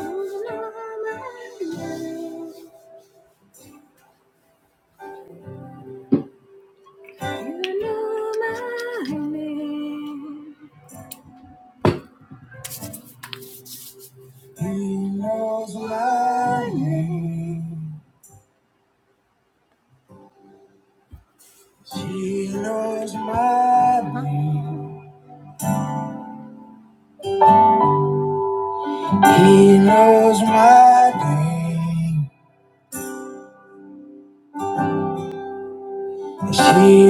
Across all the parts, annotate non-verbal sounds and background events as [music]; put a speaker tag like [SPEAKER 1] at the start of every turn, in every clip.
[SPEAKER 1] He knows my name. He knows my name. He knows my name. She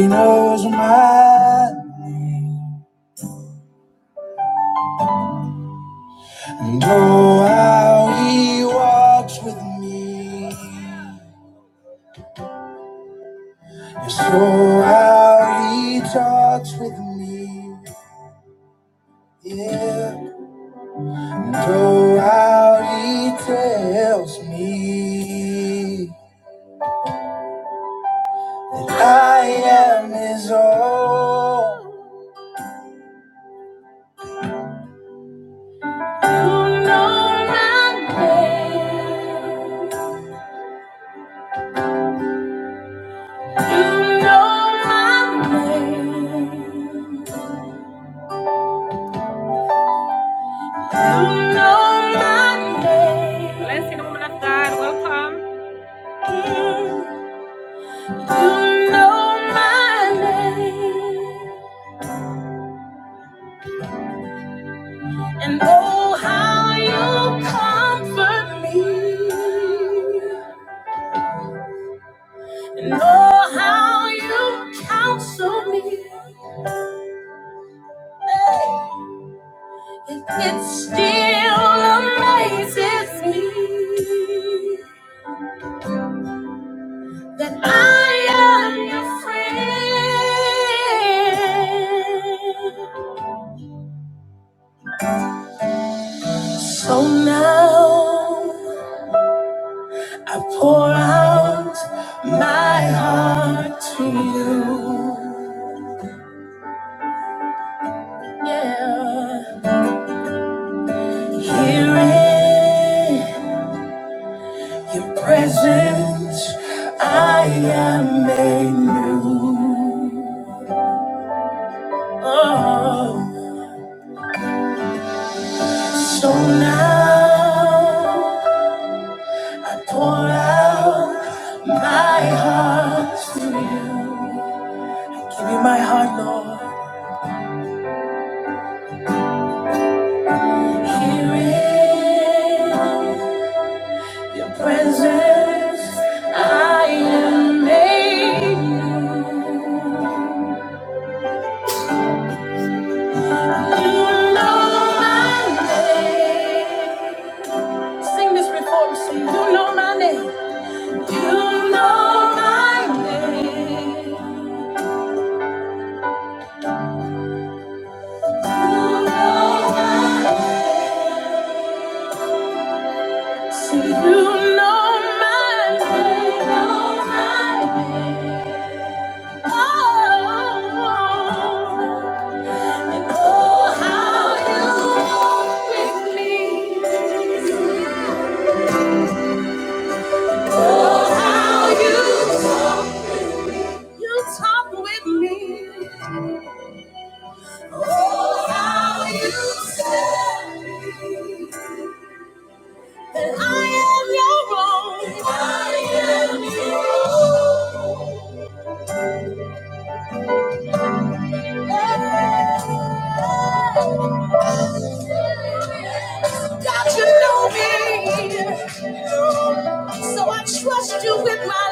[SPEAKER 1] knows my and oh how he walks with me. And so how he talks with me. Yeah. No, out, he tells me that I am his own. You know my name. You know my name. You know my name. Bless you, woman. You know my name. And oh, how you comfort me. And oh, how you counsel me. Hey, it still amazes me that I am your friend. So now I pour out my heart to you. Yeah. Here in your presence, I am made new. Oh, so now I pour out my heart to you. Give you my heart, Lord. Here in your presence, I am made new. Sing this before we sing. You know my name. You know my name. You know my name. So you know my name. Oh, and oh, how you walk with me. Oh, how you You talk with me. Oh, how you tell me that I am your own. I am your own. Yeah. God, you know me. So I trust you with my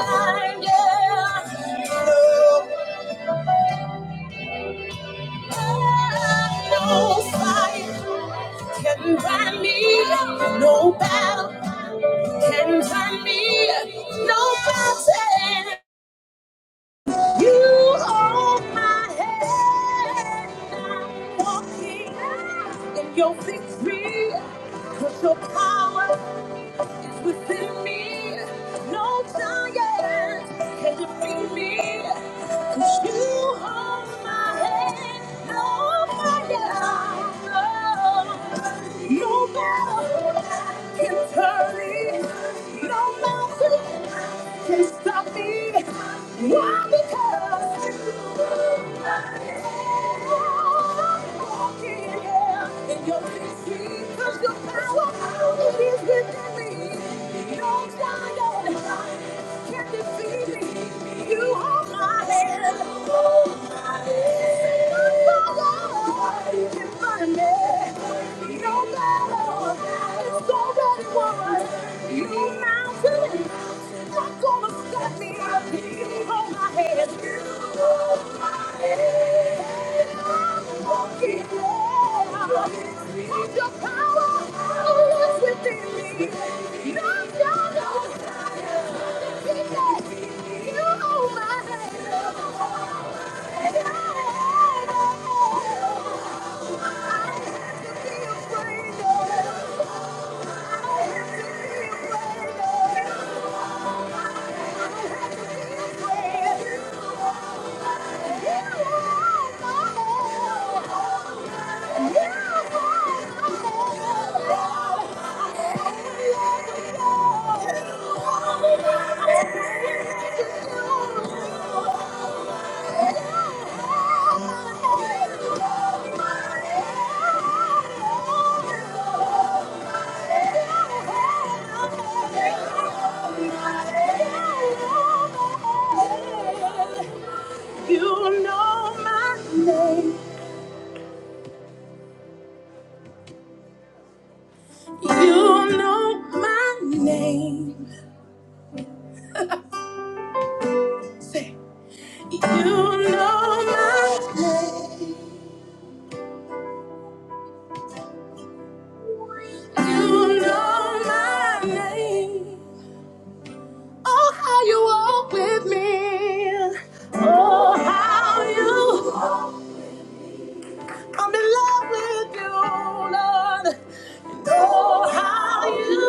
[SPEAKER 1] life. Yeah. No fire can burn me, no battle can burn me, no mountain. You hold my hand. I'm walking in your victory. Cause your power is within me. No giant can defeat me. Cause you hold my hand. No fire, no, no battle can turn me. No mountain can stop me. Why? because yeah. No matter is already won. You mountain, not gonna stop me. You hold my hand. You hold my hand. I'm walking on. Need your power. Oh, it's within me. No, no, no. I can take it. You hold my hand. I can't be afraid. You know my name. You know my name. Say, you know my name. You know my name. Oh, how you walk with me. Oh, how you. I'm in love with you, Lord. And oh, how you.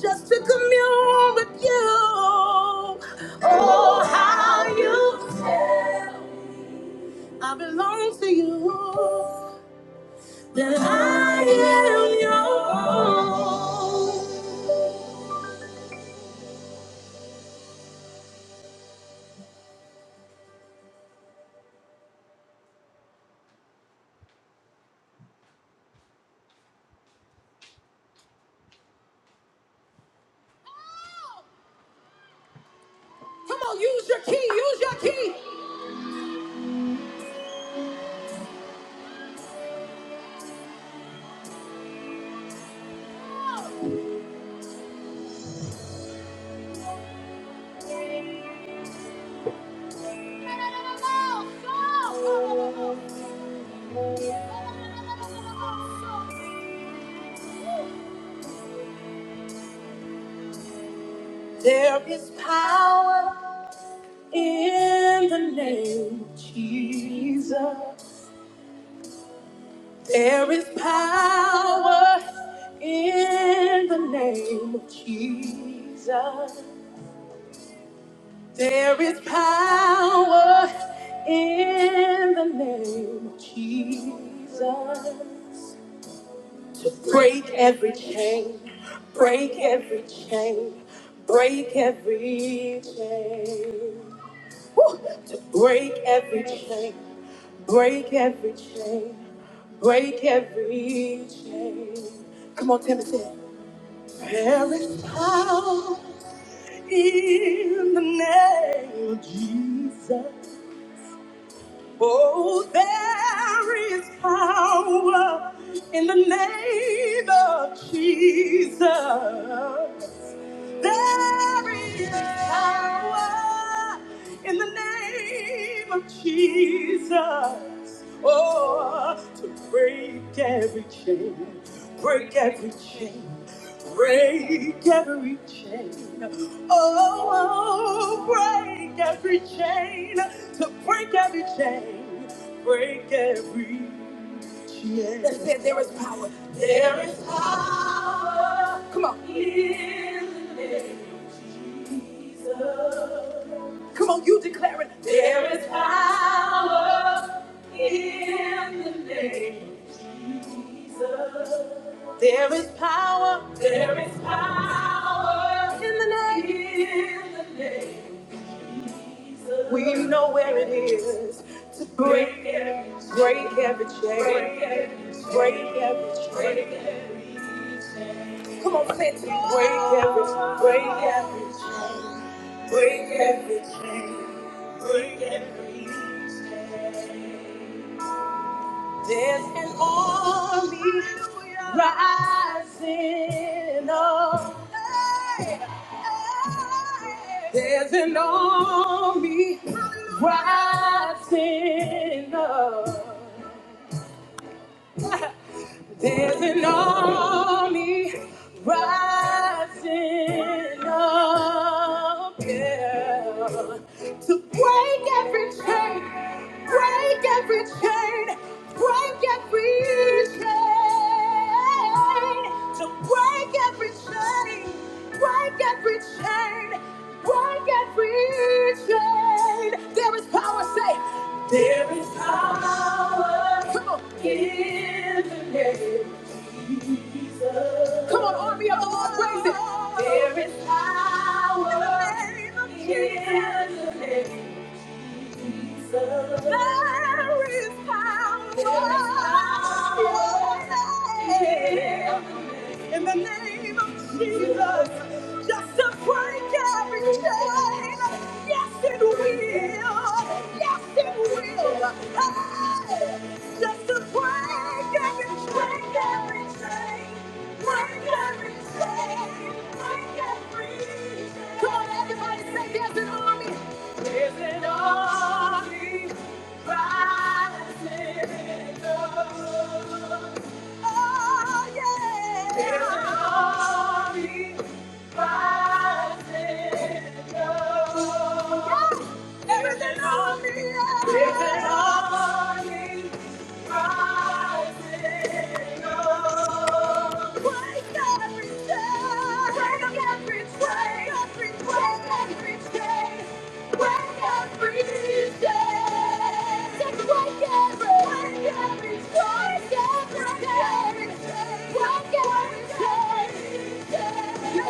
[SPEAKER 1] Just to commune with you. Oh, how you. I belong to you. That I am yours. Come on, use your key, use your key. There is power in the name of Jesus. There is power in the name of Jesus. There is power in the name of Jesus. to break every chain, break every chain, break every chain. Woo! To break every chain, break every chain, break every chain. Come on, Timothy. There is power in the name of Jesus. Oh, there is power in the name of Jesus. There is power in the name of Jesus. Oh, to break every chain, break every chain. Break every chain. Oh, oh, break every chain. To break every chain. Break every chain. That said, there is power. There is power. Come on. In the name. Come on, you declare it. There is power. There is power in the name. We know where it is To break. Break every chain. Break every chain. Come on, say it to me. Break every, break every, break every chain. Break every lease. There's an army rising up. There's an army rising up. There's an army rising up yeah, to break every chain, break every chain, break every chain, to break every chain, break every chain, break every chain. There is power, say, there is power. Come on. Come on, army of the Lord, praise it. There is power in the name of Jesus. There is power. in the name of Jesus. in the name of Jesus. Just to break every chain. Yes, it will. Yes, it will. Hey! Just to break every chain, every chain. Break every chain. Break every chain. Come on, everybody say there's an army. There's an army rising up. Everything on me. Everything on me. Everything on me. You're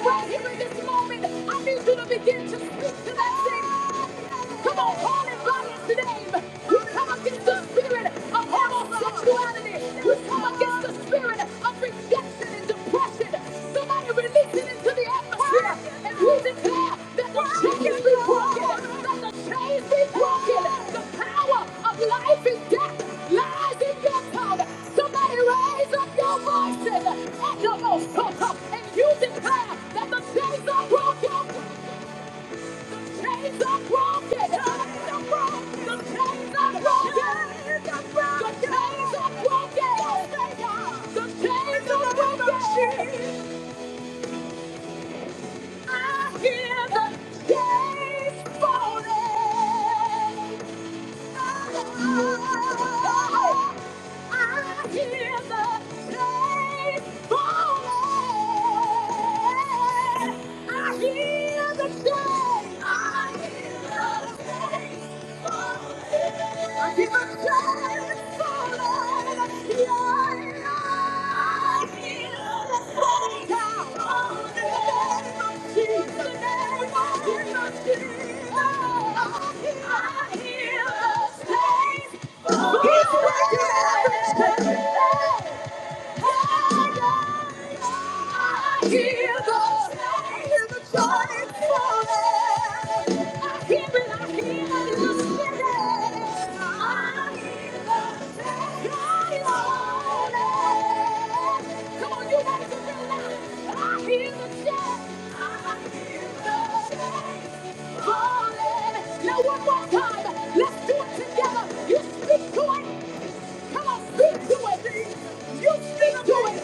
[SPEAKER 1] right here in this moment. I need you to begin to speak to that thing. Come on, call it. Life is death, lies in your tongue. Somebody raise up your voices and and you declare that the chains are broken chains are broken. The Chains are broken. The chains are broken. The chains are broken. The chains are broken. I hear the chains falling. I hear the day. He's working everything. Come on, you gotta get that I hear the shout. I hear the shout. Now one more time, let's do it together. You speak to it, Come on, speak to it. You speak to it.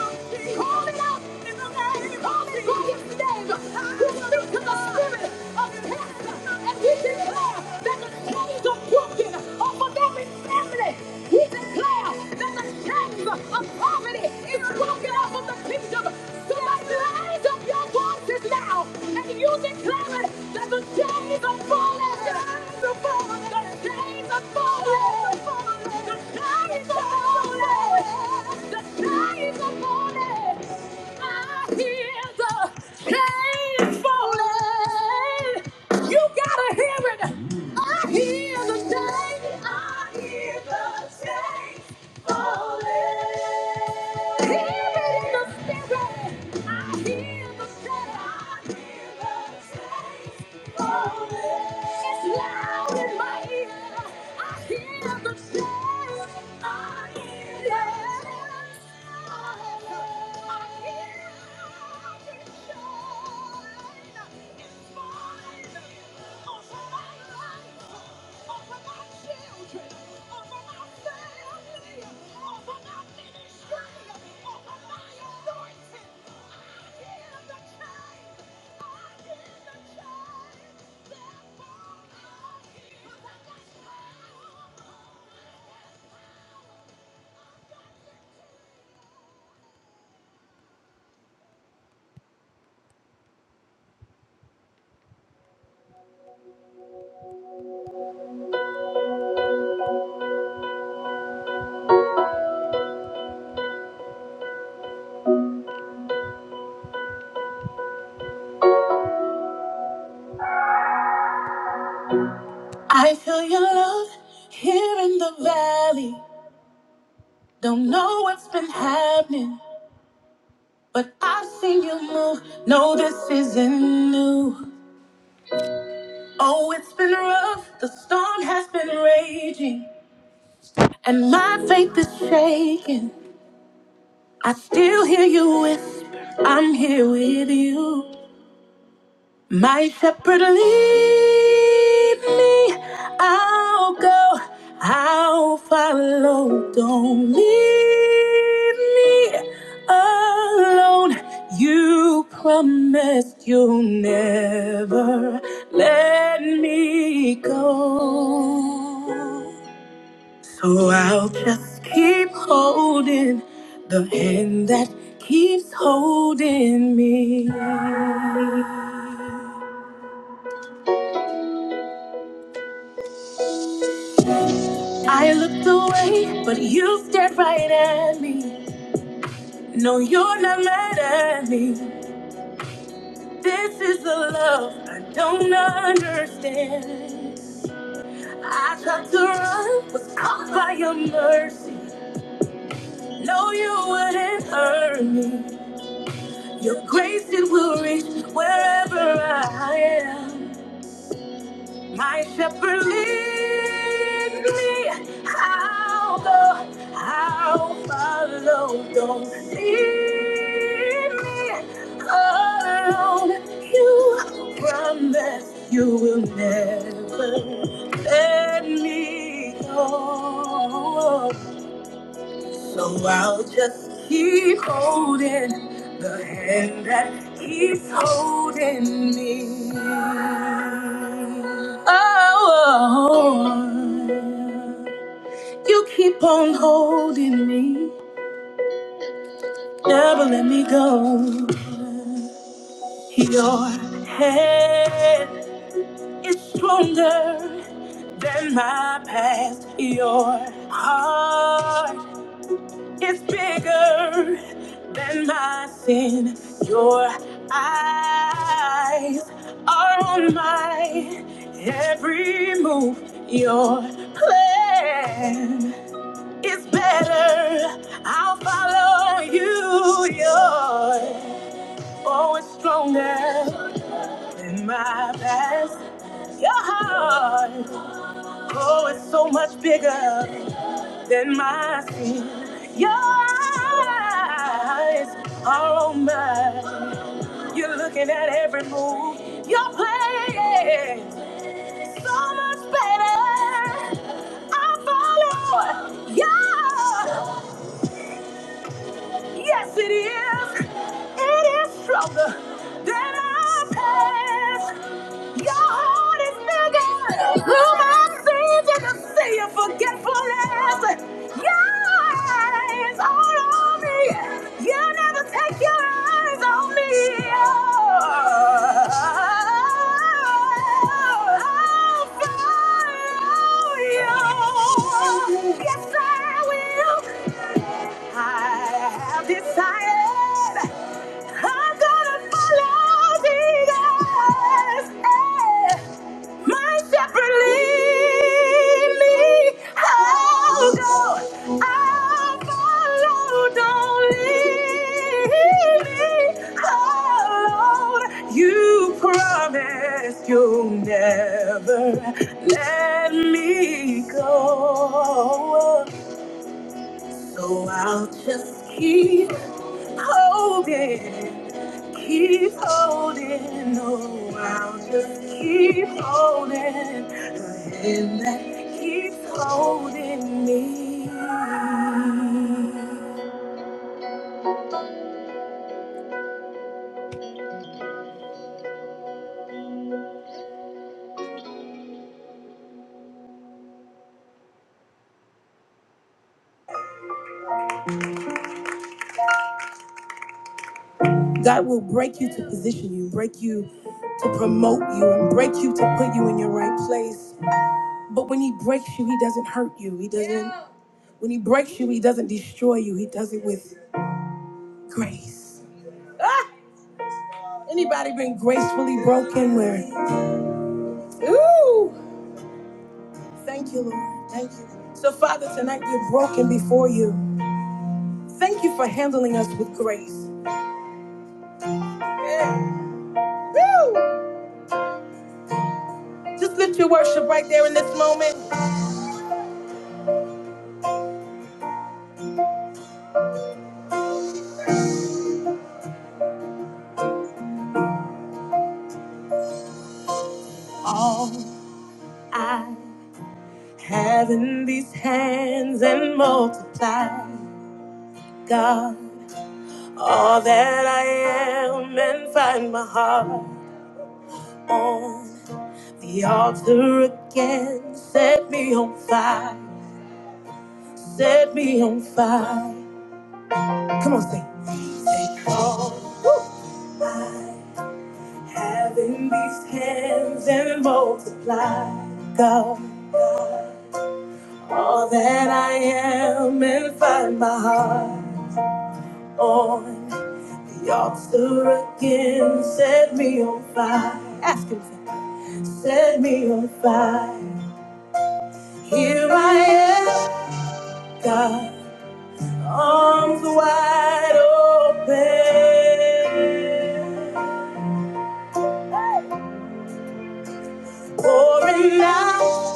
[SPEAKER 1] Call it out in the name of Jesus. Call his name. You speak to the spirit of death and we declare that the chains are broken off of every family. We declare that the chains of poverty is broken off of the kingdom. Somebody raise up your voices now and you you declare it that the days are falling. The days are falling. The days are falling. The days are falling. I hear the days falling. You gotta hear it. I hear the day. I hear the day. I feel your love here in the valley. Don't know what's been happening. But I've seen you move. No, this isn't new. Oh, it's been rough. The storm has been raging, and my faith is shaking. I still hear you whisper, I'm here with you. My shepherd lead me, I'll go, I'll follow. Don't leave me alone. You promised you'll never let me go. So I'll just keep holding the hand that keeps holding me. I looked away, but you stared right at me. No, you're not mad at me. This is the love I don't understand. I tried to run, was caught by your mercy. No, you wouldn't hurt me. Your grace, it will reach wherever I am. My shepherd lead me, I'll go, I'll follow. Don't leave me alone. You promise you will never let me go. So I'll just keep holding the hand that keeps holding me. Oh, you keep on holding me, never let me go. Your hand is stronger than my past. Your heart. It's bigger than my sin. Your eyes are on my every move. Your plan is better. I'll follow you. Your oh, it's stronger than my past. Your heart, oh, it's so much bigger than my sin. Your eyes are on mine. You're looking at every move you're playing. So much better. I follow. Yeah, yes it is. It is stronger than our past. Your heart is bigger. Whom I see, you can see your forgetfulness. Your eyes are on me. You never take your eyes on me. Oh, I'll follow you. Yes, I will. I have decided I'm gonna follow Jesus. Hey. My shepherd lead me. I'll go. I'll follow. Don't leave me alone. You promised you'll never let me go. So I'll just keep holding. Keep holding, oh, I'll just keep holding the hand that keeps holding me. God will break you to position you, break you to promote you, and break you to put you in your right place. But when He breaks you, He doesn't hurt you. He doesn't. When He breaks you, He doesn't destroy you. He does it with grace. Ah! Anybody been gracefully broken? Where? Ooh! Thank you, Lord. Thank you. So, Father, tonight we're broken before you. Thank you for handling us with grace. Yeah. Woo! Just lift your worship right there in this moment. All having these hands and multiply, God, all that I am and find my heart on the altar again. Set me on fire. Set me on fire. Come on, sing. Having these hands and multiply, God, all that I am and find my heart on the altar again. Set me on fire. Ask Him, for it. set me on fire. Here I am, God, arms wide open, pouring out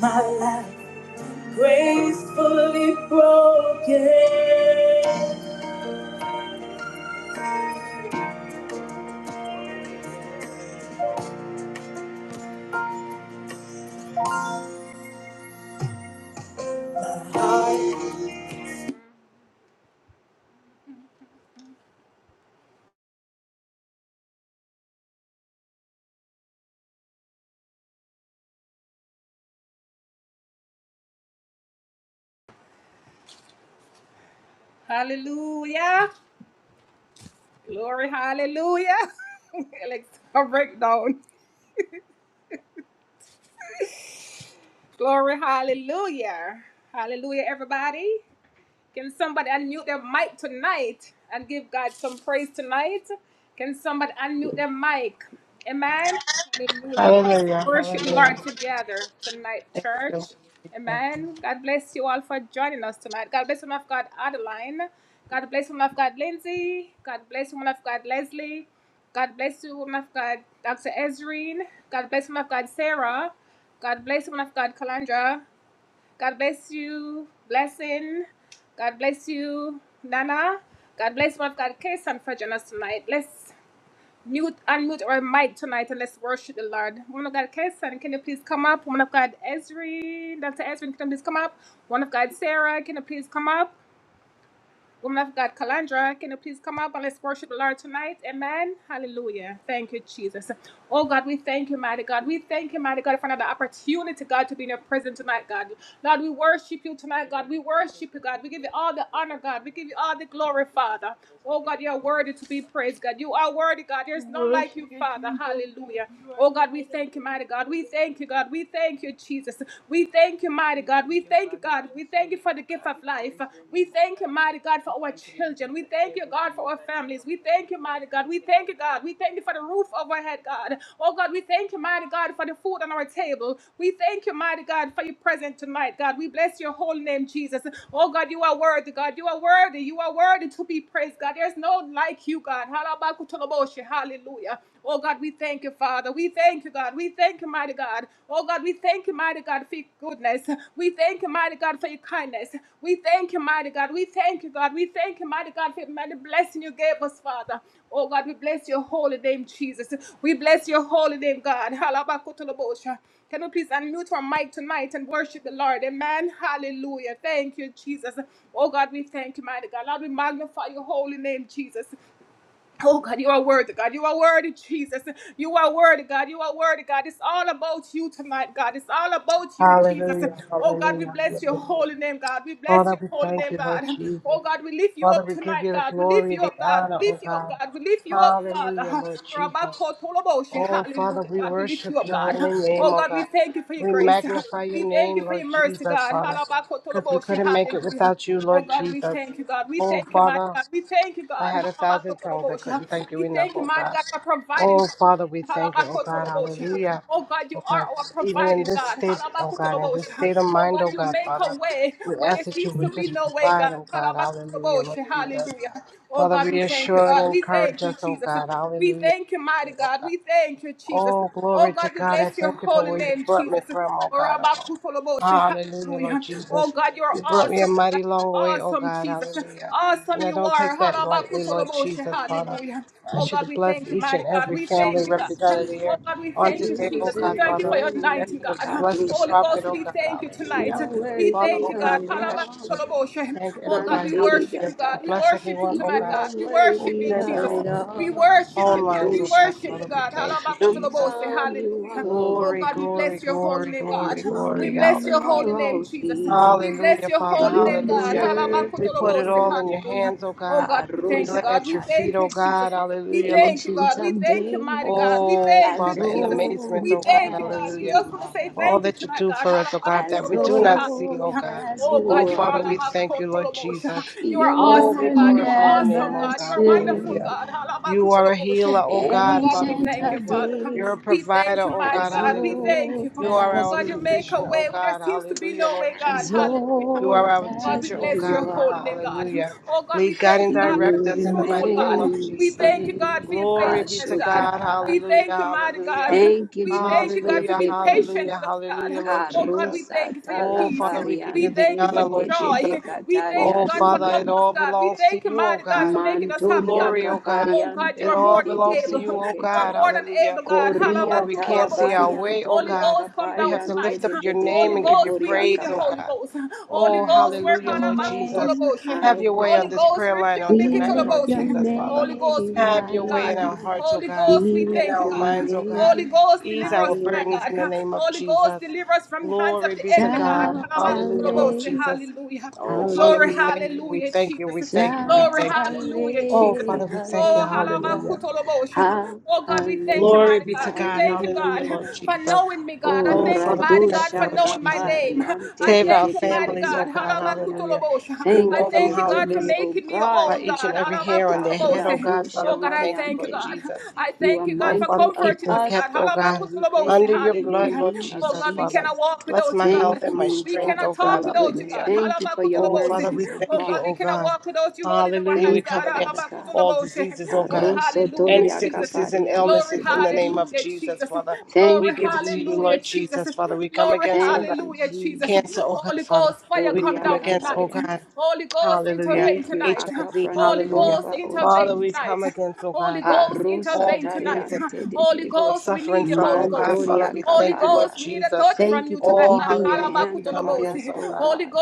[SPEAKER 1] my life. gracefully broken. [laughs]
[SPEAKER 2] Hallelujah. Hallelujah. Thank you, Jesus.
[SPEAKER 3] Devali, we thank you, God, for today. We thank you, God, for love. We thank you for mercy. thank you for grace. We give you all the honor, we give you all the praise. We worship you, Jesus, and you are God of every single God. We thank you, oh God. We bless your name, oh God. We praise your name, oh God. We thank you, mighty God, for everything, oh God, in every moment, oh God, in everything, oh God.
[SPEAKER 2] Hallelujah. Hallelujah. Hallelujah. Father, we thank you, Lord Jesus. Father, we give you the glory, the honor, oh God. Hallelujah, Lord Jesus. Oh, Father, we worship your holy name, oh God. We magnify your name, Lord Jesus, Father, because we couldn't make it without you, Lord Jesus. Oh, Father, I had a thousand tongues. I couldn't thank you enough, oh God. Oh, Father, we thank you, oh God. Hallelujah. Oh God, even in this state, oh God, in this state of mind, oh God, Father, we ask that you would just provide, oh God. Hallelujah, Lord Jesus. Father, reassure and encourage us, oh God. Hallelujah. oh God. Oh, glory to God. I thank you for where you brought me from, oh God. Oh, hallelujah, Lord Jesus. You brought me a mighty long way, oh God. Hallelujah. And I don't take that lightly, Lord Jesus, Father. I ask you to bless each and every family
[SPEAKER 4] Jesus,
[SPEAKER 2] represented
[SPEAKER 4] Jesus,
[SPEAKER 2] here on
[SPEAKER 4] you
[SPEAKER 2] today, oh God,
[SPEAKER 4] deserve the
[SPEAKER 2] Father. I ask
[SPEAKER 4] glory.
[SPEAKER 2] you to bless the
[SPEAKER 4] Kadosha
[SPEAKER 2] prophet, oh
[SPEAKER 4] Baria,
[SPEAKER 2] God.
[SPEAKER 4] you
[SPEAKER 2] Hallelujah.
[SPEAKER 4] are
[SPEAKER 2] Father,
[SPEAKER 4] worthy
[SPEAKER 2] oh
[SPEAKER 4] of
[SPEAKER 2] God,
[SPEAKER 4] it
[SPEAKER 2] we ask
[SPEAKER 4] all.
[SPEAKER 2] you to thank everybody. Hallelujah.
[SPEAKER 4] Manteri
[SPEAKER 2] To
[SPEAKER 4] Gataya,
[SPEAKER 2] bless everyone, oh
[SPEAKER 4] you
[SPEAKER 2] God,
[SPEAKER 4] are
[SPEAKER 2] who's
[SPEAKER 4] worthy
[SPEAKER 2] in
[SPEAKER 4] of
[SPEAKER 2] our
[SPEAKER 4] it all.
[SPEAKER 2] phone lines, oh God,
[SPEAKER 4] Pandoshate,
[SPEAKER 2] Father. We thank you,
[SPEAKER 4] from
[SPEAKER 2] Jesus.
[SPEAKER 4] from you are all
[SPEAKER 2] Glory, glory,
[SPEAKER 4] things,
[SPEAKER 2] glory,
[SPEAKER 4] and
[SPEAKER 2] glory,
[SPEAKER 4] to
[SPEAKER 2] glory.
[SPEAKER 4] you
[SPEAKER 2] Hallelujah.
[SPEAKER 4] are all things.
[SPEAKER 2] Hallelujah, Father.
[SPEAKER 4] You
[SPEAKER 2] Hallelujah.
[SPEAKER 4] deserve the
[SPEAKER 2] We put it all
[SPEAKER 4] glory.
[SPEAKER 2] in your hands, oh God. We lay at your
[SPEAKER 4] Parosataya.
[SPEAKER 2] feet, oh God. Hallelujah, Lord
[SPEAKER 4] Ancient
[SPEAKER 2] Jesus.
[SPEAKER 4] of days,
[SPEAKER 2] Oh,
[SPEAKER 4] as
[SPEAKER 2] Father, in amazement, oh
[SPEAKER 4] old
[SPEAKER 2] God.
[SPEAKER 4] as
[SPEAKER 2] Hallelujah.
[SPEAKER 4] you are,
[SPEAKER 2] For all that you do for us, oh God, that
[SPEAKER 4] as
[SPEAKER 2] we do not see,
[SPEAKER 4] old
[SPEAKER 2] oh God.
[SPEAKER 4] as
[SPEAKER 2] Oh,
[SPEAKER 4] you
[SPEAKER 2] Father,
[SPEAKER 4] are,
[SPEAKER 2] we thank you, Lord Jesus.
[SPEAKER 4] you
[SPEAKER 2] Oh, we
[SPEAKER 4] will
[SPEAKER 2] glorify your name,
[SPEAKER 4] never
[SPEAKER 2] oh God. Hallelujah.
[SPEAKER 4] change.
[SPEAKER 2] You are a healer, oh God, Father, we
[SPEAKER 4] Ancient
[SPEAKER 2] thank
[SPEAKER 4] of
[SPEAKER 2] you. You're a
[SPEAKER 4] days,
[SPEAKER 2] provider, oh God,
[SPEAKER 4] as
[SPEAKER 2] hallelujah.
[SPEAKER 4] old
[SPEAKER 2] You are
[SPEAKER 4] as
[SPEAKER 2] our
[SPEAKER 4] you
[SPEAKER 2] physician,
[SPEAKER 4] are,
[SPEAKER 2] oh God, hallelujah, Lord
[SPEAKER 4] as
[SPEAKER 2] Jesus. You are
[SPEAKER 4] old
[SPEAKER 2] our
[SPEAKER 4] as
[SPEAKER 2] teacher, oh God,
[SPEAKER 4] you
[SPEAKER 2] Father,
[SPEAKER 4] are,
[SPEAKER 2] hallelujah. Lead, guide, and direct
[SPEAKER 4] you
[SPEAKER 2] us in the mighty name of
[SPEAKER 4] remain the
[SPEAKER 2] Jesus.
[SPEAKER 4] same.
[SPEAKER 2] Glory be to God,
[SPEAKER 4] Ashoda.
[SPEAKER 2] hallelujah, hallelujah.
[SPEAKER 4] Thank you, Jesus, for your
[SPEAKER 2] Hallelujah, hallelujah,
[SPEAKER 4] faithfulness.
[SPEAKER 2] hallelujah, Lord Jesus.
[SPEAKER 4] Carusa
[SPEAKER 2] Oh, Father, we give you the
[SPEAKER 4] talabariante
[SPEAKER 2] honor,
[SPEAKER 4] de de
[SPEAKER 2] Lord
[SPEAKER 4] de
[SPEAKER 2] Jesus.
[SPEAKER 4] becataria
[SPEAKER 2] Oh, Father, it
[SPEAKER 4] duriante.
[SPEAKER 2] all belongs to you, oh God. The
[SPEAKER 4] Mantoria
[SPEAKER 2] glory, oh God. It
[SPEAKER 4] capariante de
[SPEAKER 2] all
[SPEAKER 4] de de
[SPEAKER 2] belongs to
[SPEAKER 4] de
[SPEAKER 2] you, oh God.
[SPEAKER 4] becete.
[SPEAKER 2] Hallelujah. Even when
[SPEAKER 4] Coria
[SPEAKER 2] we can't see our way, oh
[SPEAKER 4] talabariantoria
[SPEAKER 2] God, we have to
[SPEAKER 4] capariante
[SPEAKER 2] lift up
[SPEAKER 4] de
[SPEAKER 2] your
[SPEAKER 4] de de de
[SPEAKER 2] name and give you
[SPEAKER 4] becoria
[SPEAKER 2] praise, oh
[SPEAKER 4] capa.
[SPEAKER 2] God. Oh,
[SPEAKER 4] We lift
[SPEAKER 2] hallelujah,
[SPEAKER 4] your
[SPEAKER 2] Lord Jesus.
[SPEAKER 4] name
[SPEAKER 2] Have your way
[SPEAKER 4] higher.
[SPEAKER 2] on this prayer line on
[SPEAKER 4] We
[SPEAKER 2] tonight,
[SPEAKER 4] lift
[SPEAKER 2] Lord
[SPEAKER 4] your
[SPEAKER 2] Jesus, Father.
[SPEAKER 4] name
[SPEAKER 2] Have your way in
[SPEAKER 4] higher.
[SPEAKER 2] our hearts, oh God,
[SPEAKER 4] We
[SPEAKER 2] in
[SPEAKER 4] lift
[SPEAKER 2] our
[SPEAKER 4] your
[SPEAKER 2] minds, oh God.
[SPEAKER 4] name
[SPEAKER 2] Ease our
[SPEAKER 4] higher.
[SPEAKER 2] burdens in the name of Jesus. Glory be to God.
[SPEAKER 4] Shout
[SPEAKER 2] Hallelujah, Lord
[SPEAKER 4] hallelujah.
[SPEAKER 2] Jesus. Oh, Father, we thank you.
[SPEAKER 4] Hallelujah.
[SPEAKER 2] We thank you. We thank you. We
[SPEAKER 4] Shout
[SPEAKER 2] thank you. Oh, Father,
[SPEAKER 4] halle-
[SPEAKER 2] we thank you. Hallelujah.
[SPEAKER 4] hallelujah. Ha- halle-
[SPEAKER 2] Glory be to God. Hallelujah, Lord
[SPEAKER 4] Hallelujah.
[SPEAKER 2] Jesus.
[SPEAKER 4] Oh,
[SPEAKER 2] Oh, Father, we thank you,
[SPEAKER 4] radosha
[SPEAKER 2] Lord Jesus.
[SPEAKER 4] kapari, ante
[SPEAKER 2] Save
[SPEAKER 4] de
[SPEAKER 2] our
[SPEAKER 4] de de
[SPEAKER 2] families, oh
[SPEAKER 4] peria
[SPEAKER 2] God.
[SPEAKER 4] kapari.
[SPEAKER 2] Hallelujah. You
[SPEAKER 4] Thank you
[SPEAKER 2] know
[SPEAKER 4] for
[SPEAKER 2] them,
[SPEAKER 4] your goodness,
[SPEAKER 2] hallelujah,
[SPEAKER 4] O God.
[SPEAKER 2] by each
[SPEAKER 4] Thank
[SPEAKER 2] and
[SPEAKER 4] you,
[SPEAKER 2] every
[SPEAKER 4] Father
[SPEAKER 2] hair on their
[SPEAKER 4] God.
[SPEAKER 2] head, oh God.
[SPEAKER 4] Radosha
[SPEAKER 2] Father, we thank you, Lord
[SPEAKER 4] pariante.
[SPEAKER 2] Jesus.
[SPEAKER 4] You are
[SPEAKER 2] Oh, Father,
[SPEAKER 4] mindful of
[SPEAKER 2] keep them
[SPEAKER 4] us,
[SPEAKER 2] kept, oh
[SPEAKER 4] O
[SPEAKER 2] God,
[SPEAKER 4] God. We thank
[SPEAKER 2] under
[SPEAKER 4] you
[SPEAKER 2] your
[SPEAKER 4] in the
[SPEAKER 2] blood, Lord
[SPEAKER 4] name of
[SPEAKER 2] Jesus, Father.
[SPEAKER 4] Jesus.
[SPEAKER 2] Bless my health
[SPEAKER 4] Thank
[SPEAKER 2] and my
[SPEAKER 4] you,
[SPEAKER 2] strength,
[SPEAKER 4] Father,
[SPEAKER 2] oh
[SPEAKER 4] for
[SPEAKER 2] God.
[SPEAKER 4] your goodness.
[SPEAKER 2] Hallelujah.
[SPEAKER 4] Thank you for your
[SPEAKER 2] Oh, Father, we
[SPEAKER 4] mercies, oh
[SPEAKER 2] thank you,
[SPEAKER 4] God.
[SPEAKER 2] oh God. Hallelujah. We
[SPEAKER 4] Thank you,
[SPEAKER 2] come
[SPEAKER 4] Father
[SPEAKER 2] against
[SPEAKER 4] God.
[SPEAKER 2] all diseases, oh God.
[SPEAKER 4] Aroso
[SPEAKER 2] Any
[SPEAKER 4] toriaka
[SPEAKER 2] sicknesses and illnesses
[SPEAKER 4] pariante
[SPEAKER 2] in
[SPEAKER 4] de
[SPEAKER 2] the
[SPEAKER 4] de de
[SPEAKER 2] name
[SPEAKER 4] de.
[SPEAKER 2] of Jesus, Father. We
[SPEAKER 4] Thank you,
[SPEAKER 2] give it to you, Lord
[SPEAKER 4] Jesus.
[SPEAKER 2] Jesus, Father. We come against, oh
[SPEAKER 4] Thank
[SPEAKER 2] God,
[SPEAKER 4] you,
[SPEAKER 2] cancer, oh
[SPEAKER 4] Jesus.
[SPEAKER 2] God, Father. We come
[SPEAKER 4] Poriaka
[SPEAKER 2] against, oh
[SPEAKER 4] pariata.
[SPEAKER 2] God, hallelujah,
[SPEAKER 4] Thank you. Our cup
[SPEAKER 2] HIV,
[SPEAKER 4] runneth
[SPEAKER 2] hallelujah.
[SPEAKER 4] over, oh
[SPEAKER 2] Father, we come
[SPEAKER 4] Jesus.
[SPEAKER 2] against, oh God,
[SPEAKER 4] Parusa
[SPEAKER 2] all the things that
[SPEAKER 4] tariante de de.
[SPEAKER 2] people are suffering from, oh God, Father.
[SPEAKER 4] Mandoria
[SPEAKER 2] We thank you,
[SPEAKER 4] Kaparia.
[SPEAKER 2] Lord Jesus.
[SPEAKER 4] Thank you for
[SPEAKER 2] Oh,
[SPEAKER 4] keeping your
[SPEAKER 2] hallelujah. We
[SPEAKER 4] hand
[SPEAKER 2] come
[SPEAKER 4] upon
[SPEAKER 2] against,
[SPEAKER 4] us,
[SPEAKER 2] oh
[SPEAKER 4] O
[SPEAKER 2] God.
[SPEAKER 4] God.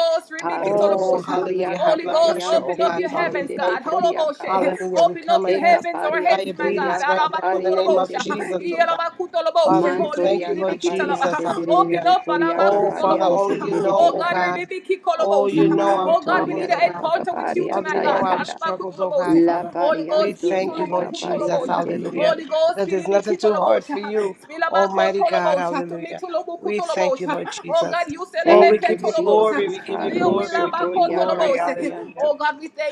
[SPEAKER 2] Oh,
[SPEAKER 4] Paroso Toria
[SPEAKER 2] hallelujah. High blood pressure.
[SPEAKER 4] Kaparian
[SPEAKER 2] Oh,
[SPEAKER 4] te
[SPEAKER 2] God,
[SPEAKER 4] de de
[SPEAKER 2] Father,
[SPEAKER 4] de
[SPEAKER 2] we
[SPEAKER 4] de be
[SPEAKER 2] thank you.
[SPEAKER 4] Koria Kapa.
[SPEAKER 2] Hallelujah. We come
[SPEAKER 4] Te
[SPEAKER 2] against
[SPEAKER 4] Kaparian
[SPEAKER 2] diabetes
[SPEAKER 4] Toria
[SPEAKER 2] right now in the name
[SPEAKER 4] Kaparian
[SPEAKER 2] of
[SPEAKER 4] te de de de
[SPEAKER 2] Jesus,
[SPEAKER 4] de
[SPEAKER 2] oh
[SPEAKER 4] be.
[SPEAKER 2] God. Father, we thank
[SPEAKER 4] Mantoria
[SPEAKER 2] you, Lord
[SPEAKER 4] Kaparia
[SPEAKER 2] Jesus.
[SPEAKER 4] te de de de de
[SPEAKER 2] Hallelujah.
[SPEAKER 4] be Koria
[SPEAKER 2] Oh, Father,
[SPEAKER 4] Kaparian te
[SPEAKER 2] only
[SPEAKER 4] de
[SPEAKER 2] you
[SPEAKER 4] de de
[SPEAKER 2] know,
[SPEAKER 4] be
[SPEAKER 2] oh
[SPEAKER 4] Katari.
[SPEAKER 2] God. Oh, you know our problems,
[SPEAKER 4] Mantoria
[SPEAKER 2] oh
[SPEAKER 4] Kapa
[SPEAKER 2] God.
[SPEAKER 4] Kaparia
[SPEAKER 2] Father, you
[SPEAKER 4] Taya
[SPEAKER 2] know our
[SPEAKER 4] Dada.
[SPEAKER 2] struggles, oh God,
[SPEAKER 4] La
[SPEAKER 2] Father. We
[SPEAKER 4] Parian
[SPEAKER 2] thank you,
[SPEAKER 4] Toria
[SPEAKER 2] Lord Jesus.
[SPEAKER 4] Kaparian te de de
[SPEAKER 2] Hallelujah.
[SPEAKER 4] de.
[SPEAKER 2] Because there's nothing too hard for you, Almighty God. Hallelujah. We thank you, Lord Jesus. Oh, we
[SPEAKER 4] Thank you,
[SPEAKER 2] give you glory.
[SPEAKER 4] Jesus.
[SPEAKER 2] We give you glory. We
[SPEAKER 4] Paruso
[SPEAKER 2] give you
[SPEAKER 4] toria
[SPEAKER 2] glory. Hallelujah.
[SPEAKER 4] kapariante.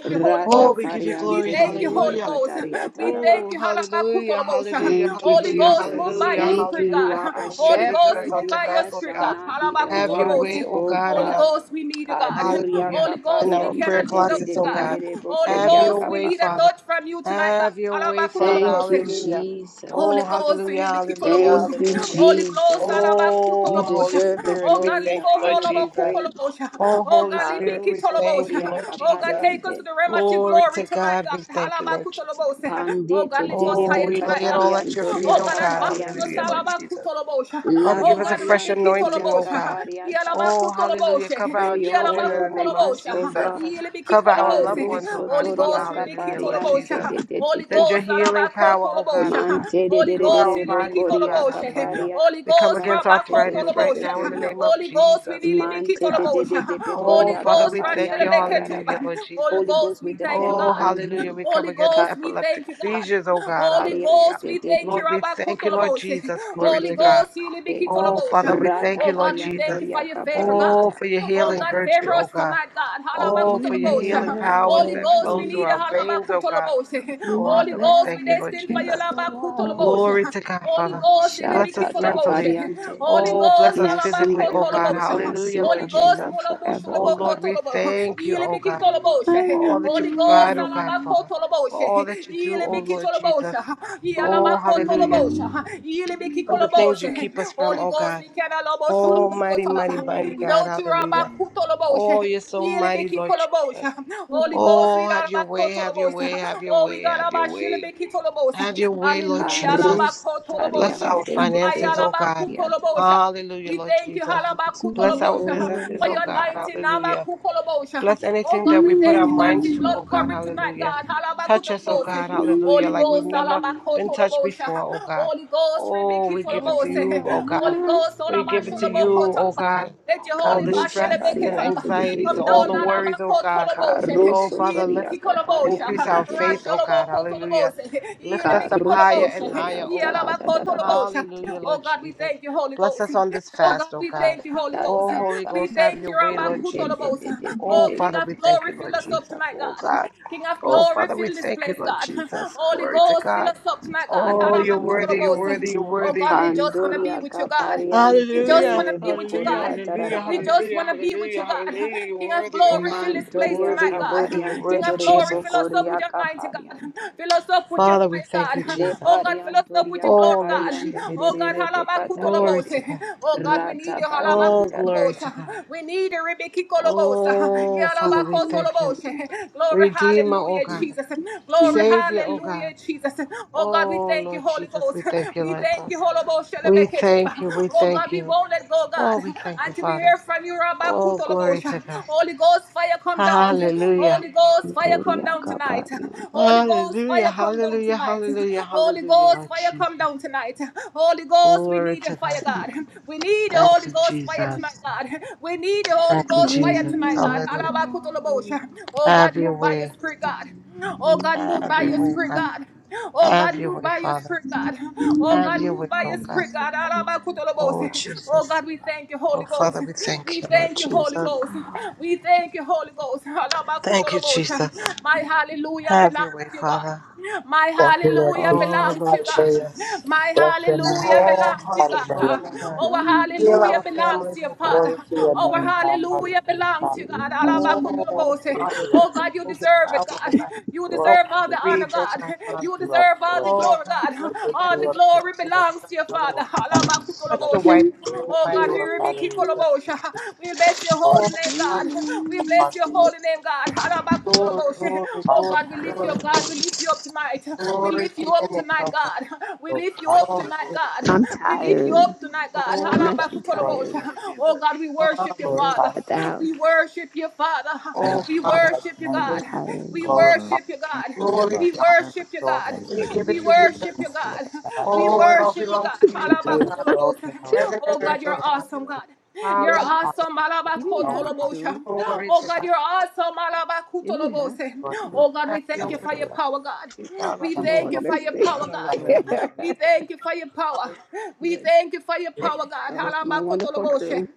[SPEAKER 4] Rata
[SPEAKER 2] Oh, we give you glory.
[SPEAKER 4] pariante de de de de
[SPEAKER 2] Hallelujah.
[SPEAKER 4] beka taria taraba.
[SPEAKER 2] Ooh, hallelujah, hallelujah,
[SPEAKER 4] Thank you,
[SPEAKER 2] hallelujah,
[SPEAKER 4] Jesus.
[SPEAKER 2] hallelujah,
[SPEAKER 4] Thank you.
[SPEAKER 2] hallelujah,
[SPEAKER 4] You are our
[SPEAKER 2] hallelujah. Visit us
[SPEAKER 4] shepherd.
[SPEAKER 2] on
[SPEAKER 4] You
[SPEAKER 2] tonight,
[SPEAKER 4] I
[SPEAKER 2] Lord
[SPEAKER 4] shall
[SPEAKER 2] God.
[SPEAKER 4] not be in
[SPEAKER 2] Have your
[SPEAKER 4] want,
[SPEAKER 2] way, oh
[SPEAKER 4] O
[SPEAKER 2] God, in our
[SPEAKER 4] God. Paduria
[SPEAKER 2] hallelujah, in our prayer
[SPEAKER 4] kapariante de de de
[SPEAKER 2] closets,
[SPEAKER 4] de
[SPEAKER 2] oh
[SPEAKER 4] de de
[SPEAKER 2] God.
[SPEAKER 4] de
[SPEAKER 2] Have
[SPEAKER 4] bokoria
[SPEAKER 2] your way,
[SPEAKER 4] kapa.
[SPEAKER 2] Father. Have your way, Father.
[SPEAKER 4] Thank you,
[SPEAKER 2] Hallelujah.
[SPEAKER 4] Jesus.
[SPEAKER 2] Oh, hallelujah, hallelujah,
[SPEAKER 4] Thank you,
[SPEAKER 2] hallelujah.
[SPEAKER 4] Jesus.
[SPEAKER 2] Oh,
[SPEAKER 4] You
[SPEAKER 2] Holy
[SPEAKER 4] deserve the
[SPEAKER 2] Spirit, we
[SPEAKER 4] glory,
[SPEAKER 2] thank
[SPEAKER 4] the
[SPEAKER 2] you, Lord
[SPEAKER 4] honor, the
[SPEAKER 2] Jesus.
[SPEAKER 4] praise.
[SPEAKER 2] Oh, Holy Spirit, we
[SPEAKER 4] Paruso
[SPEAKER 2] thank you,
[SPEAKER 4] toria
[SPEAKER 2] Lord Jesus.
[SPEAKER 4] capariante.
[SPEAKER 2] Glory to God, we thank you, Lord Jesus.
[SPEAKER 4] Pandete
[SPEAKER 2] Oh,
[SPEAKER 4] derebe
[SPEAKER 2] we lay it all at your feet,
[SPEAKER 4] catariantoria
[SPEAKER 2] oh God.
[SPEAKER 4] capariante.
[SPEAKER 2] Hallelujah, Lord
[SPEAKER 4] de.
[SPEAKER 2] Jesus. Father,
[SPEAKER 4] La
[SPEAKER 2] give us a fresh
[SPEAKER 4] pariantoria
[SPEAKER 2] anointing, oh God.
[SPEAKER 4] caparianta.
[SPEAKER 2] Oh, hallelujah. Cover
[SPEAKER 4] Pour
[SPEAKER 2] our
[SPEAKER 4] your
[SPEAKER 2] children
[SPEAKER 4] oil
[SPEAKER 2] in the
[SPEAKER 4] on
[SPEAKER 2] name of
[SPEAKER 4] us, O
[SPEAKER 2] Jesus.
[SPEAKER 4] God.
[SPEAKER 2] Cover our loved ones, oh
[SPEAKER 4] Paruso
[SPEAKER 2] God, Father.
[SPEAKER 4] toria
[SPEAKER 2] Hallelujah, Lord
[SPEAKER 4] capariante
[SPEAKER 2] Jesus.
[SPEAKER 4] de de de de.
[SPEAKER 2] Send your healing power, oh God, oh God,
[SPEAKER 4] Mante de de de
[SPEAKER 2] through
[SPEAKER 4] de
[SPEAKER 2] our
[SPEAKER 4] de
[SPEAKER 2] bodies, oh God.
[SPEAKER 4] bocoria
[SPEAKER 2] Hallelujah.
[SPEAKER 4] capariante
[SPEAKER 2] We come against
[SPEAKER 4] de de
[SPEAKER 2] arthritis
[SPEAKER 4] de
[SPEAKER 2] right now in the name
[SPEAKER 4] becoriata.
[SPEAKER 2] of Jesus. Glory to
[SPEAKER 4] Mante de
[SPEAKER 2] God.
[SPEAKER 4] de de de
[SPEAKER 2] Oh,
[SPEAKER 4] pecoria
[SPEAKER 2] Father, we thank you.
[SPEAKER 4] caparianta
[SPEAKER 2] Hallelujah,
[SPEAKER 4] yaraba.
[SPEAKER 2] Lord Jesus.
[SPEAKER 4] Holy Ghost, we depend
[SPEAKER 2] Oh,
[SPEAKER 4] on
[SPEAKER 2] hallelujah.
[SPEAKER 4] you.
[SPEAKER 2] We come against
[SPEAKER 4] Caparia
[SPEAKER 2] epileptic seizures, oh God, hallelujah.
[SPEAKER 4] de de
[SPEAKER 2] Lord, we thank you, Lord Jesus.
[SPEAKER 4] de
[SPEAKER 2] Glory
[SPEAKER 4] de
[SPEAKER 2] to
[SPEAKER 4] de
[SPEAKER 2] God.
[SPEAKER 4] de.
[SPEAKER 2] Oh, Father, we thank
[SPEAKER 4] Rata
[SPEAKER 2] you, Lord Jesus.
[SPEAKER 4] pariantoria
[SPEAKER 2] Oh,
[SPEAKER 4] capariata.
[SPEAKER 2] for your healing virtue, oh God. Oh,
[SPEAKER 4] You
[SPEAKER 2] for your
[SPEAKER 4] made
[SPEAKER 2] healing
[SPEAKER 4] a
[SPEAKER 2] powers that
[SPEAKER 4] way
[SPEAKER 2] flow through our veins, oh God.
[SPEAKER 4] when
[SPEAKER 2] Oh,
[SPEAKER 4] my
[SPEAKER 2] Father, we
[SPEAKER 4] back
[SPEAKER 2] thank you,
[SPEAKER 4] was
[SPEAKER 2] Lord Jesus.
[SPEAKER 4] against the wall.
[SPEAKER 2] Glory to God, Father. Bless us
[SPEAKER 4] Shatata
[SPEAKER 2] mentally.
[SPEAKER 4] pariante.
[SPEAKER 2] Oh, bless
[SPEAKER 4] May
[SPEAKER 2] us
[SPEAKER 4] I sing
[SPEAKER 2] physically,
[SPEAKER 4] of your
[SPEAKER 2] oh God.
[SPEAKER 4] goodness. May I
[SPEAKER 2] Hallelujah,
[SPEAKER 4] sing
[SPEAKER 2] Lord
[SPEAKER 4] of your
[SPEAKER 2] Jesus.
[SPEAKER 4] love forever,
[SPEAKER 2] Oh,
[SPEAKER 4] O
[SPEAKER 2] Lord,
[SPEAKER 4] God.
[SPEAKER 2] we thank you, oh God
[SPEAKER 4] I
[SPEAKER 2] for all that you provide, oh God,
[SPEAKER 4] remove,
[SPEAKER 2] Father, for all that you do, oh Lord Jesus.
[SPEAKER 4] I
[SPEAKER 2] Oh, hallelujah.
[SPEAKER 4] remove.
[SPEAKER 2] For the things you keep us from, oh God. Oh, mighty, mighty, mighty God, hallelujah. Oh, you're so mighty, Lord Jesus. Oh, have your way, have your way, have your way, have your way. Have your way, Lord Jesus. Bless
[SPEAKER 4] Parustariam
[SPEAKER 2] our finances,
[SPEAKER 4] tede
[SPEAKER 2] oh God.
[SPEAKER 4] yata
[SPEAKER 2] Hallelujah, Lord Jesus. Bless
[SPEAKER 4] antu
[SPEAKER 2] our businesses,
[SPEAKER 4] oro.
[SPEAKER 2] oh God. Hallelujah. Bless anything that we put our minds to, oh God, hallelujah. Touch us, oh God, hallelujah, like we've never been touched before, oh God. Oh, we give it to
[SPEAKER 4] Open
[SPEAKER 2] you,
[SPEAKER 4] my
[SPEAKER 2] oh God.
[SPEAKER 4] mind,
[SPEAKER 2] We give it to you,
[SPEAKER 4] spirit.
[SPEAKER 2] oh God. All the
[SPEAKER 4] Kadosha
[SPEAKER 2] stress and
[SPEAKER 4] variante de de
[SPEAKER 2] anxieties,
[SPEAKER 4] de de
[SPEAKER 2] all
[SPEAKER 4] de
[SPEAKER 2] the
[SPEAKER 4] de de.
[SPEAKER 2] worries, oh God. Oh,
[SPEAKER 4] Caroso
[SPEAKER 2] Father,
[SPEAKER 4] toria
[SPEAKER 2] lift, increase
[SPEAKER 4] capariante
[SPEAKER 2] our
[SPEAKER 4] de de.
[SPEAKER 2] faith, oh God, hallelujah. Lift us up higher
[SPEAKER 4] Caroso
[SPEAKER 2] and higher,
[SPEAKER 4] toria
[SPEAKER 2] oh
[SPEAKER 4] da da
[SPEAKER 2] God.
[SPEAKER 4] da da da
[SPEAKER 2] Hallelujah,
[SPEAKER 4] variante
[SPEAKER 2] Lord Jesus. Bless us on this fast, oh God. Oh, Holy Ghost, have your way, Lord Jesus. Oh, Father, we thank you, Lord Jesus. Oh, God. Oh, Father, we thank you, Lord Jesus. Glory to God.
[SPEAKER 4] Taria
[SPEAKER 2] Oh, you're worthy,
[SPEAKER 4] Duriata
[SPEAKER 2] you're worthy, you're worthy.
[SPEAKER 4] Pandoria Capariante
[SPEAKER 2] Hallelujah,
[SPEAKER 4] de
[SPEAKER 2] hallelujah,
[SPEAKER 4] Bocoria
[SPEAKER 2] hallelujah,
[SPEAKER 4] Tararaba
[SPEAKER 2] hallelujah, hallelujah, hallelujah. You're worthy, oh God. You're
[SPEAKER 4] Mantoria
[SPEAKER 2] worthy, you're worthy, you're
[SPEAKER 4] Capariante
[SPEAKER 2] worthy,
[SPEAKER 4] de
[SPEAKER 2] Jesus.
[SPEAKER 4] Bocoria Capariante
[SPEAKER 2] Father, we thank you,
[SPEAKER 4] Le
[SPEAKER 2] Jesus.
[SPEAKER 4] Pariantoria
[SPEAKER 2] Oh, Lord
[SPEAKER 4] Capariante
[SPEAKER 2] Jesus.
[SPEAKER 4] de
[SPEAKER 2] Glory
[SPEAKER 4] Pecatariate
[SPEAKER 2] to God.
[SPEAKER 4] Rata
[SPEAKER 2] Oh,
[SPEAKER 4] Pariante
[SPEAKER 2] glory to
[SPEAKER 4] Dada
[SPEAKER 2] God. Oh, Father, we thank you. Redeemer, oh God. Savior, oh God. Oh, Lord Jesus, we thank you, Lord God. We thank you, we thank you. Oh, we thank you, Father. Oh, glory to God. Hallelujah.
[SPEAKER 4] Antoria Capariante
[SPEAKER 2] Hallelujah, hallelujah, hallelujah, hallelujah, Lord Jesus. Glory to God. Thank you, Jesus. Thank you, Jesus. Hallelujah. Have your way. Have your way, God. Have your way, Father. Have your way, oh God. Oh, Jesus. Oh, Father, we thank you, Lord Jesus. Thank you, Jesus. Have your way, Father.
[SPEAKER 5] Thank you, Lord Jesus.
[SPEAKER 2] Oh, Lord
[SPEAKER 5] Hallelujah.
[SPEAKER 2] Jesus.
[SPEAKER 5] Bless your name.
[SPEAKER 2] All hearts are
[SPEAKER 5] Hallelujah.
[SPEAKER 2] broken, oh God. Heal our families, oh God.
[SPEAKER 5] Glory to your
[SPEAKER 2] Hallelujah.
[SPEAKER 5] name, God. Hallelujah, Father.
[SPEAKER 2] Oh,
[SPEAKER 5] We lift you up.
[SPEAKER 2] hallelujah. Send your power, oh God.
[SPEAKER 5] Glorify
[SPEAKER 2] Over the
[SPEAKER 5] your name.
[SPEAKER 2] bereaved, oh God,
[SPEAKER 5] We lift
[SPEAKER 2] Father.
[SPEAKER 5] you up, Lord.
[SPEAKER 2] Oh, God, bless
[SPEAKER 5] We
[SPEAKER 2] the
[SPEAKER 5] lift you
[SPEAKER 2] families
[SPEAKER 5] up
[SPEAKER 2] in
[SPEAKER 5] to
[SPEAKER 2] Texas,
[SPEAKER 5] the Lord.
[SPEAKER 2] oh God,
[SPEAKER 5] We
[SPEAKER 2] hallelujah.
[SPEAKER 5] glorify you.
[SPEAKER 2] Touch
[SPEAKER 5] Bless
[SPEAKER 2] the White House in the
[SPEAKER 5] you.
[SPEAKER 2] mighty name
[SPEAKER 5] Glorify the
[SPEAKER 2] of
[SPEAKER 5] name.
[SPEAKER 2] Jesus.
[SPEAKER 5] We glorify
[SPEAKER 2] Oh, Father,
[SPEAKER 5] you.
[SPEAKER 2] glory, glory,
[SPEAKER 5] Father,
[SPEAKER 2] glory,
[SPEAKER 5] Mother, we
[SPEAKER 2] glory, God. Glory to your name, oh God.
[SPEAKER 5] glorify you.
[SPEAKER 2] Oh, hallelujah.
[SPEAKER 4] I'm tired. I'm
[SPEAKER 2] Glory to
[SPEAKER 5] Thank
[SPEAKER 4] actually
[SPEAKER 5] you, Lord
[SPEAKER 4] tired.
[SPEAKER 5] Jesus.
[SPEAKER 4] Where your kids
[SPEAKER 2] God,
[SPEAKER 5] Glorify
[SPEAKER 4] At At the
[SPEAKER 5] your
[SPEAKER 2] hallelujah.
[SPEAKER 4] house.
[SPEAKER 5] name.
[SPEAKER 2] Oh,
[SPEAKER 5] We Glorify your name.
[SPEAKER 2] Father,
[SPEAKER 4] I'm tired.
[SPEAKER 5] Glorify your name. We
[SPEAKER 2] Glory to God.
[SPEAKER 5] honor and exalt you.
[SPEAKER 2] We give it to you, God.
[SPEAKER 5] Thank you, Lord God.
[SPEAKER 2] Oh, it all belongs to you, oh
[SPEAKER 5] We
[SPEAKER 2] God.
[SPEAKER 5] exalt you, Lord
[SPEAKER 4] Two.
[SPEAKER 5] God.
[SPEAKER 2] Heaven and
[SPEAKER 5] We
[SPEAKER 2] earth, oh
[SPEAKER 5] exalt
[SPEAKER 2] God.
[SPEAKER 4] That's,
[SPEAKER 2] Hallelujah.
[SPEAKER 5] you.
[SPEAKER 4] you didn't
[SPEAKER 5] No
[SPEAKER 4] have
[SPEAKER 5] one else
[SPEAKER 4] to.
[SPEAKER 2] Glory to
[SPEAKER 5] can
[SPEAKER 2] God.
[SPEAKER 4] You
[SPEAKER 2] So
[SPEAKER 4] didn't have to.
[SPEAKER 5] worship
[SPEAKER 4] [laughs]
[SPEAKER 2] Have your way,
[SPEAKER 5] Hallelujah.
[SPEAKER 2] Heavenly Father.
[SPEAKER 4] I'm gonna
[SPEAKER 5] Thank you,
[SPEAKER 4] walk
[SPEAKER 5] Lord.
[SPEAKER 4] next day. I'm
[SPEAKER 2] Have your
[SPEAKER 4] not
[SPEAKER 2] way.
[SPEAKER 4] looking at you. I'm
[SPEAKER 5] Hallelujah.
[SPEAKER 4] not looking [laughs] at you like that. [laughs] Good.
[SPEAKER 2] Thank you,
[SPEAKER 4] Oh,
[SPEAKER 2] Lord.
[SPEAKER 4] my wonderful crew.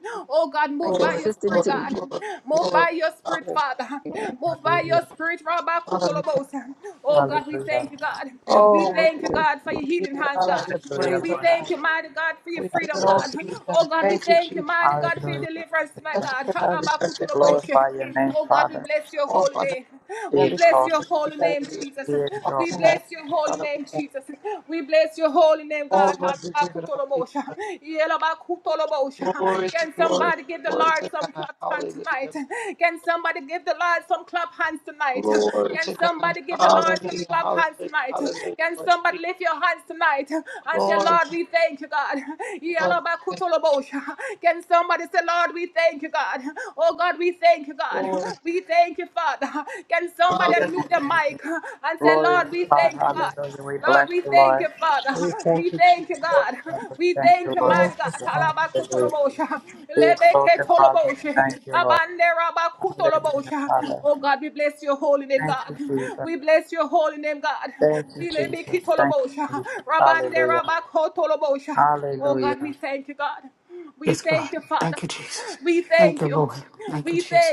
[SPEAKER 4] My
[SPEAKER 2] Glory,
[SPEAKER 4] consistent
[SPEAKER 2] glory,
[SPEAKER 4] team.
[SPEAKER 2] glory, glory. Hallelujah.
[SPEAKER 4] Yeah.
[SPEAKER 5] Hallelujah.
[SPEAKER 2] Father, we thank you.
[SPEAKER 5] Hallelujah.
[SPEAKER 2] Oh, we want to
[SPEAKER 4] Listen,
[SPEAKER 2] give you the honor and the
[SPEAKER 5] Hallelujah,
[SPEAKER 2] praise, oh
[SPEAKER 5] Lord.
[SPEAKER 2] God. We
[SPEAKER 5] Thank
[SPEAKER 2] give it
[SPEAKER 5] you,
[SPEAKER 2] all
[SPEAKER 5] Lord.
[SPEAKER 2] to you, God. Thank you, Jesus.
[SPEAKER 5] Hallelujah.
[SPEAKER 2] Bless
[SPEAKER 5] Thank
[SPEAKER 2] us
[SPEAKER 5] you.
[SPEAKER 2] in our respective places.
[SPEAKER 5] Glorify your name, Father.
[SPEAKER 2] Oh, Father, in
[SPEAKER 5] Be
[SPEAKER 2] every
[SPEAKER 5] exalted.
[SPEAKER 2] family represented here.
[SPEAKER 5] Be
[SPEAKER 2] On
[SPEAKER 5] exalted.
[SPEAKER 2] tonight, Father, we thank you. Oh, Lord, we give it all to you. Glory to glory to glory to God. Hallelujah. Glory to God. Hallelujah. Hallelujah. Hallelujah. Lord Jesus. Glory to God. Thank you. Glory.
[SPEAKER 5] To your
[SPEAKER 2] Hallelujah.
[SPEAKER 5] name, Jesus. Glory to
[SPEAKER 2] Thank you,
[SPEAKER 5] God.
[SPEAKER 2] Jesus.
[SPEAKER 5] Hallelujah. We bless you, Lord.
[SPEAKER 2] We thank you, Jesus.
[SPEAKER 5] Glory to God. We Thank you, Lord.
[SPEAKER 2] Thank you,
[SPEAKER 5] Jesus.
[SPEAKER 2] Father.
[SPEAKER 5] Hallelujah. Be exalted, Father. We Thank you, Lord. Hallelujah, Father. Thank you, Jesus. Thank you, Jesus. Thank you, Jesus. Hallelujah. Hallelujah.
[SPEAKER 6] Yes, God. Thank you, Jesus. Thank you, Lord. Thank you, Jesus.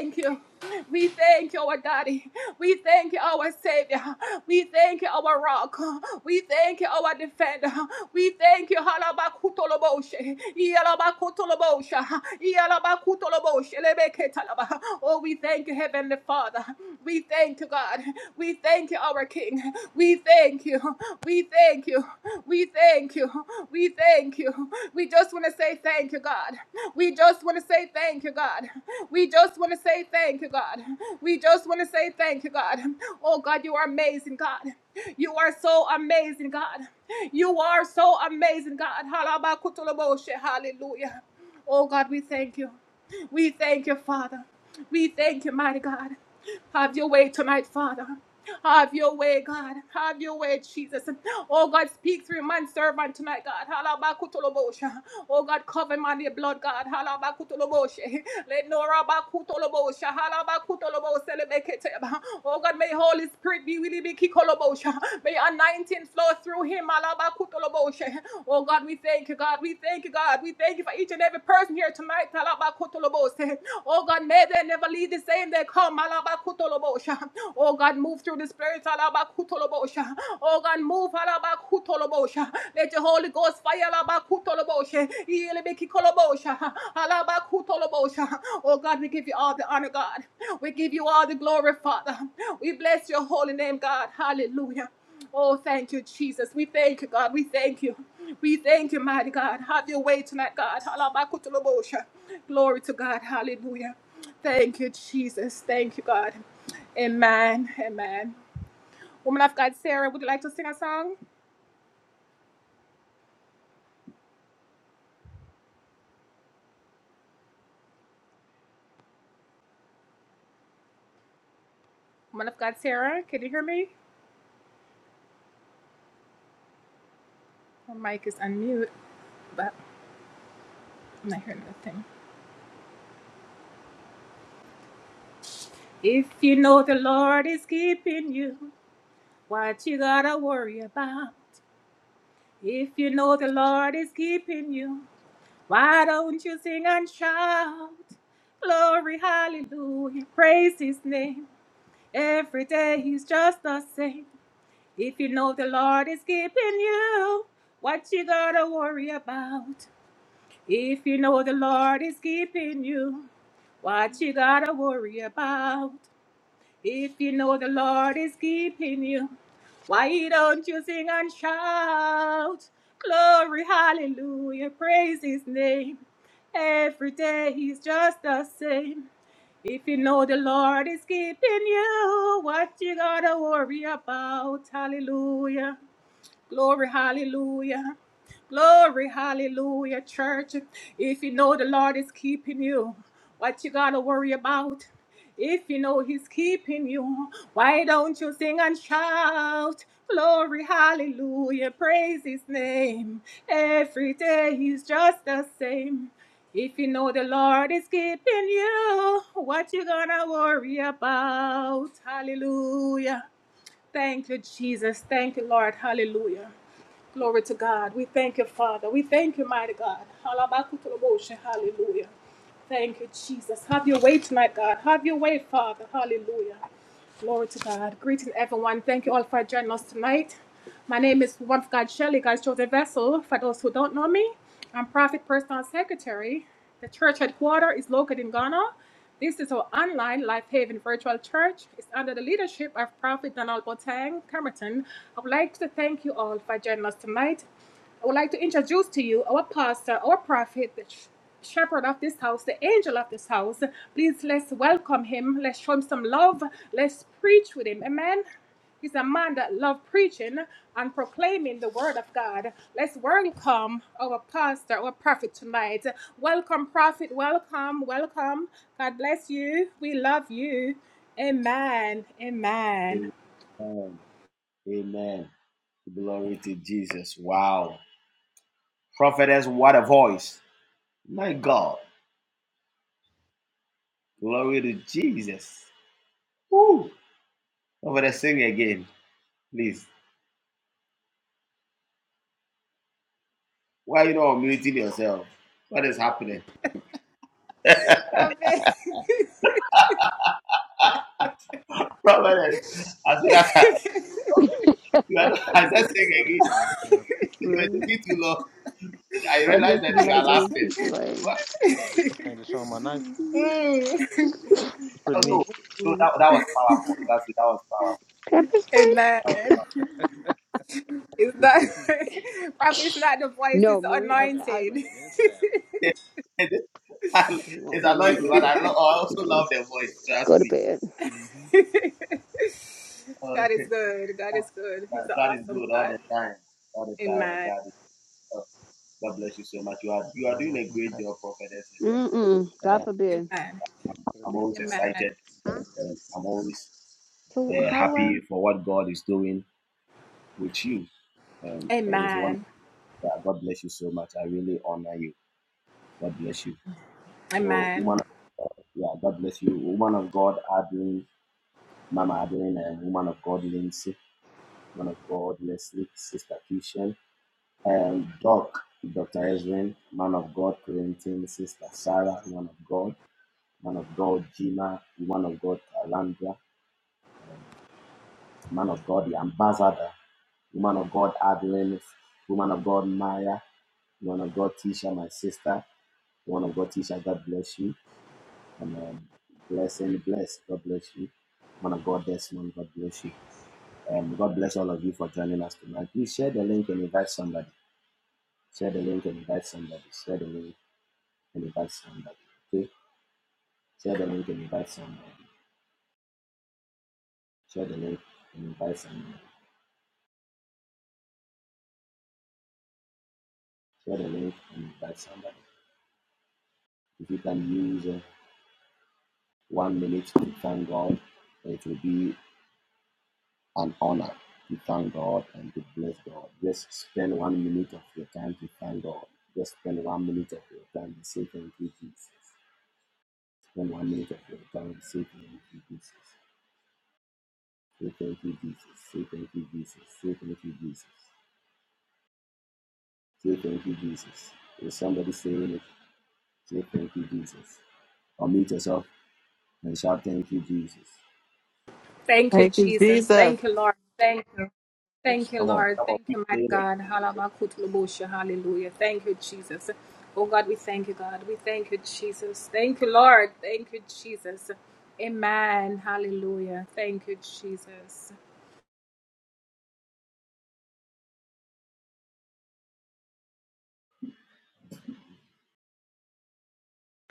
[SPEAKER 7] Amen. Amen. Glory to Jesus. Wow. Prophetess, what a voice. My God. Glory to Jesus. Woo. Prophetess, sing again, please. Why are you not muting yourself? What is happening? [laughs] Prophetess, as soon as I, you are not, [laughs] I said sing again. You were
[SPEAKER 4] really?
[SPEAKER 7] taking too long. I
[SPEAKER 4] Or
[SPEAKER 7] realized
[SPEAKER 4] just
[SPEAKER 7] that
[SPEAKER 4] be
[SPEAKER 7] you are
[SPEAKER 4] like those
[SPEAKER 7] laughing.
[SPEAKER 4] people like
[SPEAKER 7] Prophetess, oh, No, no, that, that was powerful. That's it. That was powerful.
[SPEAKER 4] pepper spray?
[SPEAKER 7] That was-
[SPEAKER 4] No, Marie I, I
[SPEAKER 7] [laughs]
[SPEAKER 4] he
[SPEAKER 7] it's
[SPEAKER 4] won't remember
[SPEAKER 7] anointing,
[SPEAKER 4] the
[SPEAKER 7] but I, lo-
[SPEAKER 4] difference.
[SPEAKER 7] I
[SPEAKER 4] He him.
[SPEAKER 7] also
[SPEAKER 4] can
[SPEAKER 7] love the voice. Trust
[SPEAKER 4] go to
[SPEAKER 7] me.
[SPEAKER 4] bed.
[SPEAKER 7] Uh, [laughs] uh, God is good all the time. All the time, oh, God is uh, God bless you so much. You are you are doing a great job, prophetess.
[SPEAKER 4] Yeah, Mm mm.
[SPEAKER 7] And,
[SPEAKER 4] God
[SPEAKER 7] uh,
[SPEAKER 4] forbid.
[SPEAKER 7] I'm I'm always excited.
[SPEAKER 4] Huh?
[SPEAKER 7] And I'm always
[SPEAKER 4] So
[SPEAKER 7] uh,
[SPEAKER 4] how do I?
[SPEAKER 7] happy for what God is doing with you. And it is one. yeah, God bless you so much. I really honor you. God bless you. So, woman, yeah, God bless you. Woman of God, Adrian, Mama Adrian, and woman of God, Lindsay. Woman of God, Leslie, Sister Kishan. um, Doc, Dr. Ezrin, man of God, Corinthian, Sister Sarah, man of God, man of God, Gina, woman of God, Alandra, man of God, the ambassador, woman of God, Adeline, woman of God, Maya, woman of God, Tisha, my sister, woman of God, Tisha, God bless you, and um, bless and bless, God bless you, man of God, Desmond, God bless you. Um, God bless all of you for joining us tonight. Please share the link and invite somebody. Share the link and invite somebody. Share the link and invite somebody. Okay? Share the link and invite somebody. Share the link and invite somebody. Share the link and invite somebody. If you can use uh, one minute to thank God, it will be an honor to thank God and to bless God. Just spend one minute of your time to thank God. Just spend one minute of your time to say thank you, Jesus. Spend one minute of your time to say thank you, Jesus. Say thank you, Jesus. Say thank you, Jesus. Say thank you, Jesus. Say thank you, Jesus. Is somebody saying it? Say thank you, Jesus. Unmute yourself and shout thank you, Jesus.
[SPEAKER 8] Thank you, Jesus.
[SPEAKER 7] Come on, come on, keep saying it.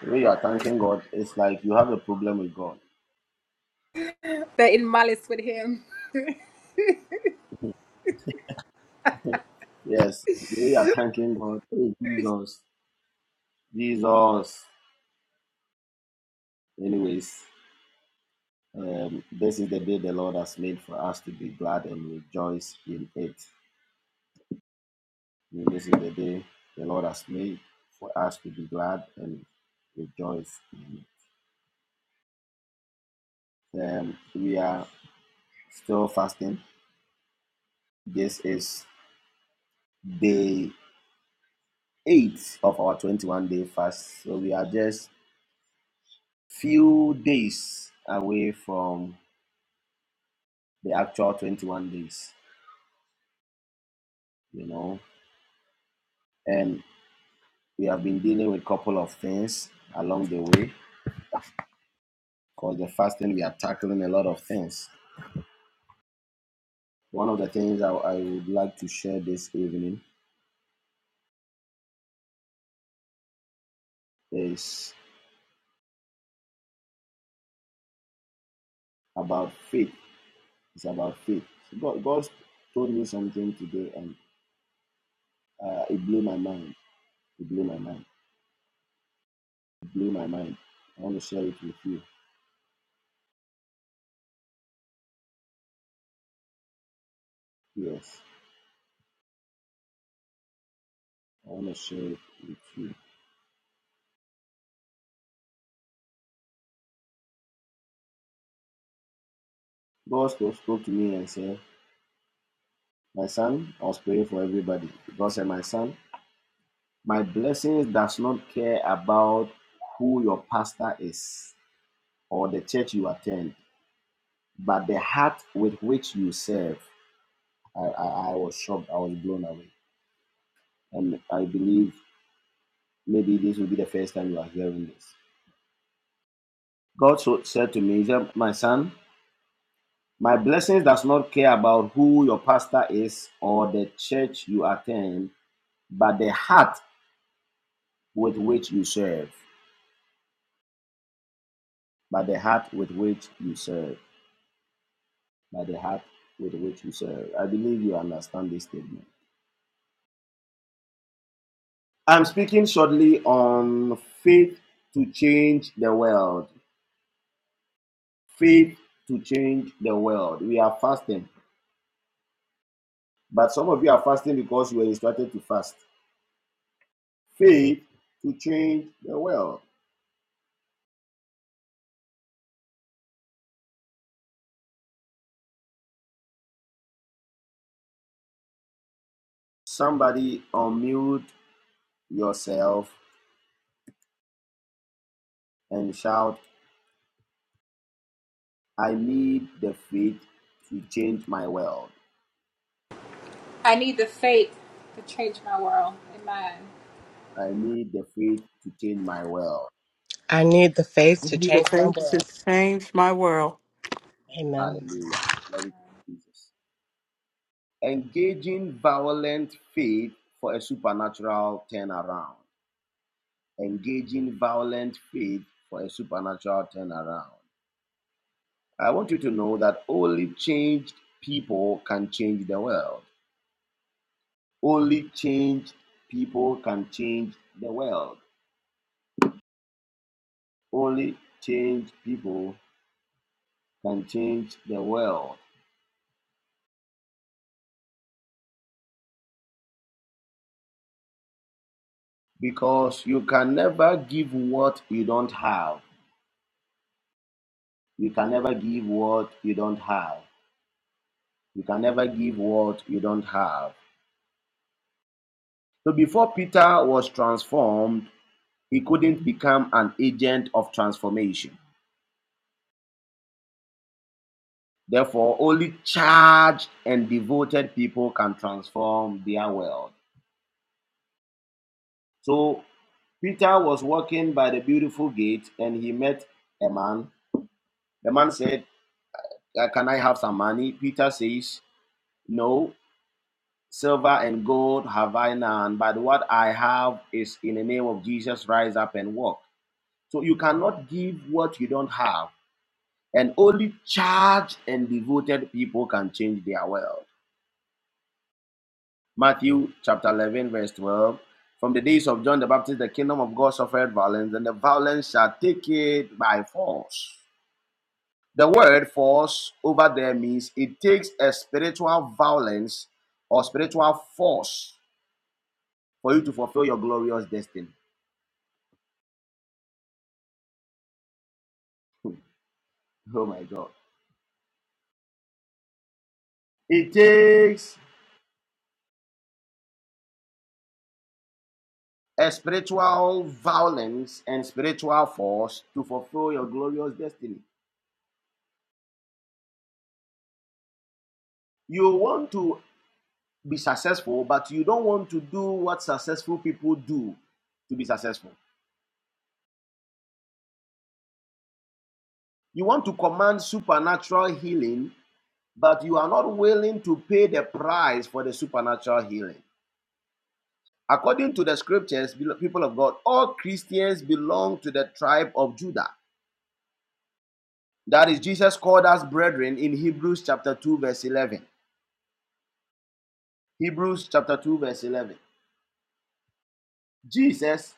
[SPEAKER 7] The way you are thanking God, it's like you have a problem with God. Yes, the way you are thanking God, hey, Jesus, Jesus. Anyways, um, this is the day the Lord has made for us to be glad and rejoice in it. And This is the day the Lord has made for us to be glad and rejoice in it. Um, we are still fasting. This is day eight of our 21 day fast. So we are just few days away from the actual 21 days, you know. And we have been dealing with a couple of things along the way because the fasting we are tackling a lot of things. One of the things I, I would like to share this evening is about faith. It's about faith. God, God told me something today and uh, it blew my mind. It blew my mind blew my mind. I want to share it with you. Yes, I want to share it with you. God spoke, spoke to me and said, My son, I was praying for everybody. God said, My son, my blessings does not care about who your pastor is or the church you attend, but the heart with which you serve. I, I, I was shocked. I was blown away. And I believe maybe this will be the first time you are hearing this. God so, said to me, My son, My blessings does not care about who your pastor is or the church you attend, but the heart with which you serve. But the heart with which you serve. By the heart with which you serve. I believe you understand this statement. I'm speaking shortly on faith to change the world. Faith to change the world. We are fasting, but some of you are fasting because you were instructed to fast. Faith to change the world. Somebody unmute yourself and shout, I need the faith to change my world. I need the faith to change my world.
[SPEAKER 2] I need the faith
[SPEAKER 8] I
[SPEAKER 2] to
[SPEAKER 8] need the
[SPEAKER 2] change my
[SPEAKER 8] faith to
[SPEAKER 2] world.
[SPEAKER 8] change my world.
[SPEAKER 2] Amen.
[SPEAKER 7] Hallelujah. Glory to Jesus. Engaging violent faith for a supernatural turnaround. Engaging violent faith for a supernatural turnaround. I want you to know that only changed people can change the world. Only changed people can change the world. Only changed people can change the world because you can never give what you don't have. You can never give what you don't have. You can never give what you don't have. So before Peter was transformed, he couldn't become an agent of transformation. Therefore, only charged and devoted people can transform their world. So Peter was walking by the beautiful gate and he met a man. The man said, Uh, can I have some money? Peter says, No, silver and gold have I none, but what I have is in the name of Jesus, rise up and walk. So you cannot give what you don't have, and only charged and devoted people can change their world. Matthew chapter 11, verse 12. From the days of John the Baptist, the kingdom of God suffered violence, and the violence shall take it by force. The word force over there means it takes a spiritual violence or spiritual force for you to fulfill your glorious destiny. Oh my God. It takes a spiritual violence and spiritual force to fulfill your glorious destiny. You want to be successful, but you don't want to do what successful people do to be successful. You want to command supernatural healing, but you are not willing to pay the price for the supernatural healing. According to the scriptures, people of God, all Christians belong to the tribe of Judah. That is, Jesus called us brethren in Hebrews chapter 2, verse 11. Hebrews chapter 2, verse 11. Jesus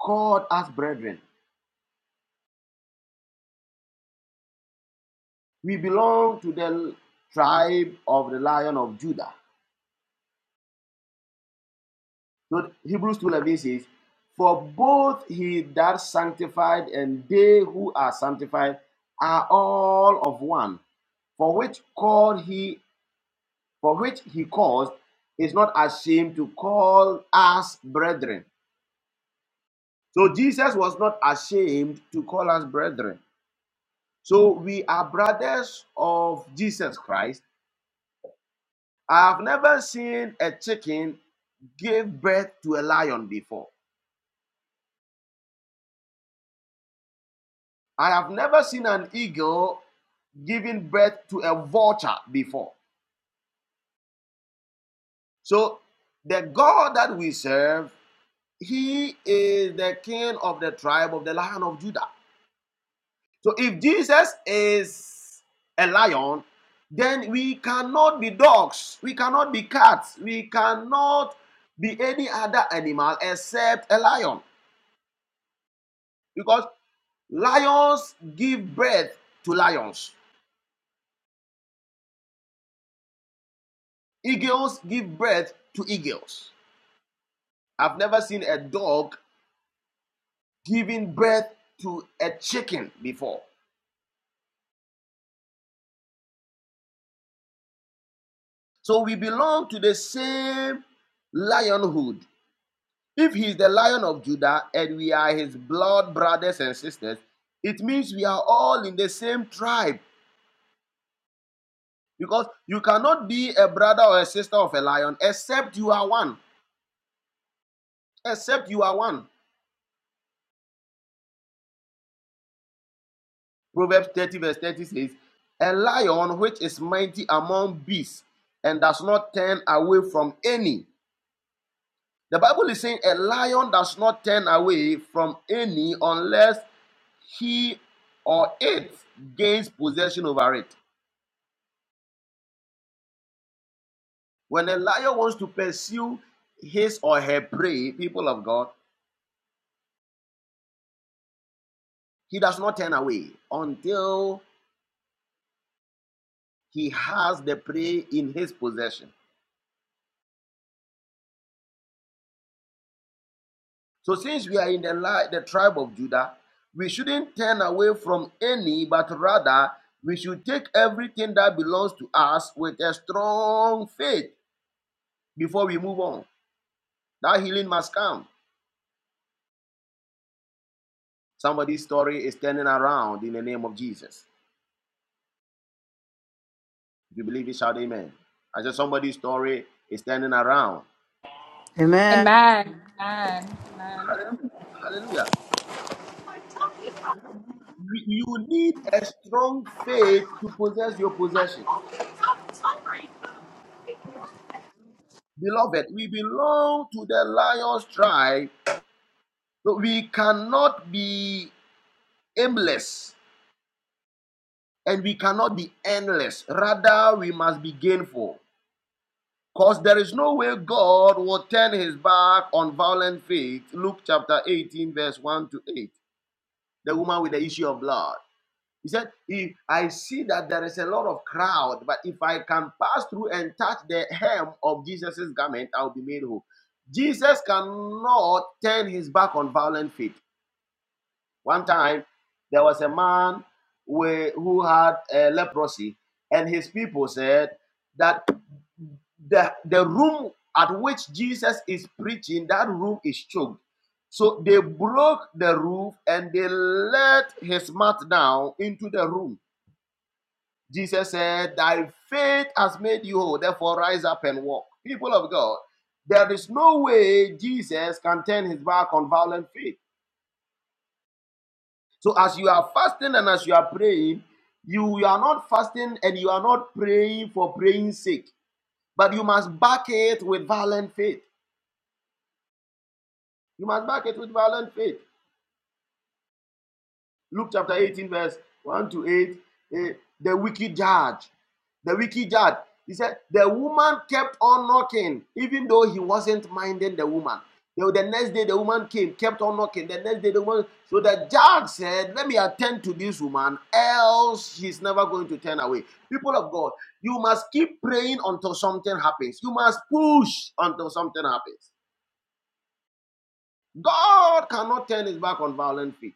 [SPEAKER 7] called us brethren. We belong to the tribe of the lion of Judah. So Hebrews 2:11 says, "For both he that sanctified and they who are sanctified are all of one, for which called he for which he caused is not ashamed to call us brethren. So Jesus was not ashamed to call us brethren. So we are brothers of Jesus Christ. I have never seen a chicken give birth to a lion before. I have never seen an eagle giving birth to a vulture before. So the God that we serve, he is the king of the tribe of the lion of Judah. So if Jesus is a lion, then we cannot be dogs, we cannot be cats, we cannot be any other animal except a lion. Because lions give birth to lions, eagles give birth to eagles. I've never seen a dog giving birth to a chicken before. So we belong to the same lionhood. If he is the lion of Judah and we are his blood brothers and sisters, it means we are all in the same tribe. Because you cannot be a brother or a sister of a lion except you are one. Except you are one. Proverbs 30, verse 30 says, A lion which is mighty among beasts and does not turn away from any. The Bible is saying a lion does not turn away from any unless he or it gains possession over it. When a lion wants to pursue his or her prey, people of God, he does not turn away until he has the prey in his possession. So, since we are in the, the tribe of Judah, we shouldn't turn away from any, but rather we should take everything that belongs to us with a strong faith before we move on. That healing must come. Somebody's story is turning around in the name of Jesus. If you believe it, shout amen. I said somebody's story is turning around
[SPEAKER 8] Amen.
[SPEAKER 7] Hallelujah. You need a strong faith to possess your possession. Beloved, we belong to the lion's tribe, but we cannot be aimless and we cannot be endless. Rather, we must be gainful. Because there is no way God will turn his back on violent faith. Luke chapter 18, verse 1 to 8. The woman with the issue of blood. He said, if I see that there is a lot of crowd, but if I can pass through and touch the hem of Jesus' garment, I'll be made whole. Jesus cannot turn his back on violent faith. One time, there was a man wi- who had uh, leprosy, and his people said that the, the room at which Jesus is preaching, that room is choked. So they broke the roof and they let his mat down into the room Jesus said, Thy faith has made you whole, therefore rise up and walk. People of God, there is no way Jesus can turn his back on violent faith. So as you are fasting and as you are praying, you, are not fasting and you are not praying for praying's sake, but you must back it with violent faith. You must back it with violent faith. Luke chapter 18, verse 1 to 8. eh, the wicked judge. The wicked judge. He said, The woman kept on knocking, even though he wasn't minding the woman. The, the next day, the woman came, kept on knocking. The next day, the woman. So the judge said, Let me attend to this woman, else she's never going to turn away. People of God, you must keep praying until something happens. You must push until something happens. God cannot turn his back on violent feet.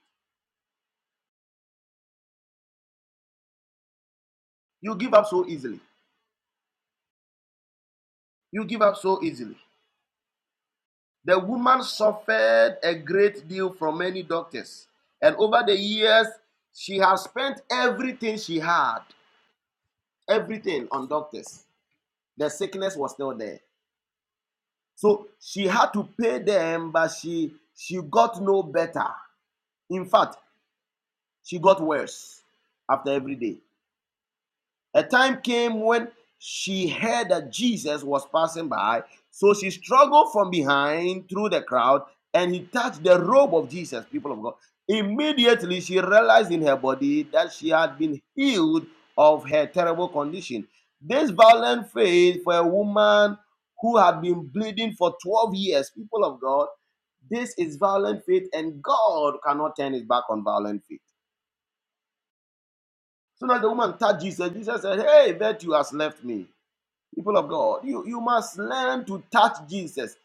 [SPEAKER 7] You give up so easily. You give up so easily. The woman suffered a great deal from many doctors. And over the years, she has spent everything she had, everything on doctors. The sickness was still there. So she had to pay them, but she she got no better. In fact, she got worse after every day. A time came when she heard that Jesus was passing by, so she struggled from behind through the crowd and he touched the robe of Jesus, people of God. Immediately she realized in her body that she had been healed of her terrible condition. This violent faith for a woman who had been bleeding for 12 years, people of God, this is violent faith and God cannot turn his back on violent faith. So now the woman touched Jesus, Jesus said, Hey, that you has left me People of God, you, you must learn to touch Jesus.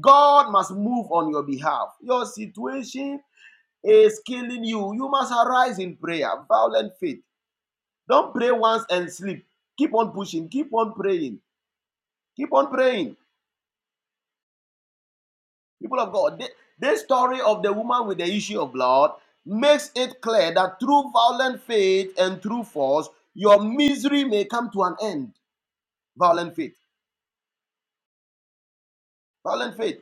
[SPEAKER 7] God must move on your behalf. Your situation is killing you. You must arise in prayer, violent faith. Don't pray once and sleep. Keep on pushing, keep on praying, keep on praying. People of God, thi- this story of the woman with the issue of blood makes it clear that through violent faith and through force, your misery may come to an end. Violent faith, violent faith.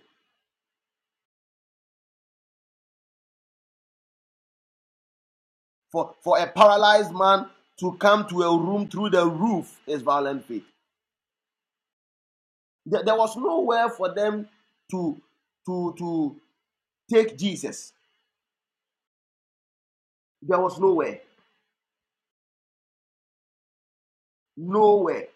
[SPEAKER 7] for, for a paralyzed man to come to a room through the roof is violent faith. There, there was nowhere for them to, to, to take Jesus. There was nowhere. Nowhere.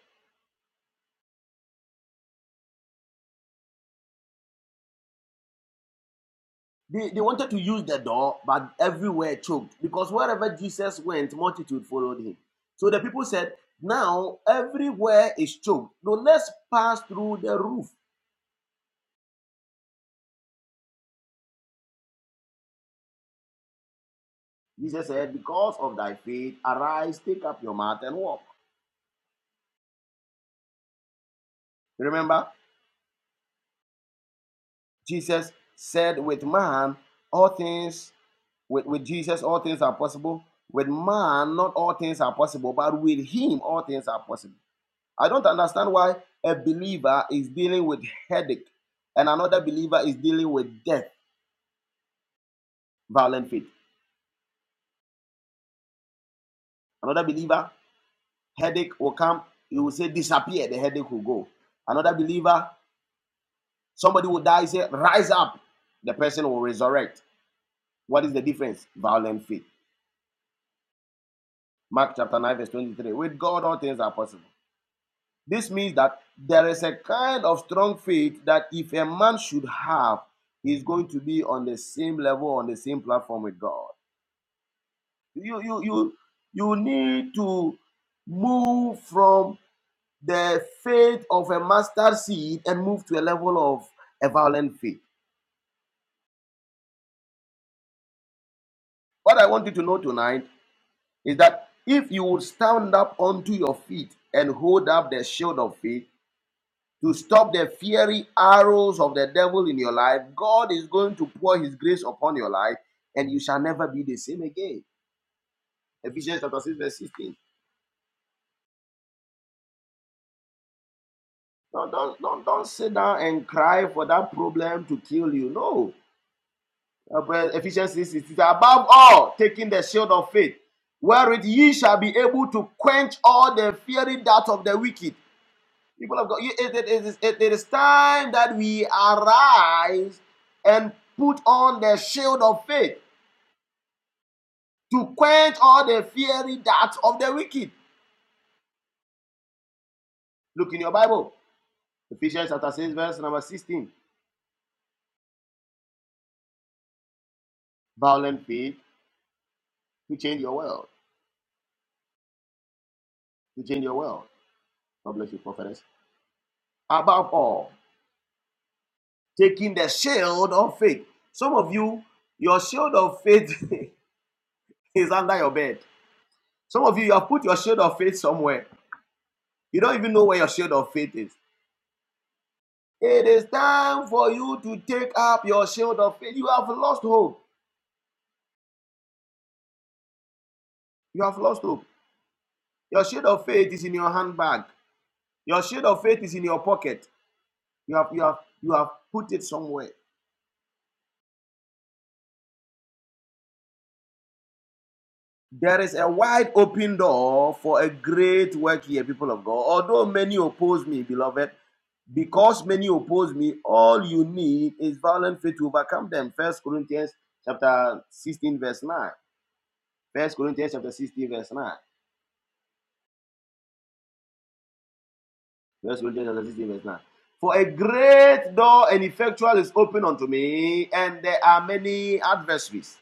[SPEAKER 7] They, they wanted to use the door, but everywhere choked because wherever Jesus went, multitude followed him. So the people said, Now everywhere is choked. Now let's pass through the roof. Jesus said, Because of thy faith, arise, take up your mat and walk. Remember? Jesus said, With man, all things, with, with Jesus, all things are possible. With man, not all things are possible, but with him, all things are possible. I don't understand why a believer is dealing with headache and another believer is dealing with death, violent faith. Another believer, headache will come, you will say, disappear, the headache will go. Another believer, somebody will die, say, rise up, the person will resurrect. What is the difference? Violent faith. Mark chapter 9, verse 23. With God, all things are possible. This means that there is a kind of strong faith that if a man should have, he's going to be on the same level, on the same platform with God. You, you, you, you need to move from the faith of a mustard seed and move to a level of a violent faith. What I want you to know tonight is that if you would stand up onto your feet and hold up the shield of faith, to stop the fiery arrows of the devil in your life. God is going to pour his grace upon your life, and you shall never be the same again. Ephesians chapter 6, verse 16. Don't, don't, don't, don't sit down and cry for that problem to kill you. No. Uh, But Ephesians 6, 16. Above all, taking the shield of faith, wherewith ye shall be able to quench all the fiery darts of the wicked. People of God, it- it- it is it- it is time that we arise and put on the shield of faith to quench all the fiery darts of the wicked. Look in your Bible, Ephesians chapter 6, verse number 16. Violent faith to change your world, to change your world. God bless you, prophetess. Above all, taking the shield of faith. Some of you, your shield of faith [laughs] is under your bed. Some of you, you have put your shield of faith somewhere. You don't even know where your shield of faith is. It is time for you to take up your shield of faith. You have lost hope. You have lost hope. Your shield of faith is in your handbag. Your shield of faith is in your pocket. You have, you have, you have put it somewhere. There is a wide open door for a great work here, people of God. Although many oppose me, beloved, because many oppose me, all you need is violent faith to overcome them. First Corinthians chapter 16, verse 9. First Corinthians chapter 16, verse 9. First Corinthians chapter 16, verse 9. For a great door and effectual is open unto me, and there are many adversaries.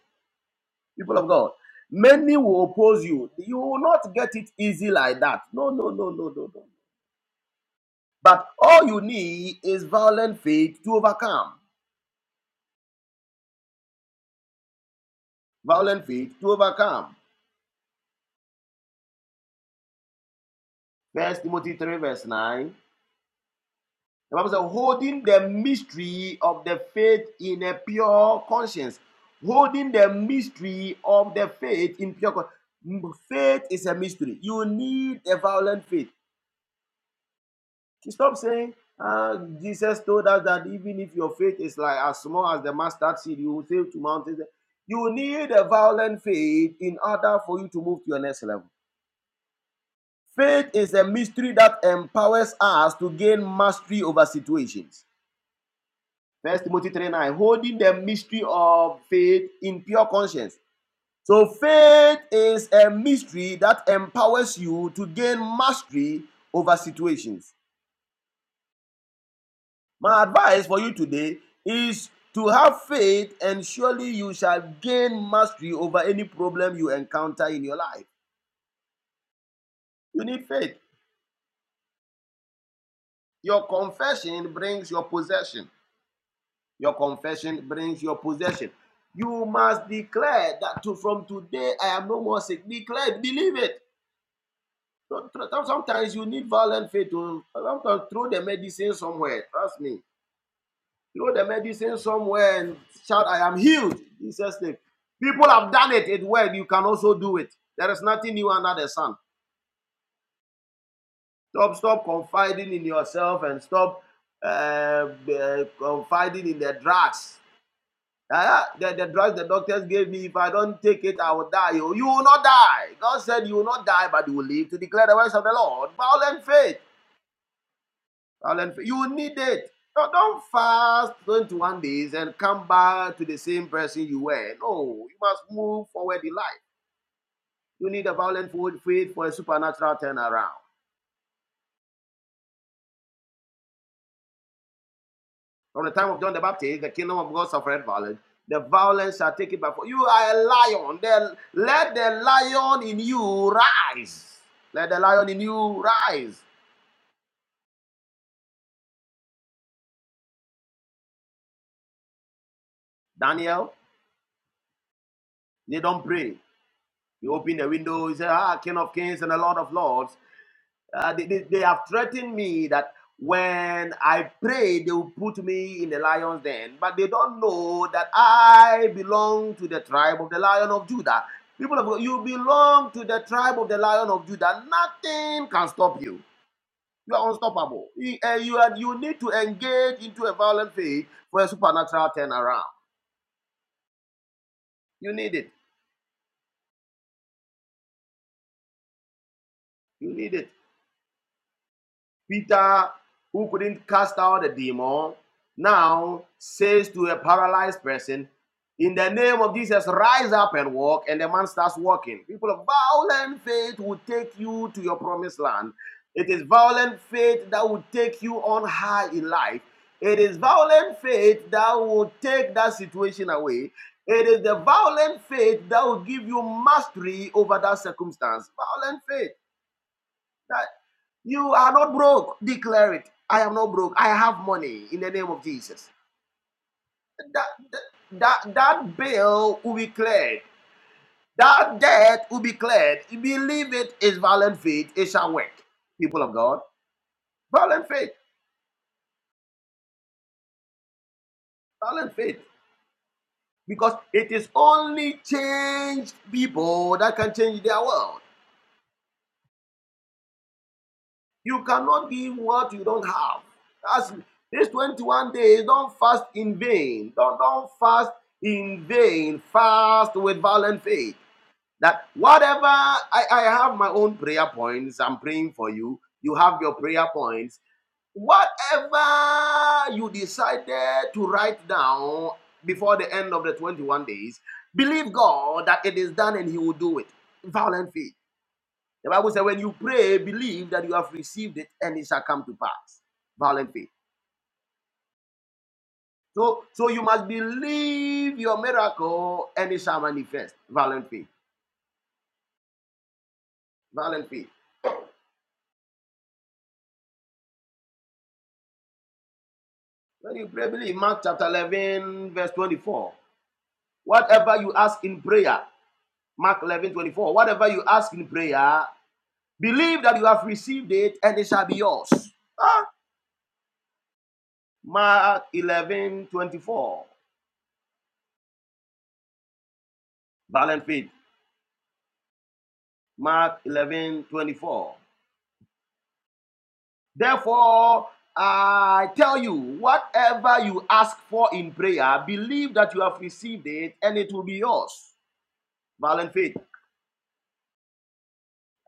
[SPEAKER 7] people of God. Many will oppose you. You will not get it easy like that. No, no, no, no, no, no. But all you need is violent faith to overcome. Violent faith to overcome. First Timothy 3, verse 9. The Bible says, holding the mystery of the faith in a pure conscience. Holding the mystery of the faith in pure conscience. Faith is a mystery. You need a violent faith. She stopped saying, uh, Jesus told us that even if your faith is like as small as the mustard seed, you will say to mountains, you need a violent faith in order for you to move to your next level. Faith is a mystery that empowers us to gain mastery over situations. First Timothy 3 9, holding the mystery of faith in pure conscience. So faith is a mystery that empowers you to gain mastery over situations. My advice for you today is to have faith, and surely you shall gain mastery over any problem you encounter in your life. You need faith. Your confession brings your possession. Your confession brings your possession. You must declare that to, from today I am no more sick. Declare, it. believe it. Sometimes you need violent faith to sometimes throw the medicine somewhere. Trust me. Throw the medicine somewhere and shout, I am healed. in Jesus' name. People have done it. It worked. You can also do it. There is nothing new under the sun. Stop, stop confiding in yourself and stop uh, uh, confiding in the drugs. Uh, the, the drugs the doctors gave me, if I don't take it, I will die. You, will not die. God said you will not die, but you will live to declare the words of the Lord. Violent faith. You need it. No, don't fast 21 days and come back to the same person you were. No, you must move forward in life. You need a violent faith for a supernatural turnaround. From the time of John the Baptist, the kingdom of God suffered violence. The violence shall take it by You are a lion. Then let the lion in you rise. Let the lion in you rise. Daniel, they don't pray. He opened the window. He said, Ah, King of Kings and the Lord of Lords. Uh, they, they, they have threatened me that when I pray, they will put me in the lion's den. But they don't know that I belong to the tribe of the lion of Judah. People of God, you belong to the tribe of the lion of Judah. Nothing can stop you. You are unstoppable. You, uh, you, are, you need to engage into a violent faith for a supernatural turnaround. You need it. You need it. Peter, who couldn't cast out the demon, now says to a paralyzed person, In the name of Jesus, rise up and walk. And the man starts walking. People of violent faith will take you to your promised land. It is violent faith that will take you on high in life. It is violent faith that will take that situation away. It is the violent faith that will give you mastery over that circumstance. Violent faith. That you are not broke. Declare it. I am not broke. I have money in the name of Jesus. That, that, that that bill will be cleared. That debt will be cleared. Believe it is violent faith. It shall work. People of God, violent faith, violent faith. Because it is only changed people that can change their world. You cannot give what you don't have. That's these 21 days. Don't fast in vain. Don't, don't fast in vain. Fast with violent faith. That whatever I, I have my own prayer points, I'm praying for you. You have your prayer points. Whatever you decided to write down before the end of the 21 days, believe God that it is done and He will do it. Violent faith. The Bible says, when you pray, believe that you have received it and it shall come to pass. Violent faith. So, so you must believe your miracle and it shall manifest. Violent faith. Violent faith. When you pray, believe. Mark chapter 11, verse 24. Whatever you ask in prayer, Mark 11 24. Whatever you ask in prayer, believe that you have received it and it shall be yours. Ah, Mark eleven twenty-four. 24. Violent faith. Mark 11 24. Therefore, I tell you, whatever you ask for in prayer, believe that you have received it and it will be yours. Valiant faith.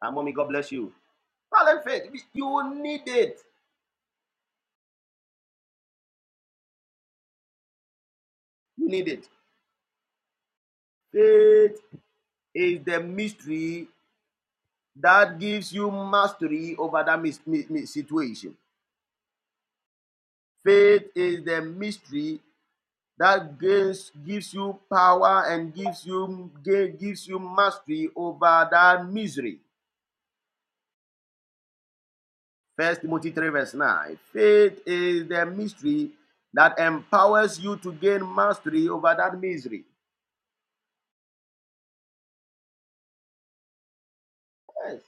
[SPEAKER 7] And mommy, God bless you. Valiant faith. You need it. You need it. Faith is the mystery that gives you mastery over that mis- mi- mi- situation. Faith is the mystery that gives, gives you power and gives you gives you mastery over that misery. First Timothy 3, verse 9. Faith is the mystery that empowers you to gain mastery over that misery. Yes,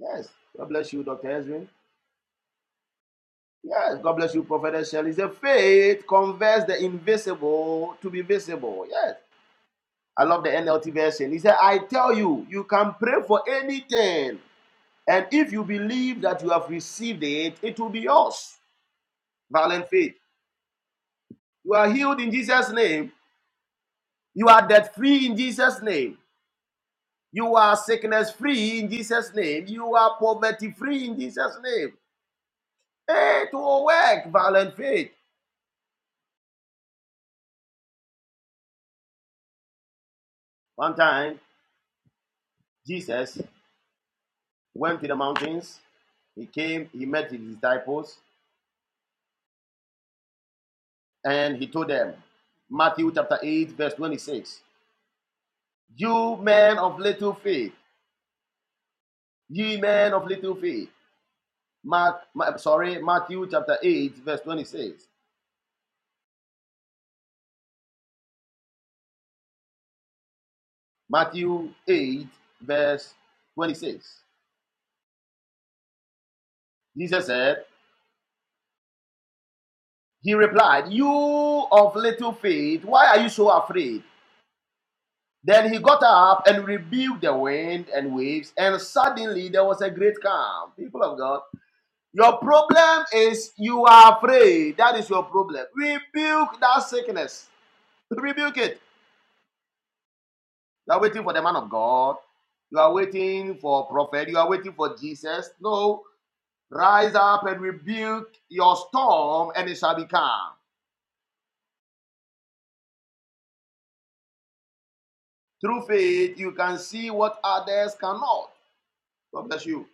[SPEAKER 7] yes. God bless you, Dr. Ezrin. Yes, God bless you, Prophet Shelley. The faith converts the invisible to be visible. Yes. I love the NLT version. He said, I tell you, you can pray for anything. And if you believe that you have received it, it will be yours. Violent faith. You are healed in Jesus' name. You are debt free in Jesus' name. You are sickness free in Jesus' name. You are poverty free in Jesus' name. Hey, to work, violent faith. One time, Jesus went to the mountains. He came, he met his disciples, and he told them, Matthew chapter 8, verse 26, You men of little faith, ye men of little faith. Mark, Ma- sorry, Matthew chapter 8, verse 26. Matthew 8, verse 26. Jesus said, He replied, You of little faith, why are you so afraid? Then he got up and rebuked the wind and waves, and suddenly there was a great calm. People of God, your problem is you are afraid. That is your problem. Rebuke that sickness. Rebuke it. You are waiting for the man of God. You are waiting for prophet. You are waiting for Jesus. No. Rise up and rebuke your storm, and it shall be calm. Through faith, you can see what others cannot. God bless you.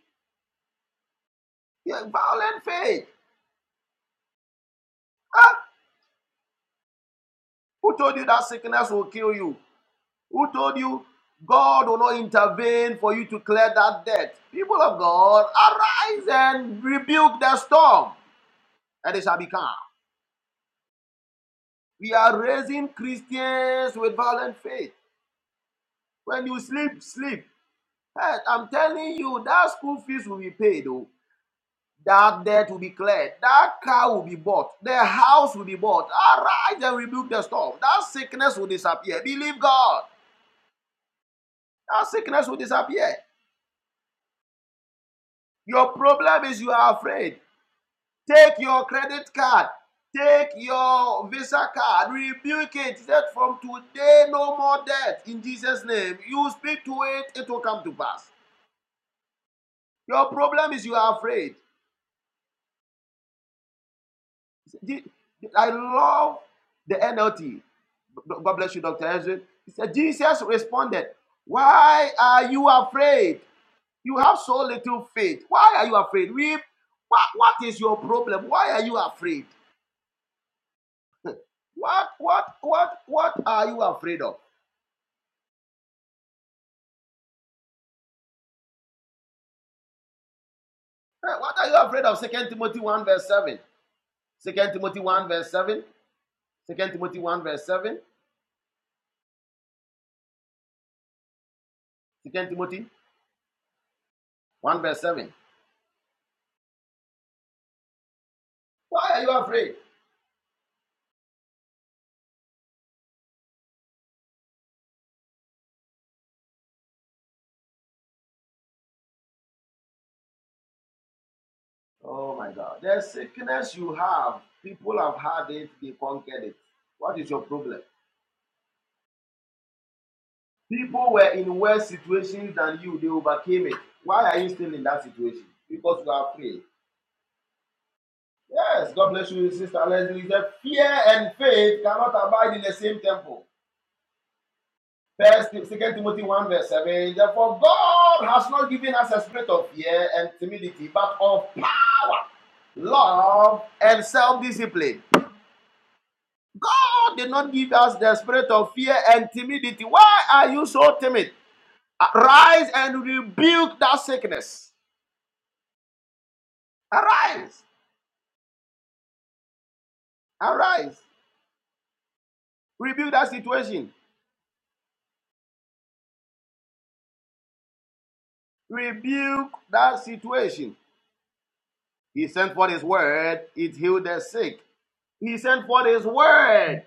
[SPEAKER 7] You're violent faith. Who told you that sickness will kill you? Who told you God will not intervene for you to clear that debt? People of God, arise and rebuke the storm, and it shall be calm. We are raising Christians with violent faith. When you sleep, sleep. Hey, I'm telling you, that school fees will be paid, though. That debt will be cleared. That car will be bought. The house will be bought. Arise and rebuke the storm. That sickness will disappear. Believe God. That sickness will disappear. Your problem is you are afraid. Take your credit card, take your Visa card, rebuke it. That from today, no more debt in Jesus' name. You speak to it, it will come to pass. Your problem is you are afraid. I love the NLT. God bless you, Dr. Ezra. He said, Jesus responded, Why are you afraid? You have so little faith. Why are you afraid? We, what, what is your problem? Why are you afraid? What, what, what, what are you afraid of? Eh, What are you afraid of? Second Timothy 1 verse 7. Second Timothy 1 verse 7. Second Timothy 1 verse 7. Second Timothy 1 verse 7. Why are you afraid? Oh my God. The sickness you have, people have had it, they conquered it. What is your problem? People were in worse situations than you. They overcame it. Why are you still in that situation? Because you are afraid. Yes, God bless you, Sister Leslie. said, Fear and faith cannot abide in the same temple. First, Second Timothy 1, verse 7. Therefore, God has not given us a spirit of fear and timidity, but of power, love, and self discipline. God did not give us the spirit of fear and timidity. Why are you so timid? Rise and rebuke that sickness. Arise, arise, rebuke that situation, rebuke that situation. He sent forth his word, it healed the sick. He sent forth his word,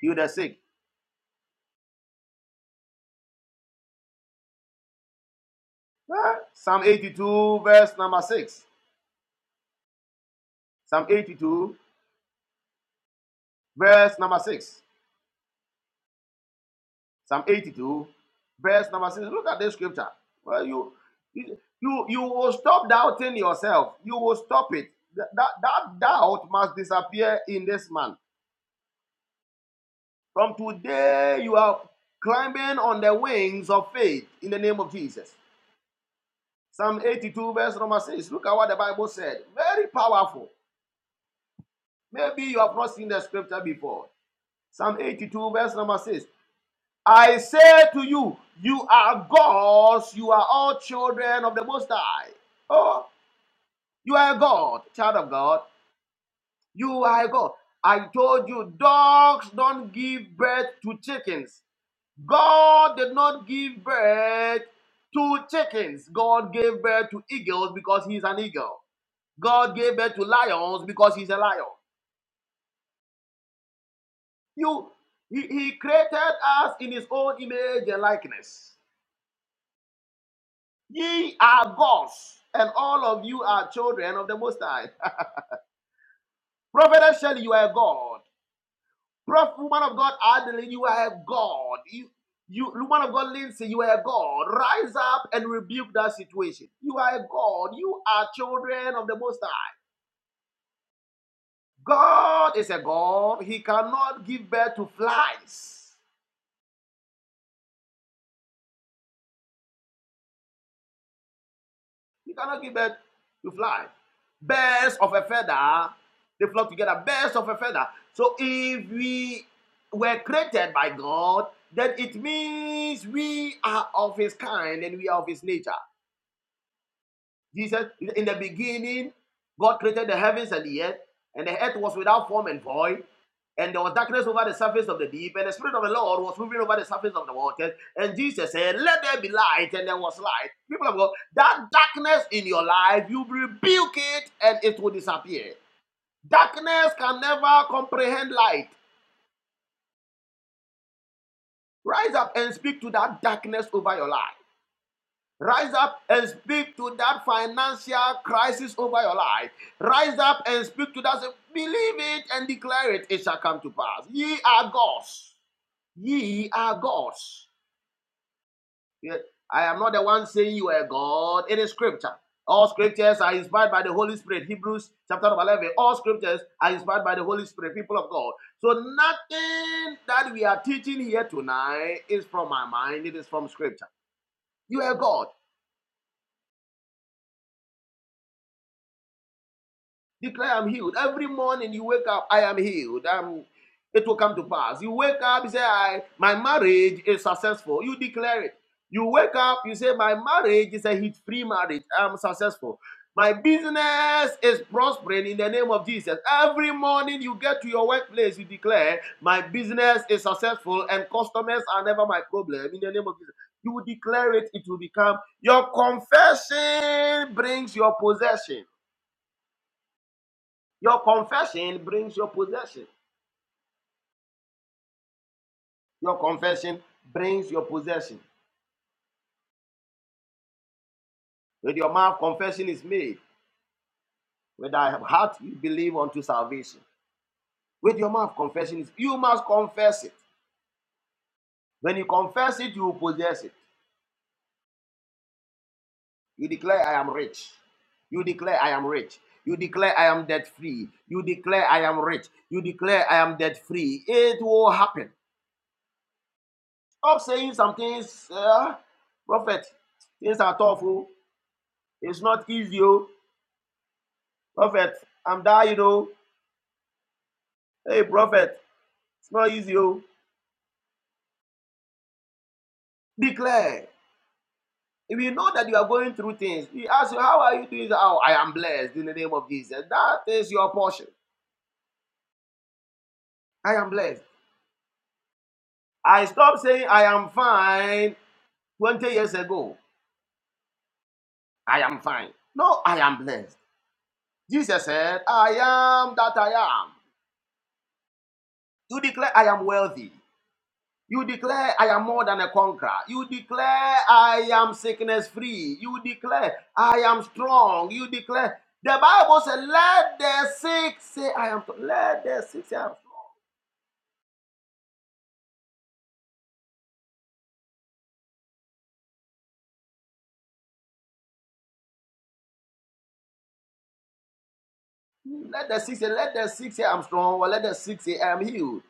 [SPEAKER 7] healed the sick. Huh? Psalm 82, verse number 6. Psalm 82, verse number 6. Psalm 82, verse number 6. Look at this scripture. Well, you you you will stop doubting yourself. You will stop it. that, that doubt must disappear in this man. From today, you are climbing on the wings of faith in the name of Jesus. Psalm 82, verse number 6. Look at what the Bible said. Very powerful. Maybe you have not seen the scripture before. Psalm 82, verse number 6. I say to you, you are gods, you are all children of the Most High. Oh, you are a God, child of God. You are a God. I told you, dogs don't give birth to chickens. God did not give birth to chickens. God gave birth to eagles because he's an eagle. God gave birth to lions because he's a lion. You, he, he created us in his own image and likeness. Ye are gods, and all of you are children of the Most High. [laughs] Prophet Shelley, you are a god. Prof, woman of God, Adeline, you are a God. You, you, woman of God, Lindsay, you are a God. Rise up and rebuke that situation. You are a God. You are children of the Most High. God is a God. He cannot give birth to flies. He cannot give birth to flies. Birds of a feather, they flock together. Birds of a feather. So if we were created by God, then it means we are of His kind and we are of His nature. Jesus, in the beginning, God created the heavens and the earth, and the earth was without form and void, and there was darkness over the surface of the deep, and the Spirit of the Lord was moving over the surface of the waters. And Jesus said, Let there be light, and there was light. People of God, that darkness in your life, you rebuke it, and it will disappear. Darkness can never comprehend light. Rise up and speak to that darkness over your life. Rise up and speak to that financial crisis over your life. Rise up and speak to that. Believe it and declare it. It shall come to pass. Ye are gods. Ye are gods. Yeah, I am not the one saying you are God. It is scripture. All scriptures are inspired by the Holy Spirit. Hebrews chapter number 11. All scriptures are inspired by the Holy Spirit, people of God. So nothing that we are teaching here tonight is from my mind. It is from scripture. You are God. Declare I'm healed. Every morning you wake up, I am healed. I'm, it will come to pass. You wake up, you say, I, my marriage is successful. You declare it. You wake up, you say, my marriage is a hit-free marriage. I'm successful. My business is prospering in the name of Jesus. Every morning you get to your workplace, you declare, my business is successful and customers are never my problem in the name of Jesus. You will declare it, it will become your confession brings your possession. Your confession brings your possession. Your confession brings your possession. With your mouth, confession is made. With thy heart, you believe unto salvation. With your mouth, confession is. You must confess it. When you confess it, you will possess it. You declare, I am rich. You declare, I am rich. You declare, I am debt free. You declare, I am rich. You declare, I am debt free. It will happen. Stop saying some things, uh, prophet. Things are tough. oh. It's not easy. oh. Prophet, I'm dying, you know. Hey, prophet, it's not easy, oh. Declare. If you know that you are going through things, We ask you, How are you doing? Oh, I am blessed in the name of Jesus. That is your portion. I am blessed. I stopped saying I am fine 20 years ago. I am fine. No, I am blessed. Jesus said, I am that I am. You declare I am wealthy. You declare, I am more than a conqueror. You declare, I am sickness free. You declare, I am strong. You declare, the Bible says, let the sick say, I am strong. Let the sick say, I am strong. Let the sick say, let the sick say, I am strong. Or let the sick say, I am healed.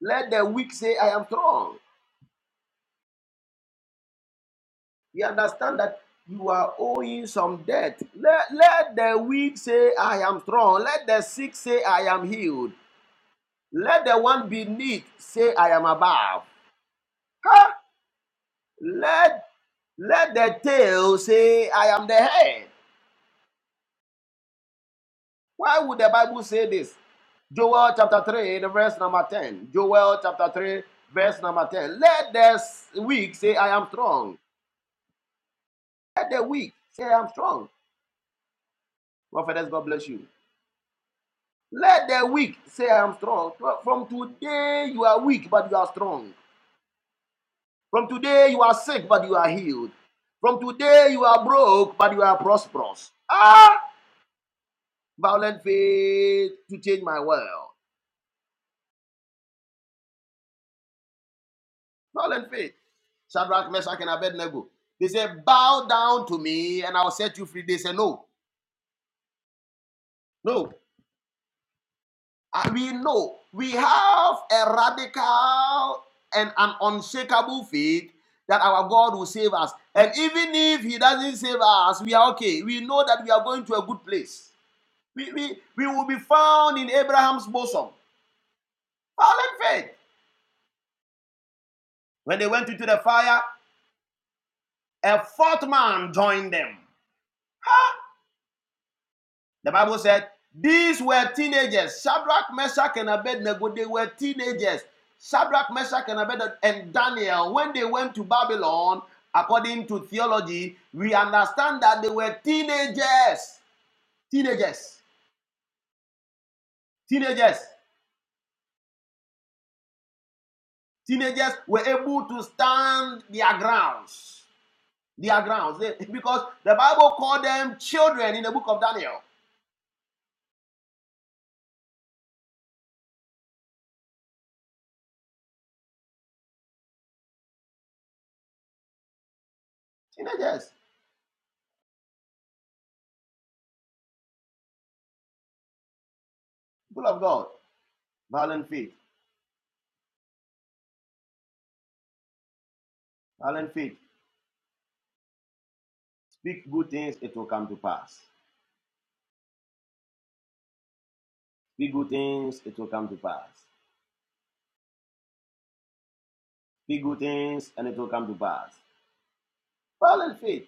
[SPEAKER 7] Let the weak say, I am strong. You understand that you are owing some debt. Let, let the weak say, I am strong. Let the sick say, I am healed. Let the one beneath say, I am above. Huh? Let let the tail say, I am the head. Why would the Bible say this? Joel chapter 3, the verse number 10. Joel chapter 3, verse number 10. Let the weak say, I am strong. Let the weak say, I am strong. Prophetess, God bless you. Let the weak say, I am strong. From today, you are weak, but you are strong. From today, you are sick, but you are healed. From today, you are broke, but you are prosperous. Ah. Violent faith to change my world. Violent faith. Shadrach, Meshach, and Abednego. They said, Bow down to me and I'll set you free. They said, No, no. And we know we have a radical and an unshakable faith that our God will save us. And even if He doesn't save us, we are okay. We know that we are going to a good place. We, we, we will be found in Abraham's bosom. Violent faith. When they went into the fire, a fourth man joined them. The Bible said, These were teenagers. Shadrach, Meshach, and Abednego, they were teenagers. Shadrach, Meshach, and Abednego, and Daniel, when they went to Babylon, according to theology, we understand that they were teenagers. Teenagers. Teenagers. Teenagers were able to stand their grounds. Their grounds. They- because the Bible called them children in the book of Daniel. Teenagers. People of God. Violent faith. Violent faith. Speak good things, it will come to pass. Big good things, it will come to pass. Big good things, and it will come to pass. Well and faith.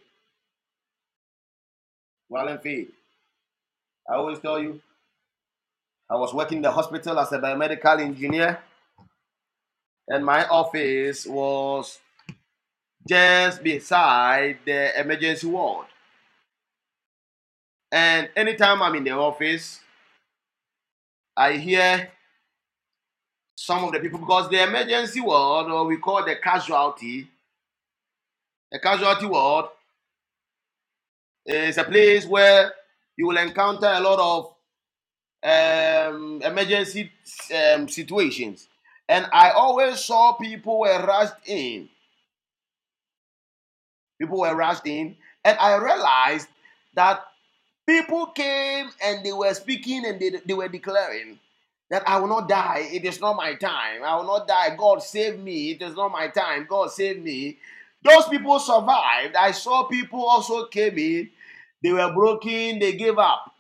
[SPEAKER 7] Well and faith. I always tell you, I was working in the hospital as a biomedical engineer, and my office was just beside the emergency ward. And anytime I'm in the office, I hear some of the people because the emergency ward, or we call the casualty, the casualty ward is a place where you will encounter a lot of um, emergency um, situations. And I always saw people were rushed in. People were rushed in. And I realized that people came and they were speaking and they, they were declaring that I will not die. It is not my time. I will not die. God save me. It is not my time. God save me. Those people survived. I saw people also came in. They were broken. They gave up.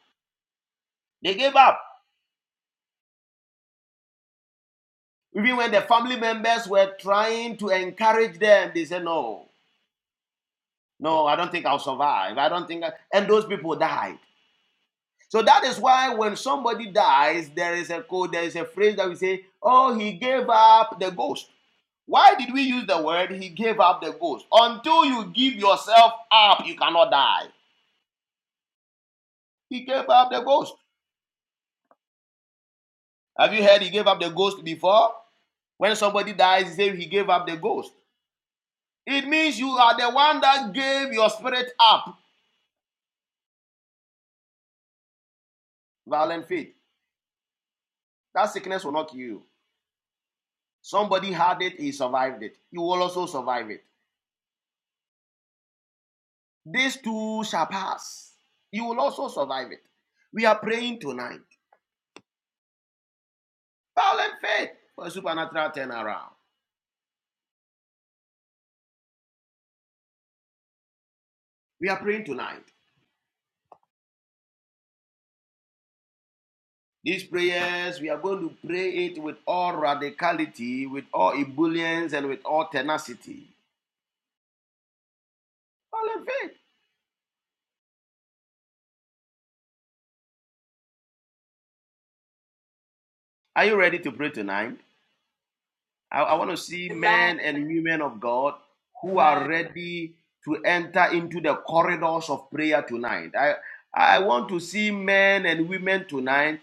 [SPEAKER 7] They gave up. Even when the family members were trying to encourage them, they said, No, no, I don't think I'll survive. I don't think I... and those people died. So that is why when somebody dies, there is a code, there is a phrase that we say, Oh, he gave up the ghost. Why did we use the word he gave up the ghost? Until you give yourself up, you cannot die. He gave up the ghost. Have you heard he gave up the ghost before? When somebody dies, he say he gave up the ghost. It means you are the one that gave your spirit up Violent faith. That sickness will not kill you. Somebody had it, he survived it. You will also survive it. These two shall pass. You will also survive it. We are praying tonight. Violent faith for a supernatural turnaround. We are praying tonight. These prayers, we are going to pray it with all radicality, with all ebullience, and with all tenacity. Violent faith. Are you ready to pray tonight? I, I want to see men and women of God who are ready to enter into the corridors of prayer tonight. I, I want to see men and women tonight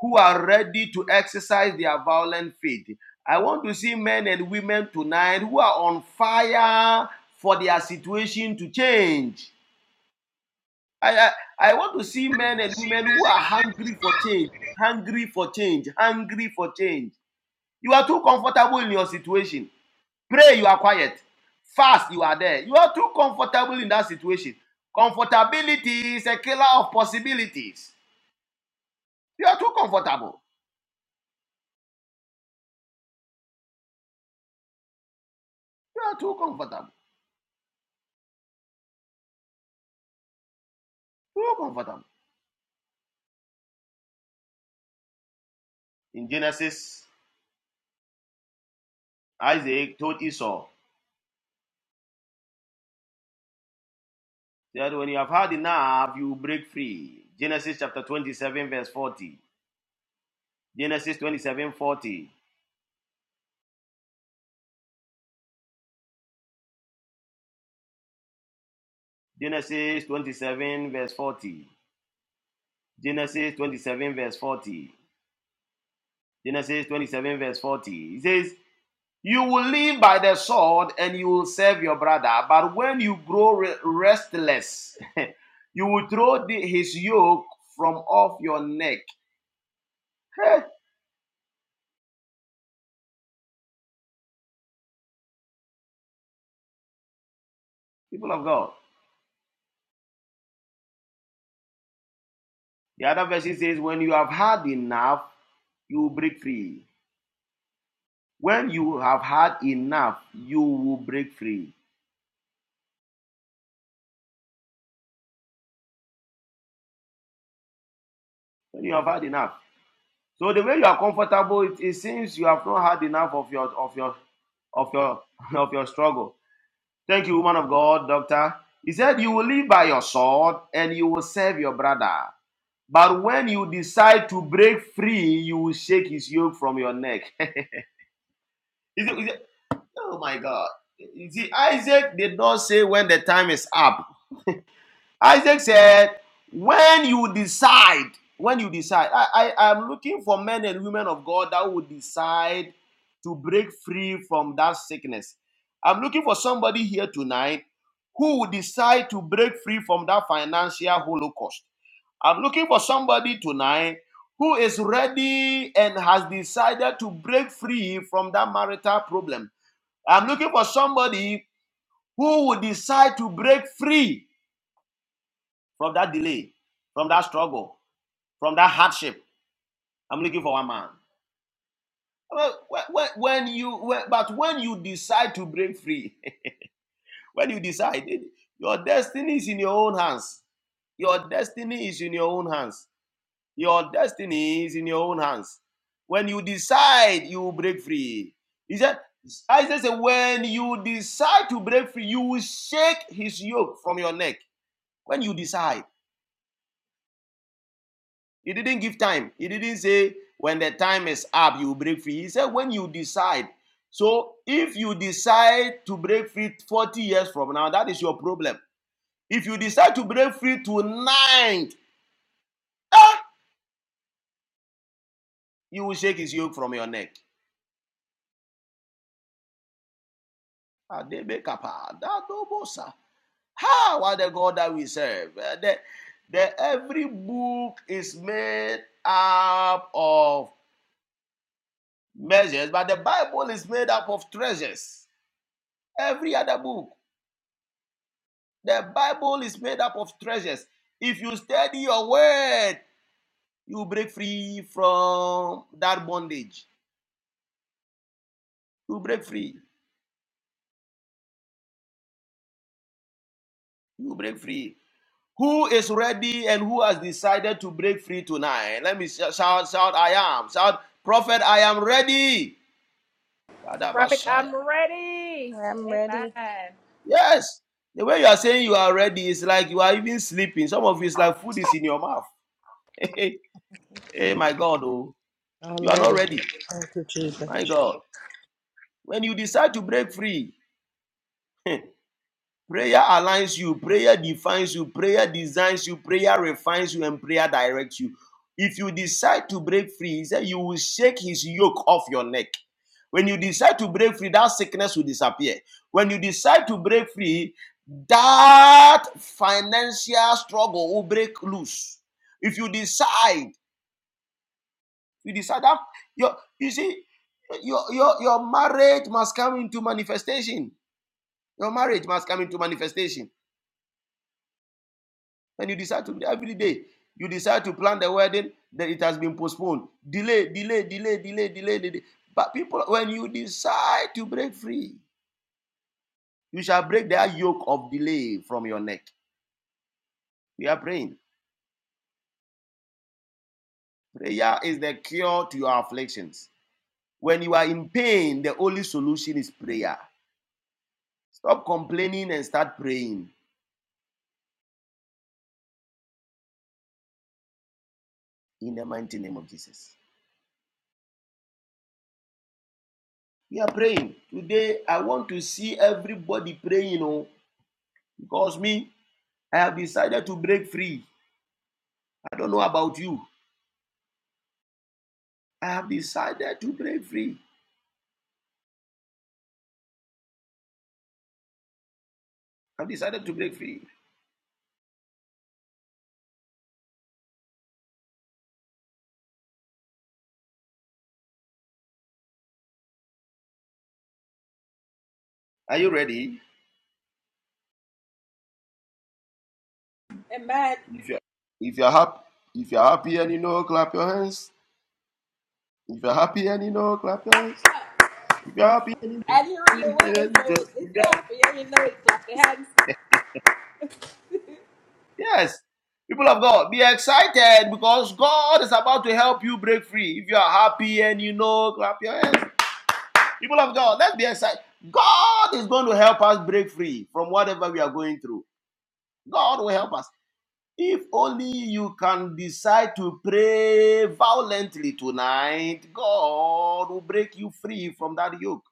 [SPEAKER 7] who are ready to exercise their violent faith. I want to see men and women tonight who are on fire for their situation to change. I, I, I want to see men and women who are hungry for change, hungry for change, hungry for change. You are too comfortable in your situation. Pray, you are quiet. Fast, you are there. You are too comfortable in that situation. Comfortability is a killer of possibilities. You are too comfortable. You are too comfortable. Too comfortable. In Genesis, Isaac told Esau that when you have had enough, you will break free. Genesis chapter 27, verse 40. Genesis twenty-seven forty. Genesis 27, verse 40. Genesis 27, verse 40. Genesis 27, verse 40. It says, You will live by the sword and you will serve your brother. But when you grow restless, [laughs] you will throw the- his yoke from off your neck. Hey, people of God. The other verse says, When you have had enough, you will break free. When you have had enough, you will break free. When you have had enough. So the way you are comfortable, it, it seems you have not had enough of your of your of your [laughs] of your struggle. Thank you, woman of God, doctor. He said, You will live by your sword and you will serve your brother. But when you decide to break free, you will shake his yoke from your neck. [laughs] Is it- is it- oh my God. You see, Isaac did not say when the time is up. Isaac said, When you decide, when you decide, I, I am looking for men and women of God that will decide to break free from that sickness. I'm looking for somebody here tonight who will decide to break free from that financial holocaust. I'm looking for somebody tonight who is ready and has decided to break free from that marital problem. I'm looking for somebody who will decide to break free from that delay, from that struggle, from that hardship. I'm looking for one man. Well, When, you, but when you decide to break free, [laughs] when you decide, your destiny is in your own hands. Your destiny is in your own hands. Your destiny is in your own hands. When you decide, you will break free. He said, Isaiah said, when you decide to break free, you will shake his yoke from your neck. When you decide, He didn't give time. He didn't say when the time is up, you break free. He said when you decide. So if you decide to break free 40 years from now, that is your problem. If you decide to break free tonight, ah, you will shake his yoke from your neck. Adebekapa, dadobosa. Ha, what the God that we serve. Eh, The, the, every book is made up of measures, but the Bible is made up of treasures. Every other book. The Bible is made up of treasures. If you study your word, you break free from that bondage. You break free. You break free. Who is ready and who has decided to break free tonight? Let me shout, shout, I am. Shout, prophet, I am ready. Kadabashaya.
[SPEAKER 9] I'm ready.
[SPEAKER 7] Yes. The way you are saying you are ready is like you are even sleeping. Some of you is like food is in your mouth. [laughs] hey, my God, oh,
[SPEAKER 2] I'm
[SPEAKER 7] you are not
[SPEAKER 2] ready.
[SPEAKER 7] ready.
[SPEAKER 2] Thank you, Jesus.
[SPEAKER 7] My God. When you decide to break free, [laughs] you Prayer aligns you, prayer defines you, prayer designs you, prayer refines you, and prayer directs you. If you decide to break free, he said, you will shake his yoke off your neck. When you decide to break free, that sickness will disappear. When you decide to break free, that financial struggle will break loose. If you decide, you decide that your you see your your your marriage must come into manifestation. Your marriage must come into manifestation and you decide to every day you decide to plan the wedding then it has been postponed delay delay delay delay delay delay but people when you decide to break free you shall break that yoke of delay from your neck we are praying prayer is the cure to your afflictions when you are in pain the only solution is prayer stop complaining and start praying in the mighty name of jesus we are praying today i want to see everybody praying oh because me i have decided to break free I don't know about you. I have decided to break free. I've decided to break free. Are you ready? If you're if you're happy if you're happy and you know, clap your hands. If you're happy and you know, clap your hands. If you're happy and you know, [laughs] if you're- yes. People of God, be excited because God is about to help you break free. If you are happy and you know, clap your hands. People of God, let's be excited. God is going to help us break free from whatever we are going through. God will help us. If only you can decide to pray violently tonight, God will break you free from that yoke.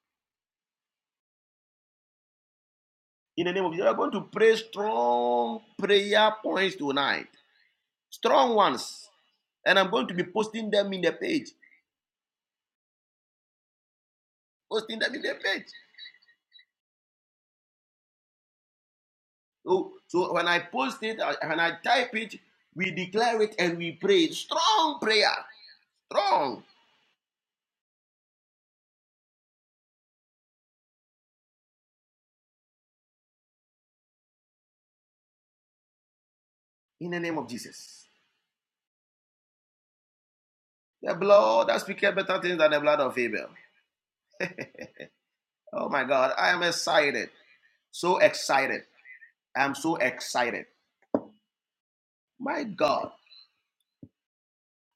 [SPEAKER 7] In the name of Jesus, we are going to pray strong prayer points tonight, strong ones, and I'm going to be posting them in the page, posting them in the page. So, so when I post it, uh, when I type it, we declare it and we pray strong prayer, strong in the name of Jesus. The blood that speaketh better things than the blood of Abel. Oh my God, I am excited. So excited. I'm so excited. My God.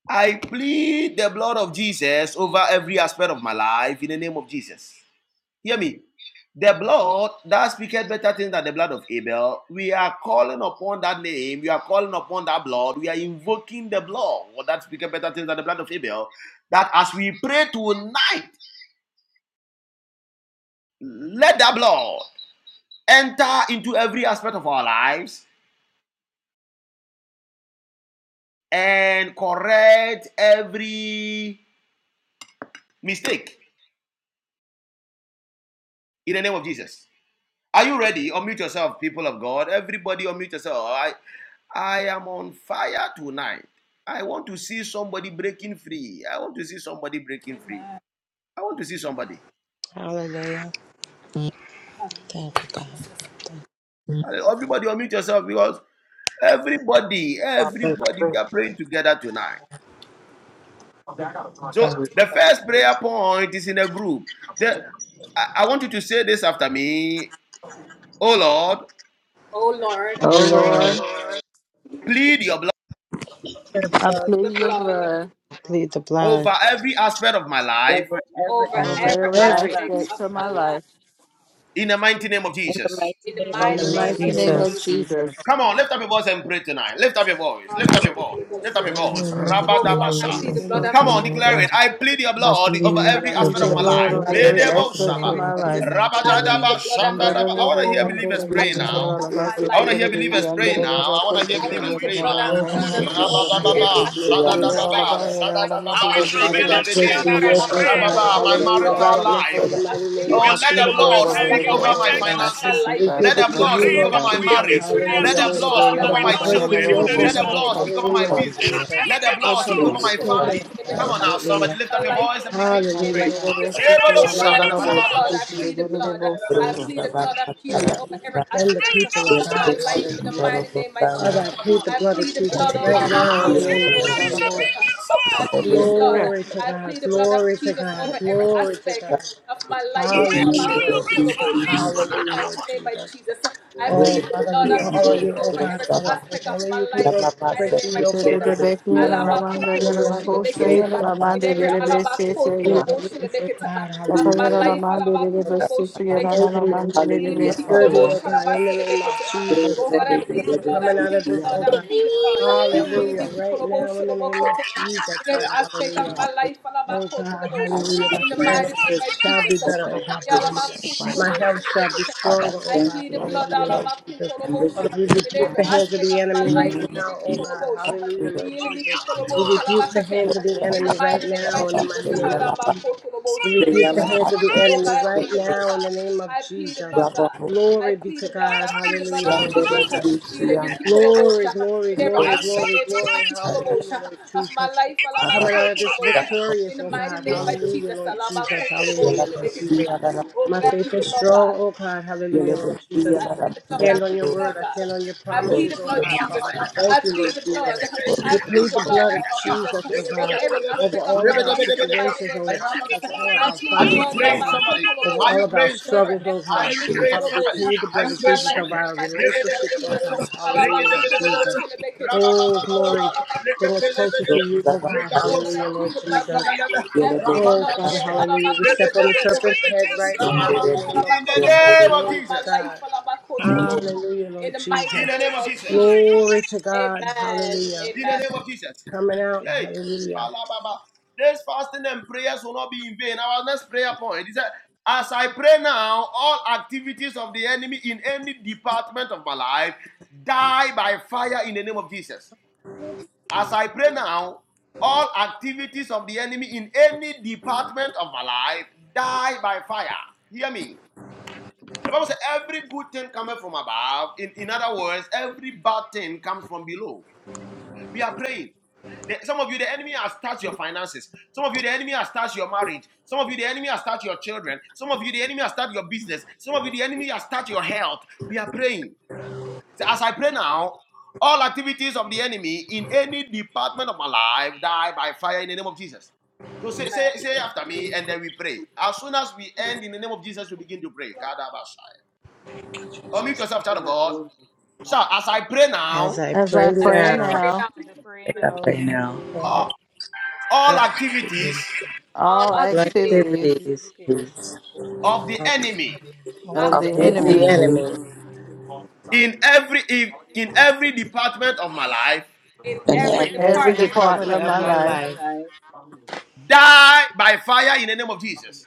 [SPEAKER 7] I plead the blood of Jesus over every aspect of my life in the name of Jesus. Hear me. The blood that speaketh better things than the blood of Abel. We are calling upon that name. We are calling upon that blood. We are invoking the blood that speaketh better things than the blood of Abel. That as we pray tonight, let that blood enter into every aspect of our lives and correct every mistake in the name of Jesus. Are you ready? Unmute yourself, people of God. Everybody, unmute yourself. I, I am on fire tonight. I want to see somebody breaking free. I want to see somebody breaking free. I want to see somebody.
[SPEAKER 2] Hallelujah. Thank you, God. Thank you.
[SPEAKER 7] Everybody, unmute yourself because everybody,
[SPEAKER 2] Father,
[SPEAKER 7] everybody,
[SPEAKER 2] please,
[SPEAKER 7] we are praying together tonight.
[SPEAKER 2] please,
[SPEAKER 7] So
[SPEAKER 2] um,
[SPEAKER 7] the first prayer point is in a group. The- I I want you to say this after me. Oh Lord, oh
[SPEAKER 8] Oh
[SPEAKER 2] Oh
[SPEAKER 7] Lord, oh
[SPEAKER 2] Lord,
[SPEAKER 8] Lord,
[SPEAKER 7] Lord, plead your blood
[SPEAKER 3] Your
[SPEAKER 8] I
[SPEAKER 3] blood
[SPEAKER 8] plead your blood
[SPEAKER 2] plead the blood
[SPEAKER 7] over every aspect of my life
[SPEAKER 3] over every
[SPEAKER 2] over
[SPEAKER 8] over
[SPEAKER 3] aspect of
[SPEAKER 8] every
[SPEAKER 3] my
[SPEAKER 2] every
[SPEAKER 3] life.
[SPEAKER 8] aspect of my life.
[SPEAKER 7] in the mighty name of
[SPEAKER 3] In
[SPEAKER 7] Jesus.
[SPEAKER 3] the mighty name of
[SPEAKER 2] in
[SPEAKER 8] In
[SPEAKER 2] the
[SPEAKER 8] the
[SPEAKER 10] Oh,
[SPEAKER 2] mighty
[SPEAKER 8] mighty
[SPEAKER 3] Jesus.
[SPEAKER 2] name
[SPEAKER 8] name
[SPEAKER 2] of
[SPEAKER 8] of
[SPEAKER 10] Jesus.
[SPEAKER 2] Jesus.
[SPEAKER 8] Jesus.
[SPEAKER 7] Come on, lift up your voice and pray tonight. Lift up your voice. Lift up your voice. Lift up your
[SPEAKER 2] Oh
[SPEAKER 7] voice.
[SPEAKER 2] God.
[SPEAKER 10] Lord, I need you in
[SPEAKER 7] Rabadabasha.
[SPEAKER 8] In the name
[SPEAKER 10] aspect
[SPEAKER 8] of
[SPEAKER 10] of
[SPEAKER 7] Come on,
[SPEAKER 8] Jesus.
[SPEAKER 10] my
[SPEAKER 7] declare
[SPEAKER 10] life.
[SPEAKER 7] it. I plead your
[SPEAKER 10] I
[SPEAKER 7] blood over
[SPEAKER 8] I
[SPEAKER 10] believe
[SPEAKER 2] Lord,
[SPEAKER 7] every
[SPEAKER 2] I
[SPEAKER 10] the
[SPEAKER 8] plead
[SPEAKER 7] aspect
[SPEAKER 2] plead
[SPEAKER 8] your
[SPEAKER 7] of
[SPEAKER 2] the
[SPEAKER 7] my
[SPEAKER 10] blood
[SPEAKER 8] blood
[SPEAKER 10] in
[SPEAKER 7] life.
[SPEAKER 8] over
[SPEAKER 2] blood
[SPEAKER 10] every
[SPEAKER 2] over my
[SPEAKER 8] every
[SPEAKER 10] aspect of
[SPEAKER 8] aspect
[SPEAKER 10] my
[SPEAKER 2] life,
[SPEAKER 7] Medeboshaba.
[SPEAKER 8] of my
[SPEAKER 10] life
[SPEAKER 8] life.
[SPEAKER 10] and
[SPEAKER 2] hallelujah.
[SPEAKER 7] Rabadadaba,
[SPEAKER 2] Lord,
[SPEAKER 8] Under
[SPEAKER 2] I
[SPEAKER 8] the
[SPEAKER 7] shandadaba.
[SPEAKER 2] plead
[SPEAKER 7] I want to
[SPEAKER 2] the
[SPEAKER 7] hear
[SPEAKER 8] river,
[SPEAKER 2] blood
[SPEAKER 8] under the
[SPEAKER 2] over
[SPEAKER 7] believers
[SPEAKER 2] my
[SPEAKER 7] pray
[SPEAKER 8] river, is
[SPEAKER 2] health
[SPEAKER 7] now.
[SPEAKER 8] all
[SPEAKER 2] right
[SPEAKER 8] about,
[SPEAKER 2] now.
[SPEAKER 8] us, so
[SPEAKER 7] I
[SPEAKER 2] Lord,
[SPEAKER 7] want to
[SPEAKER 8] forget
[SPEAKER 7] hear
[SPEAKER 8] it, give
[SPEAKER 7] believers
[SPEAKER 8] under
[SPEAKER 7] pray
[SPEAKER 8] the
[SPEAKER 7] now.
[SPEAKER 8] river,
[SPEAKER 2] I
[SPEAKER 7] I want
[SPEAKER 8] so
[SPEAKER 2] plead
[SPEAKER 7] to
[SPEAKER 2] the
[SPEAKER 7] hear
[SPEAKER 8] forget it,
[SPEAKER 7] believers
[SPEAKER 2] blood.
[SPEAKER 8] yes, no,
[SPEAKER 7] pray
[SPEAKER 8] no,
[SPEAKER 7] now.
[SPEAKER 8] no,
[SPEAKER 2] Oh
[SPEAKER 8] no, no,
[SPEAKER 2] God,
[SPEAKER 8] no,
[SPEAKER 2] over
[SPEAKER 8] so
[SPEAKER 10] my
[SPEAKER 2] my
[SPEAKER 10] team.
[SPEAKER 5] Hallelujah.
[SPEAKER 7] Rabadababa,
[SPEAKER 2] finances,
[SPEAKER 5] Jesus,
[SPEAKER 2] Lord
[SPEAKER 5] mercy
[SPEAKER 8] Here,
[SPEAKER 2] Jesus,
[SPEAKER 8] all
[SPEAKER 7] shadadababa,
[SPEAKER 8] about,
[SPEAKER 2] Father.
[SPEAKER 8] here, all about, do,
[SPEAKER 7] shadadababa,
[SPEAKER 2] Oh,
[SPEAKER 8] do, do, do,
[SPEAKER 2] Father
[SPEAKER 8] do,
[SPEAKER 2] God,
[SPEAKER 8] see,
[SPEAKER 2] praise
[SPEAKER 7] rikedebede,
[SPEAKER 2] to
[SPEAKER 8] under
[SPEAKER 2] you,
[SPEAKER 8] the river,
[SPEAKER 2] oh
[SPEAKER 8] so
[SPEAKER 2] God,
[SPEAKER 8] all
[SPEAKER 7] rababa, my
[SPEAKER 8] about,
[SPEAKER 5] for
[SPEAKER 8] see,
[SPEAKER 2] hallelujah,
[SPEAKER 8] all
[SPEAKER 7] marital
[SPEAKER 2] right
[SPEAKER 8] about,
[SPEAKER 2] now
[SPEAKER 7] life.
[SPEAKER 8] so
[SPEAKER 2] in the mighty name
[SPEAKER 7] Oh,
[SPEAKER 2] of
[SPEAKER 8] I
[SPEAKER 7] let
[SPEAKER 8] plead
[SPEAKER 7] the
[SPEAKER 8] the
[SPEAKER 2] Jesus,
[SPEAKER 8] blood
[SPEAKER 7] Lord
[SPEAKER 8] over
[SPEAKER 7] speak
[SPEAKER 8] every
[SPEAKER 2] hallelujah,
[SPEAKER 7] over my
[SPEAKER 2] Lord
[SPEAKER 8] aspect of my
[SPEAKER 2] God.
[SPEAKER 7] finances.
[SPEAKER 8] prison
[SPEAKER 2] We
[SPEAKER 8] side,
[SPEAKER 2] give
[SPEAKER 7] Let
[SPEAKER 8] my
[SPEAKER 2] it
[SPEAKER 7] the
[SPEAKER 2] to
[SPEAKER 7] Lord
[SPEAKER 2] you,
[SPEAKER 7] speak
[SPEAKER 8] grandchildren's
[SPEAKER 2] Lord
[SPEAKER 7] over
[SPEAKER 8] side.
[SPEAKER 7] my
[SPEAKER 2] Jesus,
[SPEAKER 7] marriage.
[SPEAKER 8] What
[SPEAKER 7] Let
[SPEAKER 8] do
[SPEAKER 2] hallelujah.
[SPEAKER 7] the Lord
[SPEAKER 8] you
[SPEAKER 7] speak
[SPEAKER 2] Father,
[SPEAKER 7] over
[SPEAKER 2] we
[SPEAKER 7] my
[SPEAKER 2] pray to
[SPEAKER 7] children.
[SPEAKER 2] you, oh
[SPEAKER 7] Let the
[SPEAKER 2] God,
[SPEAKER 7] Lord speak over
[SPEAKER 2] hallelujah,
[SPEAKER 7] my
[SPEAKER 2] Lord
[SPEAKER 8] want?
[SPEAKER 7] business. Let
[SPEAKER 2] Jesus.
[SPEAKER 7] the
[SPEAKER 8] What
[SPEAKER 7] Lord
[SPEAKER 8] do you
[SPEAKER 2] Cover
[SPEAKER 7] speak over
[SPEAKER 2] my
[SPEAKER 8] want?
[SPEAKER 7] my
[SPEAKER 2] children,
[SPEAKER 7] family.
[SPEAKER 2] oh God,
[SPEAKER 7] Come
[SPEAKER 5] every
[SPEAKER 7] on now,
[SPEAKER 5] human
[SPEAKER 7] somebody
[SPEAKER 2] hallelujah.
[SPEAKER 7] lift up your
[SPEAKER 5] mind.
[SPEAKER 7] voice and begin to
[SPEAKER 8] And the
[SPEAKER 2] Hallelujah,
[SPEAKER 7] pray.
[SPEAKER 8] little
[SPEAKER 2] Father.
[SPEAKER 8] bit sicky
[SPEAKER 7] Lift
[SPEAKER 8] and
[SPEAKER 2] Oh,
[SPEAKER 8] the
[SPEAKER 7] up your
[SPEAKER 8] little
[SPEAKER 2] Father, I
[SPEAKER 8] boat,
[SPEAKER 2] thank you,
[SPEAKER 8] this
[SPEAKER 7] voice.
[SPEAKER 8] is the
[SPEAKER 2] Jesus. Cover
[SPEAKER 8] little
[SPEAKER 2] my
[SPEAKER 8] boat, so
[SPEAKER 5] Through
[SPEAKER 2] children,
[SPEAKER 8] so.
[SPEAKER 2] oh God,
[SPEAKER 5] Shabbat,
[SPEAKER 8] Hmm.
[SPEAKER 2] hallelujah.
[SPEAKER 5] Katarabasa,
[SPEAKER 2] Send the people, oh God,
[SPEAKER 5] Yelebeki, and
[SPEAKER 2] hallelujah. Father,
[SPEAKER 5] Dorobosaya,
[SPEAKER 2] I plead the blood of
[SPEAKER 5] and
[SPEAKER 2] Jesus right
[SPEAKER 8] The little
[SPEAKER 2] now
[SPEAKER 5] Yelebeki,
[SPEAKER 2] in
[SPEAKER 8] boat,
[SPEAKER 2] the
[SPEAKER 5] and
[SPEAKER 8] sick,
[SPEAKER 7] Until
[SPEAKER 2] name of
[SPEAKER 8] the
[SPEAKER 7] there is
[SPEAKER 8] little
[SPEAKER 7] a
[SPEAKER 5] Dorobosaya,
[SPEAKER 2] Jesus.
[SPEAKER 8] boat.
[SPEAKER 7] bringing forth,
[SPEAKER 8] Yeah.
[SPEAKER 2] Glory to God. Glory to God. Glory to God.
[SPEAKER 5] Remember the beauty and
[SPEAKER 7] so
[SPEAKER 2] Hallelujah,
[SPEAKER 7] you
[SPEAKER 2] Lord
[SPEAKER 7] bring
[SPEAKER 2] Jesus.
[SPEAKER 7] forth
[SPEAKER 5] the
[SPEAKER 2] Hallelujah,
[SPEAKER 7] this.
[SPEAKER 2] Lord Jesus. Oh, Father, we
[SPEAKER 5] relevancy and
[SPEAKER 2] call
[SPEAKER 5] the
[SPEAKER 2] on you, oh God, Father,
[SPEAKER 5] Saba,
[SPEAKER 2] because only you can break,
[SPEAKER 5] Yababa,
[SPEAKER 2] break the
[SPEAKER 8] If
[SPEAKER 2] yoke,
[SPEAKER 8] the
[SPEAKER 2] oh
[SPEAKER 5] Secretary,
[SPEAKER 2] God.
[SPEAKER 8] little here, I'm
[SPEAKER 2] Oh,
[SPEAKER 8] on the
[SPEAKER 2] hallelujah,
[SPEAKER 8] little
[SPEAKER 2] let
[SPEAKER 8] boat,
[SPEAKER 2] your
[SPEAKER 5] the
[SPEAKER 8] say,
[SPEAKER 2] faith,
[SPEAKER 8] and
[SPEAKER 2] oh
[SPEAKER 8] I'm
[SPEAKER 2] God,
[SPEAKER 8] on the little
[SPEAKER 2] hallelujah.
[SPEAKER 8] bit, say, say,
[SPEAKER 2] Be
[SPEAKER 8] yeah.
[SPEAKER 2] my witness, oh God,
[SPEAKER 8] If
[SPEAKER 5] Praise
[SPEAKER 8] I get
[SPEAKER 2] hallelujah.
[SPEAKER 5] you.
[SPEAKER 8] a the little bit, I'm
[SPEAKER 2] Strengthen me, oh
[SPEAKER 8] on the
[SPEAKER 2] God.
[SPEAKER 8] little
[SPEAKER 5] Hallelujah,
[SPEAKER 8] bit,
[SPEAKER 2] Upgrade
[SPEAKER 5] Father.
[SPEAKER 2] me,
[SPEAKER 8] yeah.
[SPEAKER 2] oh God, in the name of
[SPEAKER 5] Praise
[SPEAKER 2] Jesus,
[SPEAKER 5] the
[SPEAKER 2] Father,
[SPEAKER 5] Lord, the
[SPEAKER 2] because I'm
[SPEAKER 5] Lord,
[SPEAKER 2] coming out of
[SPEAKER 5] the
[SPEAKER 2] this, oh
[SPEAKER 5] Lord,
[SPEAKER 2] God.
[SPEAKER 5] the Lord,
[SPEAKER 2] Hallelujah, right now, in the name of Jesus, Father,
[SPEAKER 5] the Lord, the
[SPEAKER 2] hallelujah.
[SPEAKER 5] Lord,
[SPEAKER 2] Oh God,
[SPEAKER 5] the Lord,
[SPEAKER 2] hallelujah.
[SPEAKER 5] the Lord,
[SPEAKER 7] Try
[SPEAKER 5] the
[SPEAKER 2] My
[SPEAKER 7] your bid
[SPEAKER 5] Lord,
[SPEAKER 7] for
[SPEAKER 5] the Lord, the
[SPEAKER 2] finances shall be
[SPEAKER 7] tonight. Try
[SPEAKER 2] better, oh
[SPEAKER 7] your
[SPEAKER 2] God, hallelujah. My
[SPEAKER 5] Lord.
[SPEAKER 2] health shall be
[SPEAKER 5] Father,
[SPEAKER 2] stronger, oh
[SPEAKER 5] thank
[SPEAKER 2] God,
[SPEAKER 5] you, O God,
[SPEAKER 2] hallelujah,
[SPEAKER 5] that
[SPEAKER 2] Lord Jesus.
[SPEAKER 5] we lift
[SPEAKER 2] Father,
[SPEAKER 5] it
[SPEAKER 2] we rebuke the hands of the enemy right now, oh God, hallelujah, Lord Jesus. We
[SPEAKER 7] bid
[SPEAKER 2] rebuke the hands of the enemy right now
[SPEAKER 5] up,
[SPEAKER 2] in
[SPEAKER 5] I
[SPEAKER 2] the mighty
[SPEAKER 5] pray,
[SPEAKER 2] name
[SPEAKER 5] I
[SPEAKER 2] of
[SPEAKER 5] love, I
[SPEAKER 2] Jesus. We
[SPEAKER 5] pray, I
[SPEAKER 2] rebuke the
[SPEAKER 7] for
[SPEAKER 5] love,
[SPEAKER 7] tonight.
[SPEAKER 5] I
[SPEAKER 2] hands of the enemy right now in the name of Jesus.
[SPEAKER 5] love, I hope,
[SPEAKER 2] Glory be to
[SPEAKER 7] That
[SPEAKER 2] God,
[SPEAKER 7] you that is
[SPEAKER 2] hallelujah,
[SPEAKER 7] trying
[SPEAKER 5] and
[SPEAKER 7] to
[SPEAKER 2] Lord
[SPEAKER 5] there
[SPEAKER 7] hold
[SPEAKER 2] Jesus.
[SPEAKER 5] is
[SPEAKER 7] you.
[SPEAKER 5] peace, and there is joy,
[SPEAKER 2] Glory, glory,
[SPEAKER 5] and there
[SPEAKER 7] I
[SPEAKER 2] glory,
[SPEAKER 5] is
[SPEAKER 7] assure
[SPEAKER 2] glory,
[SPEAKER 7] you
[SPEAKER 2] glory.
[SPEAKER 7] tonight.
[SPEAKER 5] happiness, and there is
[SPEAKER 2] Hallelujah, Lord Jesus.
[SPEAKER 7] If only
[SPEAKER 5] love,
[SPEAKER 7] you
[SPEAKER 2] Coming
[SPEAKER 7] can
[SPEAKER 2] out of this
[SPEAKER 7] travel,
[SPEAKER 2] victorious, oh God. Hallelujah, Lord Jesus.
[SPEAKER 7] pray.
[SPEAKER 2] Hallelujah, Lord Jesus. My faith is strong, oh God.
[SPEAKER 5] Yellow,
[SPEAKER 2] Hallelujah, Lord
[SPEAKER 5] yellow, the yellow, the yellow, the
[SPEAKER 2] Jesus.
[SPEAKER 5] yellow,
[SPEAKER 2] I stand on your word. I stand on your promises,
[SPEAKER 5] the
[SPEAKER 2] oh God.
[SPEAKER 5] yellow,
[SPEAKER 2] Father, I thank you, Lord
[SPEAKER 7] Are
[SPEAKER 2] Jesus.
[SPEAKER 7] you
[SPEAKER 2] We plead the blood of Jesus, oh God, over all of our situations, oh, over all of our finances, oh
[SPEAKER 7] praying
[SPEAKER 2] God,
[SPEAKER 7] somebody?
[SPEAKER 2] over
[SPEAKER 7] Are you praying somebody? Are you
[SPEAKER 2] all of our
[SPEAKER 7] praying somebody?
[SPEAKER 2] struggles, oh God. Father, we plead the
[SPEAKER 7] Are
[SPEAKER 2] blood
[SPEAKER 7] you
[SPEAKER 2] of
[SPEAKER 7] praying
[SPEAKER 2] Jesus of
[SPEAKER 7] somebody?
[SPEAKER 2] our relationships, oh God. Hallelujah, Lord Jesus. Oh, glory. Bring us closer
[SPEAKER 5] the
[SPEAKER 2] to you, oh God.
[SPEAKER 5] yellow,
[SPEAKER 7] Regadosa,
[SPEAKER 2] Hallelujah, Lord Jesus.
[SPEAKER 7] Rapanda,
[SPEAKER 5] Yellow baby,
[SPEAKER 2] Oh,
[SPEAKER 7] Rapanda,
[SPEAKER 2] Father, hallelujah. We step on the serpent's head right
[SPEAKER 5] yonder
[SPEAKER 2] now in the name
[SPEAKER 5] baby,
[SPEAKER 2] of
[SPEAKER 7] in the
[SPEAKER 2] Jesus.
[SPEAKER 5] yonder
[SPEAKER 7] name of
[SPEAKER 5] baby.
[SPEAKER 2] Glory to
[SPEAKER 7] Jesus,
[SPEAKER 2] God. Hallelujah, Lord
[SPEAKER 7] in
[SPEAKER 2] Jesus.
[SPEAKER 7] the name of Jesus,
[SPEAKER 2] Glory to God. Hallelujah.
[SPEAKER 7] in the name of Jesus.
[SPEAKER 2] Coming out.
[SPEAKER 7] Hey,
[SPEAKER 2] Hallelujah.
[SPEAKER 7] Alababa. This fasting and prayers will not be in vain. Our next prayer point is that as I pray now, all activities of the enemy in any department of my life die by fire in the name of Jesus. As I pray now, all activities of the enemy in any department of my life die by fire. Hear me. The Bible says every good thing cometh from above. In, in other words, every bad thing comes from below. We are praying. The- some of you, the enemy has touched your finances. Some of you, the enemy has touched your marriage. Some of you, the enemy has touched your children. Some of you, the enemy has touched your business. Some of you, the enemy has touched your health. We are praying. So as I pray now, all activities of the enemy in any department of my life die by fire in the name of Jesus. So say, say, say after me, and then we pray. As soon as we end in the name of Jesus, we begin to pray. Kadabashai. Unmute yourself, child of God. So as I pray
[SPEAKER 2] As
[SPEAKER 7] now,
[SPEAKER 2] I
[SPEAKER 8] As I
[SPEAKER 2] pray
[SPEAKER 8] pray
[SPEAKER 2] now,
[SPEAKER 8] now.
[SPEAKER 3] As I pray
[SPEAKER 5] Pick up
[SPEAKER 3] now,
[SPEAKER 5] right now,
[SPEAKER 2] all
[SPEAKER 7] all all
[SPEAKER 2] all
[SPEAKER 7] activities
[SPEAKER 8] all
[SPEAKER 3] all
[SPEAKER 8] activities
[SPEAKER 2] activities
[SPEAKER 3] activities,
[SPEAKER 5] please.
[SPEAKER 7] of the
[SPEAKER 2] of
[SPEAKER 7] enemy
[SPEAKER 9] I'll
[SPEAKER 8] of
[SPEAKER 9] say,
[SPEAKER 5] Of
[SPEAKER 8] the
[SPEAKER 5] the
[SPEAKER 2] the
[SPEAKER 3] of
[SPEAKER 8] enemy
[SPEAKER 3] the
[SPEAKER 2] enemy
[SPEAKER 5] enemy
[SPEAKER 3] enemy
[SPEAKER 7] in every in, in every department of my life
[SPEAKER 9] "Can
[SPEAKER 5] and
[SPEAKER 9] you
[SPEAKER 2] in
[SPEAKER 5] every
[SPEAKER 8] in
[SPEAKER 3] in
[SPEAKER 2] every
[SPEAKER 8] every
[SPEAKER 3] every
[SPEAKER 8] department
[SPEAKER 5] department
[SPEAKER 2] department
[SPEAKER 8] of
[SPEAKER 5] of
[SPEAKER 2] of
[SPEAKER 8] my
[SPEAKER 3] department of
[SPEAKER 2] my
[SPEAKER 5] my
[SPEAKER 8] life.
[SPEAKER 3] my
[SPEAKER 2] life.
[SPEAKER 5] life.
[SPEAKER 3] life
[SPEAKER 7] die by fire in the name of Jesus.